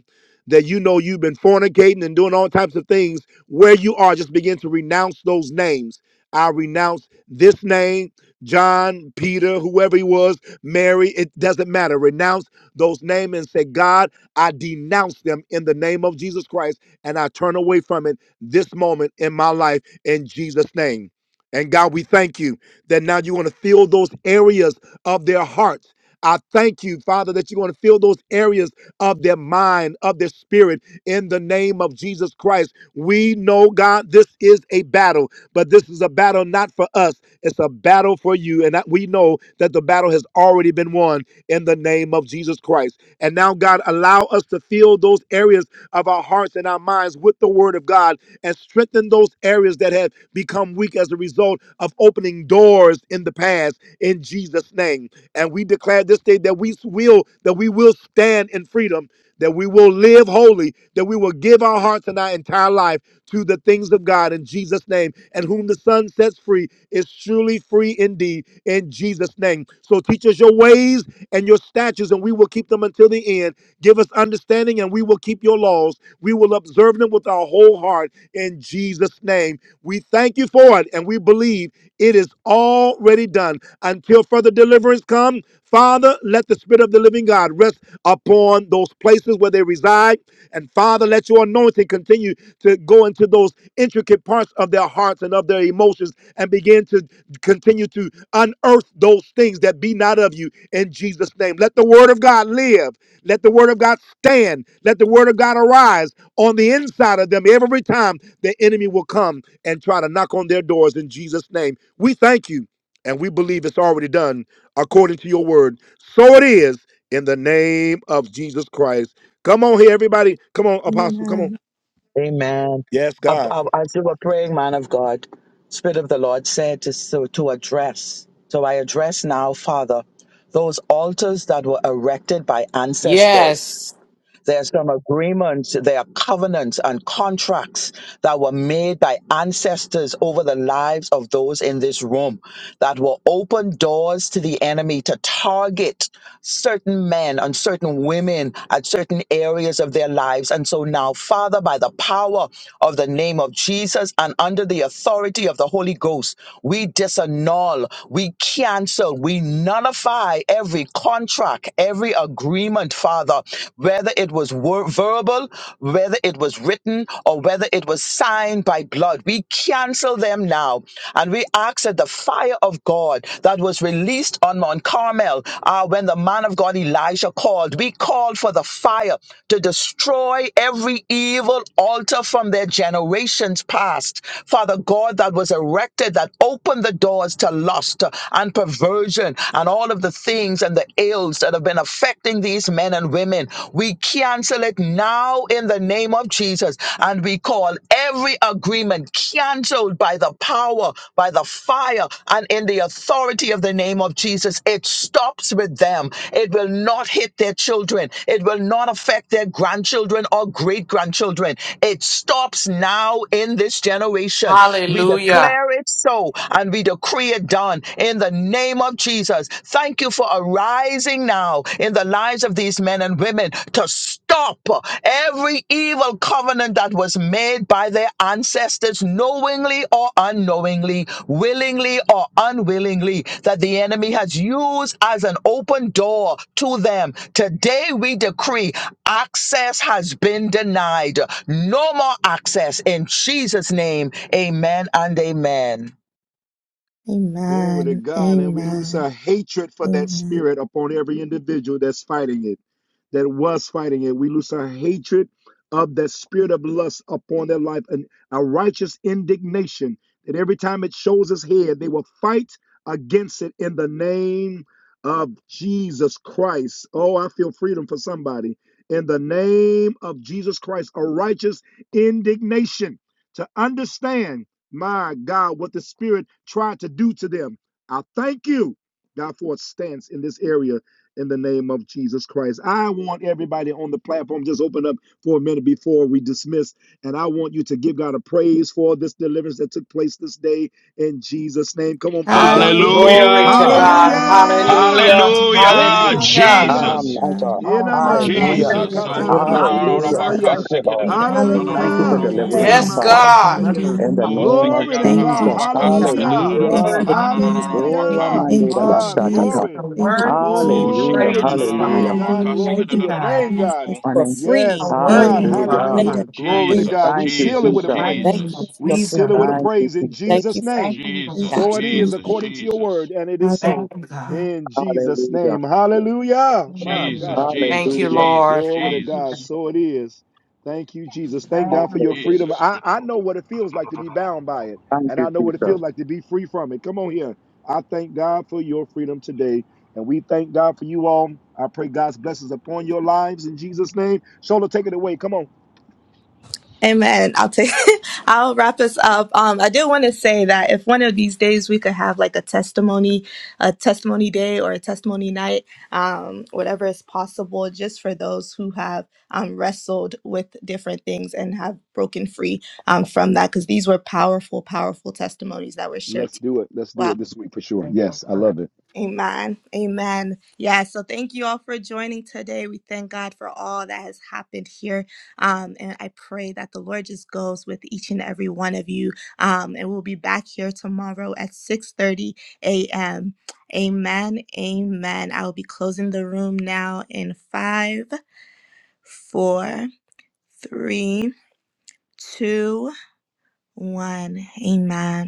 that you know you've been fornicating and doing all types of things, where you are, just begin to renounce those names. I renounce this name, John, Peter, whoever he was, Mary, it doesn't matter. Renounce those names and say, God, I denounce them in the name of Jesus Christ and I turn away from it this moment in my life in Jesus' name. And God, we thank you that now you want to fill those areas of their hearts I thank you, Father, that you're going to fill those areas of their mind, of their spirit, in the name of Jesus Christ. We know, God, this is a battle, but this is a battle not for us. It's a battle for you. And that we know that the battle has already been won in the name of Jesus Christ. And now, God, allow us to fill those areas of our hearts and our minds with the word of God and strengthen those areas that have become weak as a result of opening doors in the past in Jesus' name name. And we declare this day that we will that we will stand in freedom, that we will live holy, that we will give our hearts and our entire life to the things of God in Jesus' name. And whom the Son sets free is truly free indeed in Jesus' name. So teach us your ways and your statutes, and we will keep them until the end. Give us understanding, and we will keep your laws. We will observe them with our whole heart in Jesus' name. We thank you for it, and we believe it is already done until further deliverance come. Father, let the Spirit of the living God rest upon those places where they reside. And Father, let your anointing continue to go into those intricate parts of their hearts and of their emotions and begin to continue to unearth those things that be not of you in Jesus' name. Let the word of God live. Let the word of God stand. Let the word of God arise on the inside of them every time the enemy will come and try to knock on their doors in Jesus' name. We thank you and we believe it's already done according to your word. So it is in the name of Jesus Christ. Come on here, everybody. Come on, Apostle. Come on. Amen. Amen. Yes, Ab- God. ab- As you were praying, man of God, Spirit of the Lord said to, so, to address. So I address now, Father, those altars that were erected by ancestors. Yes. There are some agreements, there are covenants and contracts that were made by ancestors over the lives of those in this room that will open doors to the enemy to target certain men and certain women at certain areas of their lives. And so now, Father, by the power of the name of Jesus and under the authority of the Holy Ghost, we disannul, we cancel, we nullify every contract, every agreement agreement, Father, whether it was wor- verbal, whether it was written, or whether it was signed by blood. We cancel them now. And we ask that the fire of God that was released on Mount Carmel uh, when the man of God Elijah called, we called for the fire to destroy every evil altar from their generations past. Father God, that was erected, that opened the doors to lust and perversion and all of the things and the ills that have been affecting these men and women. We cancel it now in the name of Jesus. And we call every agreement canceled by the power, by the fire, and in the authority of the name of Jesus. It stops with them. It will not hit their children. It will not affect their grandchildren or great grandchildren. It stops now in this generation. We Hallelujah. declare it so and we decree it done in the name of Jesus. Thank you for arising now in the lives of these men and women to stop every evil covenant that was made by their ancestors, knowingly or unknowingly, willingly or unwillingly, that the enemy has used as an open door to them. Today we decree access has been denied. No more access in Jesus' name. Amen and amen. Glory to Amen. God. And we loose Amen. a hatred for that Amen. spirit upon every individual that's fighting it, that was fighting it. We loose a hatred of that spirit of lust upon their life and a righteous indignation that every time it shows its head, they will fight against it in the name of Jesus Christ. Oh, I feel freedom for somebody. In the name of Jesus Christ, a righteous indignation to understand. My God, what the Spirit tried to do to them. I thank you, God, for a stance in this area in the name of Jesus Christ. I want everybody on the platform just open up for a minute before we dismiss. And I want you to give God a praise for this deliverance that took place this day in Jesus' name. Come on, praise you God with me. Glory to Hallelujah. Hallelujah. God. for Hallelujah. Hallelujah. changing the Yeah, Hallelujah, meaning of your Hallelujah. Shia. Ah, mom. Jesus. my Hallelujah. God. Oh, we just Inamana thank Hallelujah. you, Jesus. Hallelujah. Oh, Lord. Thank We da- Deliver you, da- honor sakataramani da- da- you, Hallelujah. ba- Lord. Jesus. you ka- from osaya. Thank you, sick it, da- Lord. da- Freedom, da- da- Thank da- you, da- da- Thank Lord, da- you for da- for the Hallelujah. da- Hallelujah. boo. Thank deliverance, Thank Yes, blessing God, Father. Ilamana and God. you, saya. In Jesus. delivering the us. Oh, name sick of it, Glory ya- to da- da- Thank da- God. you, da- Jesus. ba- ka- sick Jesus. it, da- da- God, Hallelujah. da- we you, da- Thank da- Lord. just da- da- Hallelujah. you, that you da- da- honor da- Oh, you. da- da- We ba- give ka. Hallelujah. you Ramande Ah, glory. have Jesus. Rabastatata. glory. The Thank come you, worthy to Jesus. be Oh, shik it, Hallelujah. Glory ya- da- to da- your praised, da- da- Father name, Hallelujah. da- ba- God. God. ka- sick Hallelujah. Glory it, Thank da- to there you, Thank da- your da- da- God. da- name, you, ba- God. Jesus. ko. for Honey. How freeing. Yes, worthy God. Healing you and are, Hallelujah. Thank you, Father Hallelujah. freedom. God. Glory to Thank freedom. God. Jesus, We Thank you, you, seal it In Jesus, with the a Jesus. mighty praise. Thank name you of Jesus, for We your Jesus. Jesus, seal it freedom, with a God. Thank you, praise in Jesus. Thank Jesus' you for thank name. you, Thank God. you, Jesus, Lord. So it is Jesus, Jesus. according to your word, and it is Hallelujah. Thank so you, God. in Jesus' Hallelujah. name. Hallelujah. My God, I Hallelujah. feel Thank him. you, Hallelujah. Lord. Glory to Thank you, God. God. So it is. Thank you, Jesus. Thank Thank God for you, your Lord. freedom. Hallelujah. I, I know what it feels like to be bound by it, Thank and you, I know what it Jesus. feels like to be free from it. Come on here. I thank God for your freedom today. And we thank God for you all. I pray God's blessings upon your lives in Jesus' name. Shola, take it away. Come on. Amen. I'll take. I'll wrap us up. Um, I did want to say that if one of these days we could have like a testimony, a testimony day or a testimony night, um, whatever is possible, just for those who have um, wrestled with different things and have broken free um, from that, because these were powerful, powerful testimonies that were Let's shared. do it. Let's do Wow. it this week for sure. Thank you, Yes. Lord. Amen. Amen. Yeah. So thank you all for joining today. We thank God for all that has happened here. Um, and I pray that the Lord just goes with each and every one of you. Um, and we'll be back here tomorrow at 6:30 a.m. Amen. Amen. I will be closing the room now in five, four, three, two, one. Amen.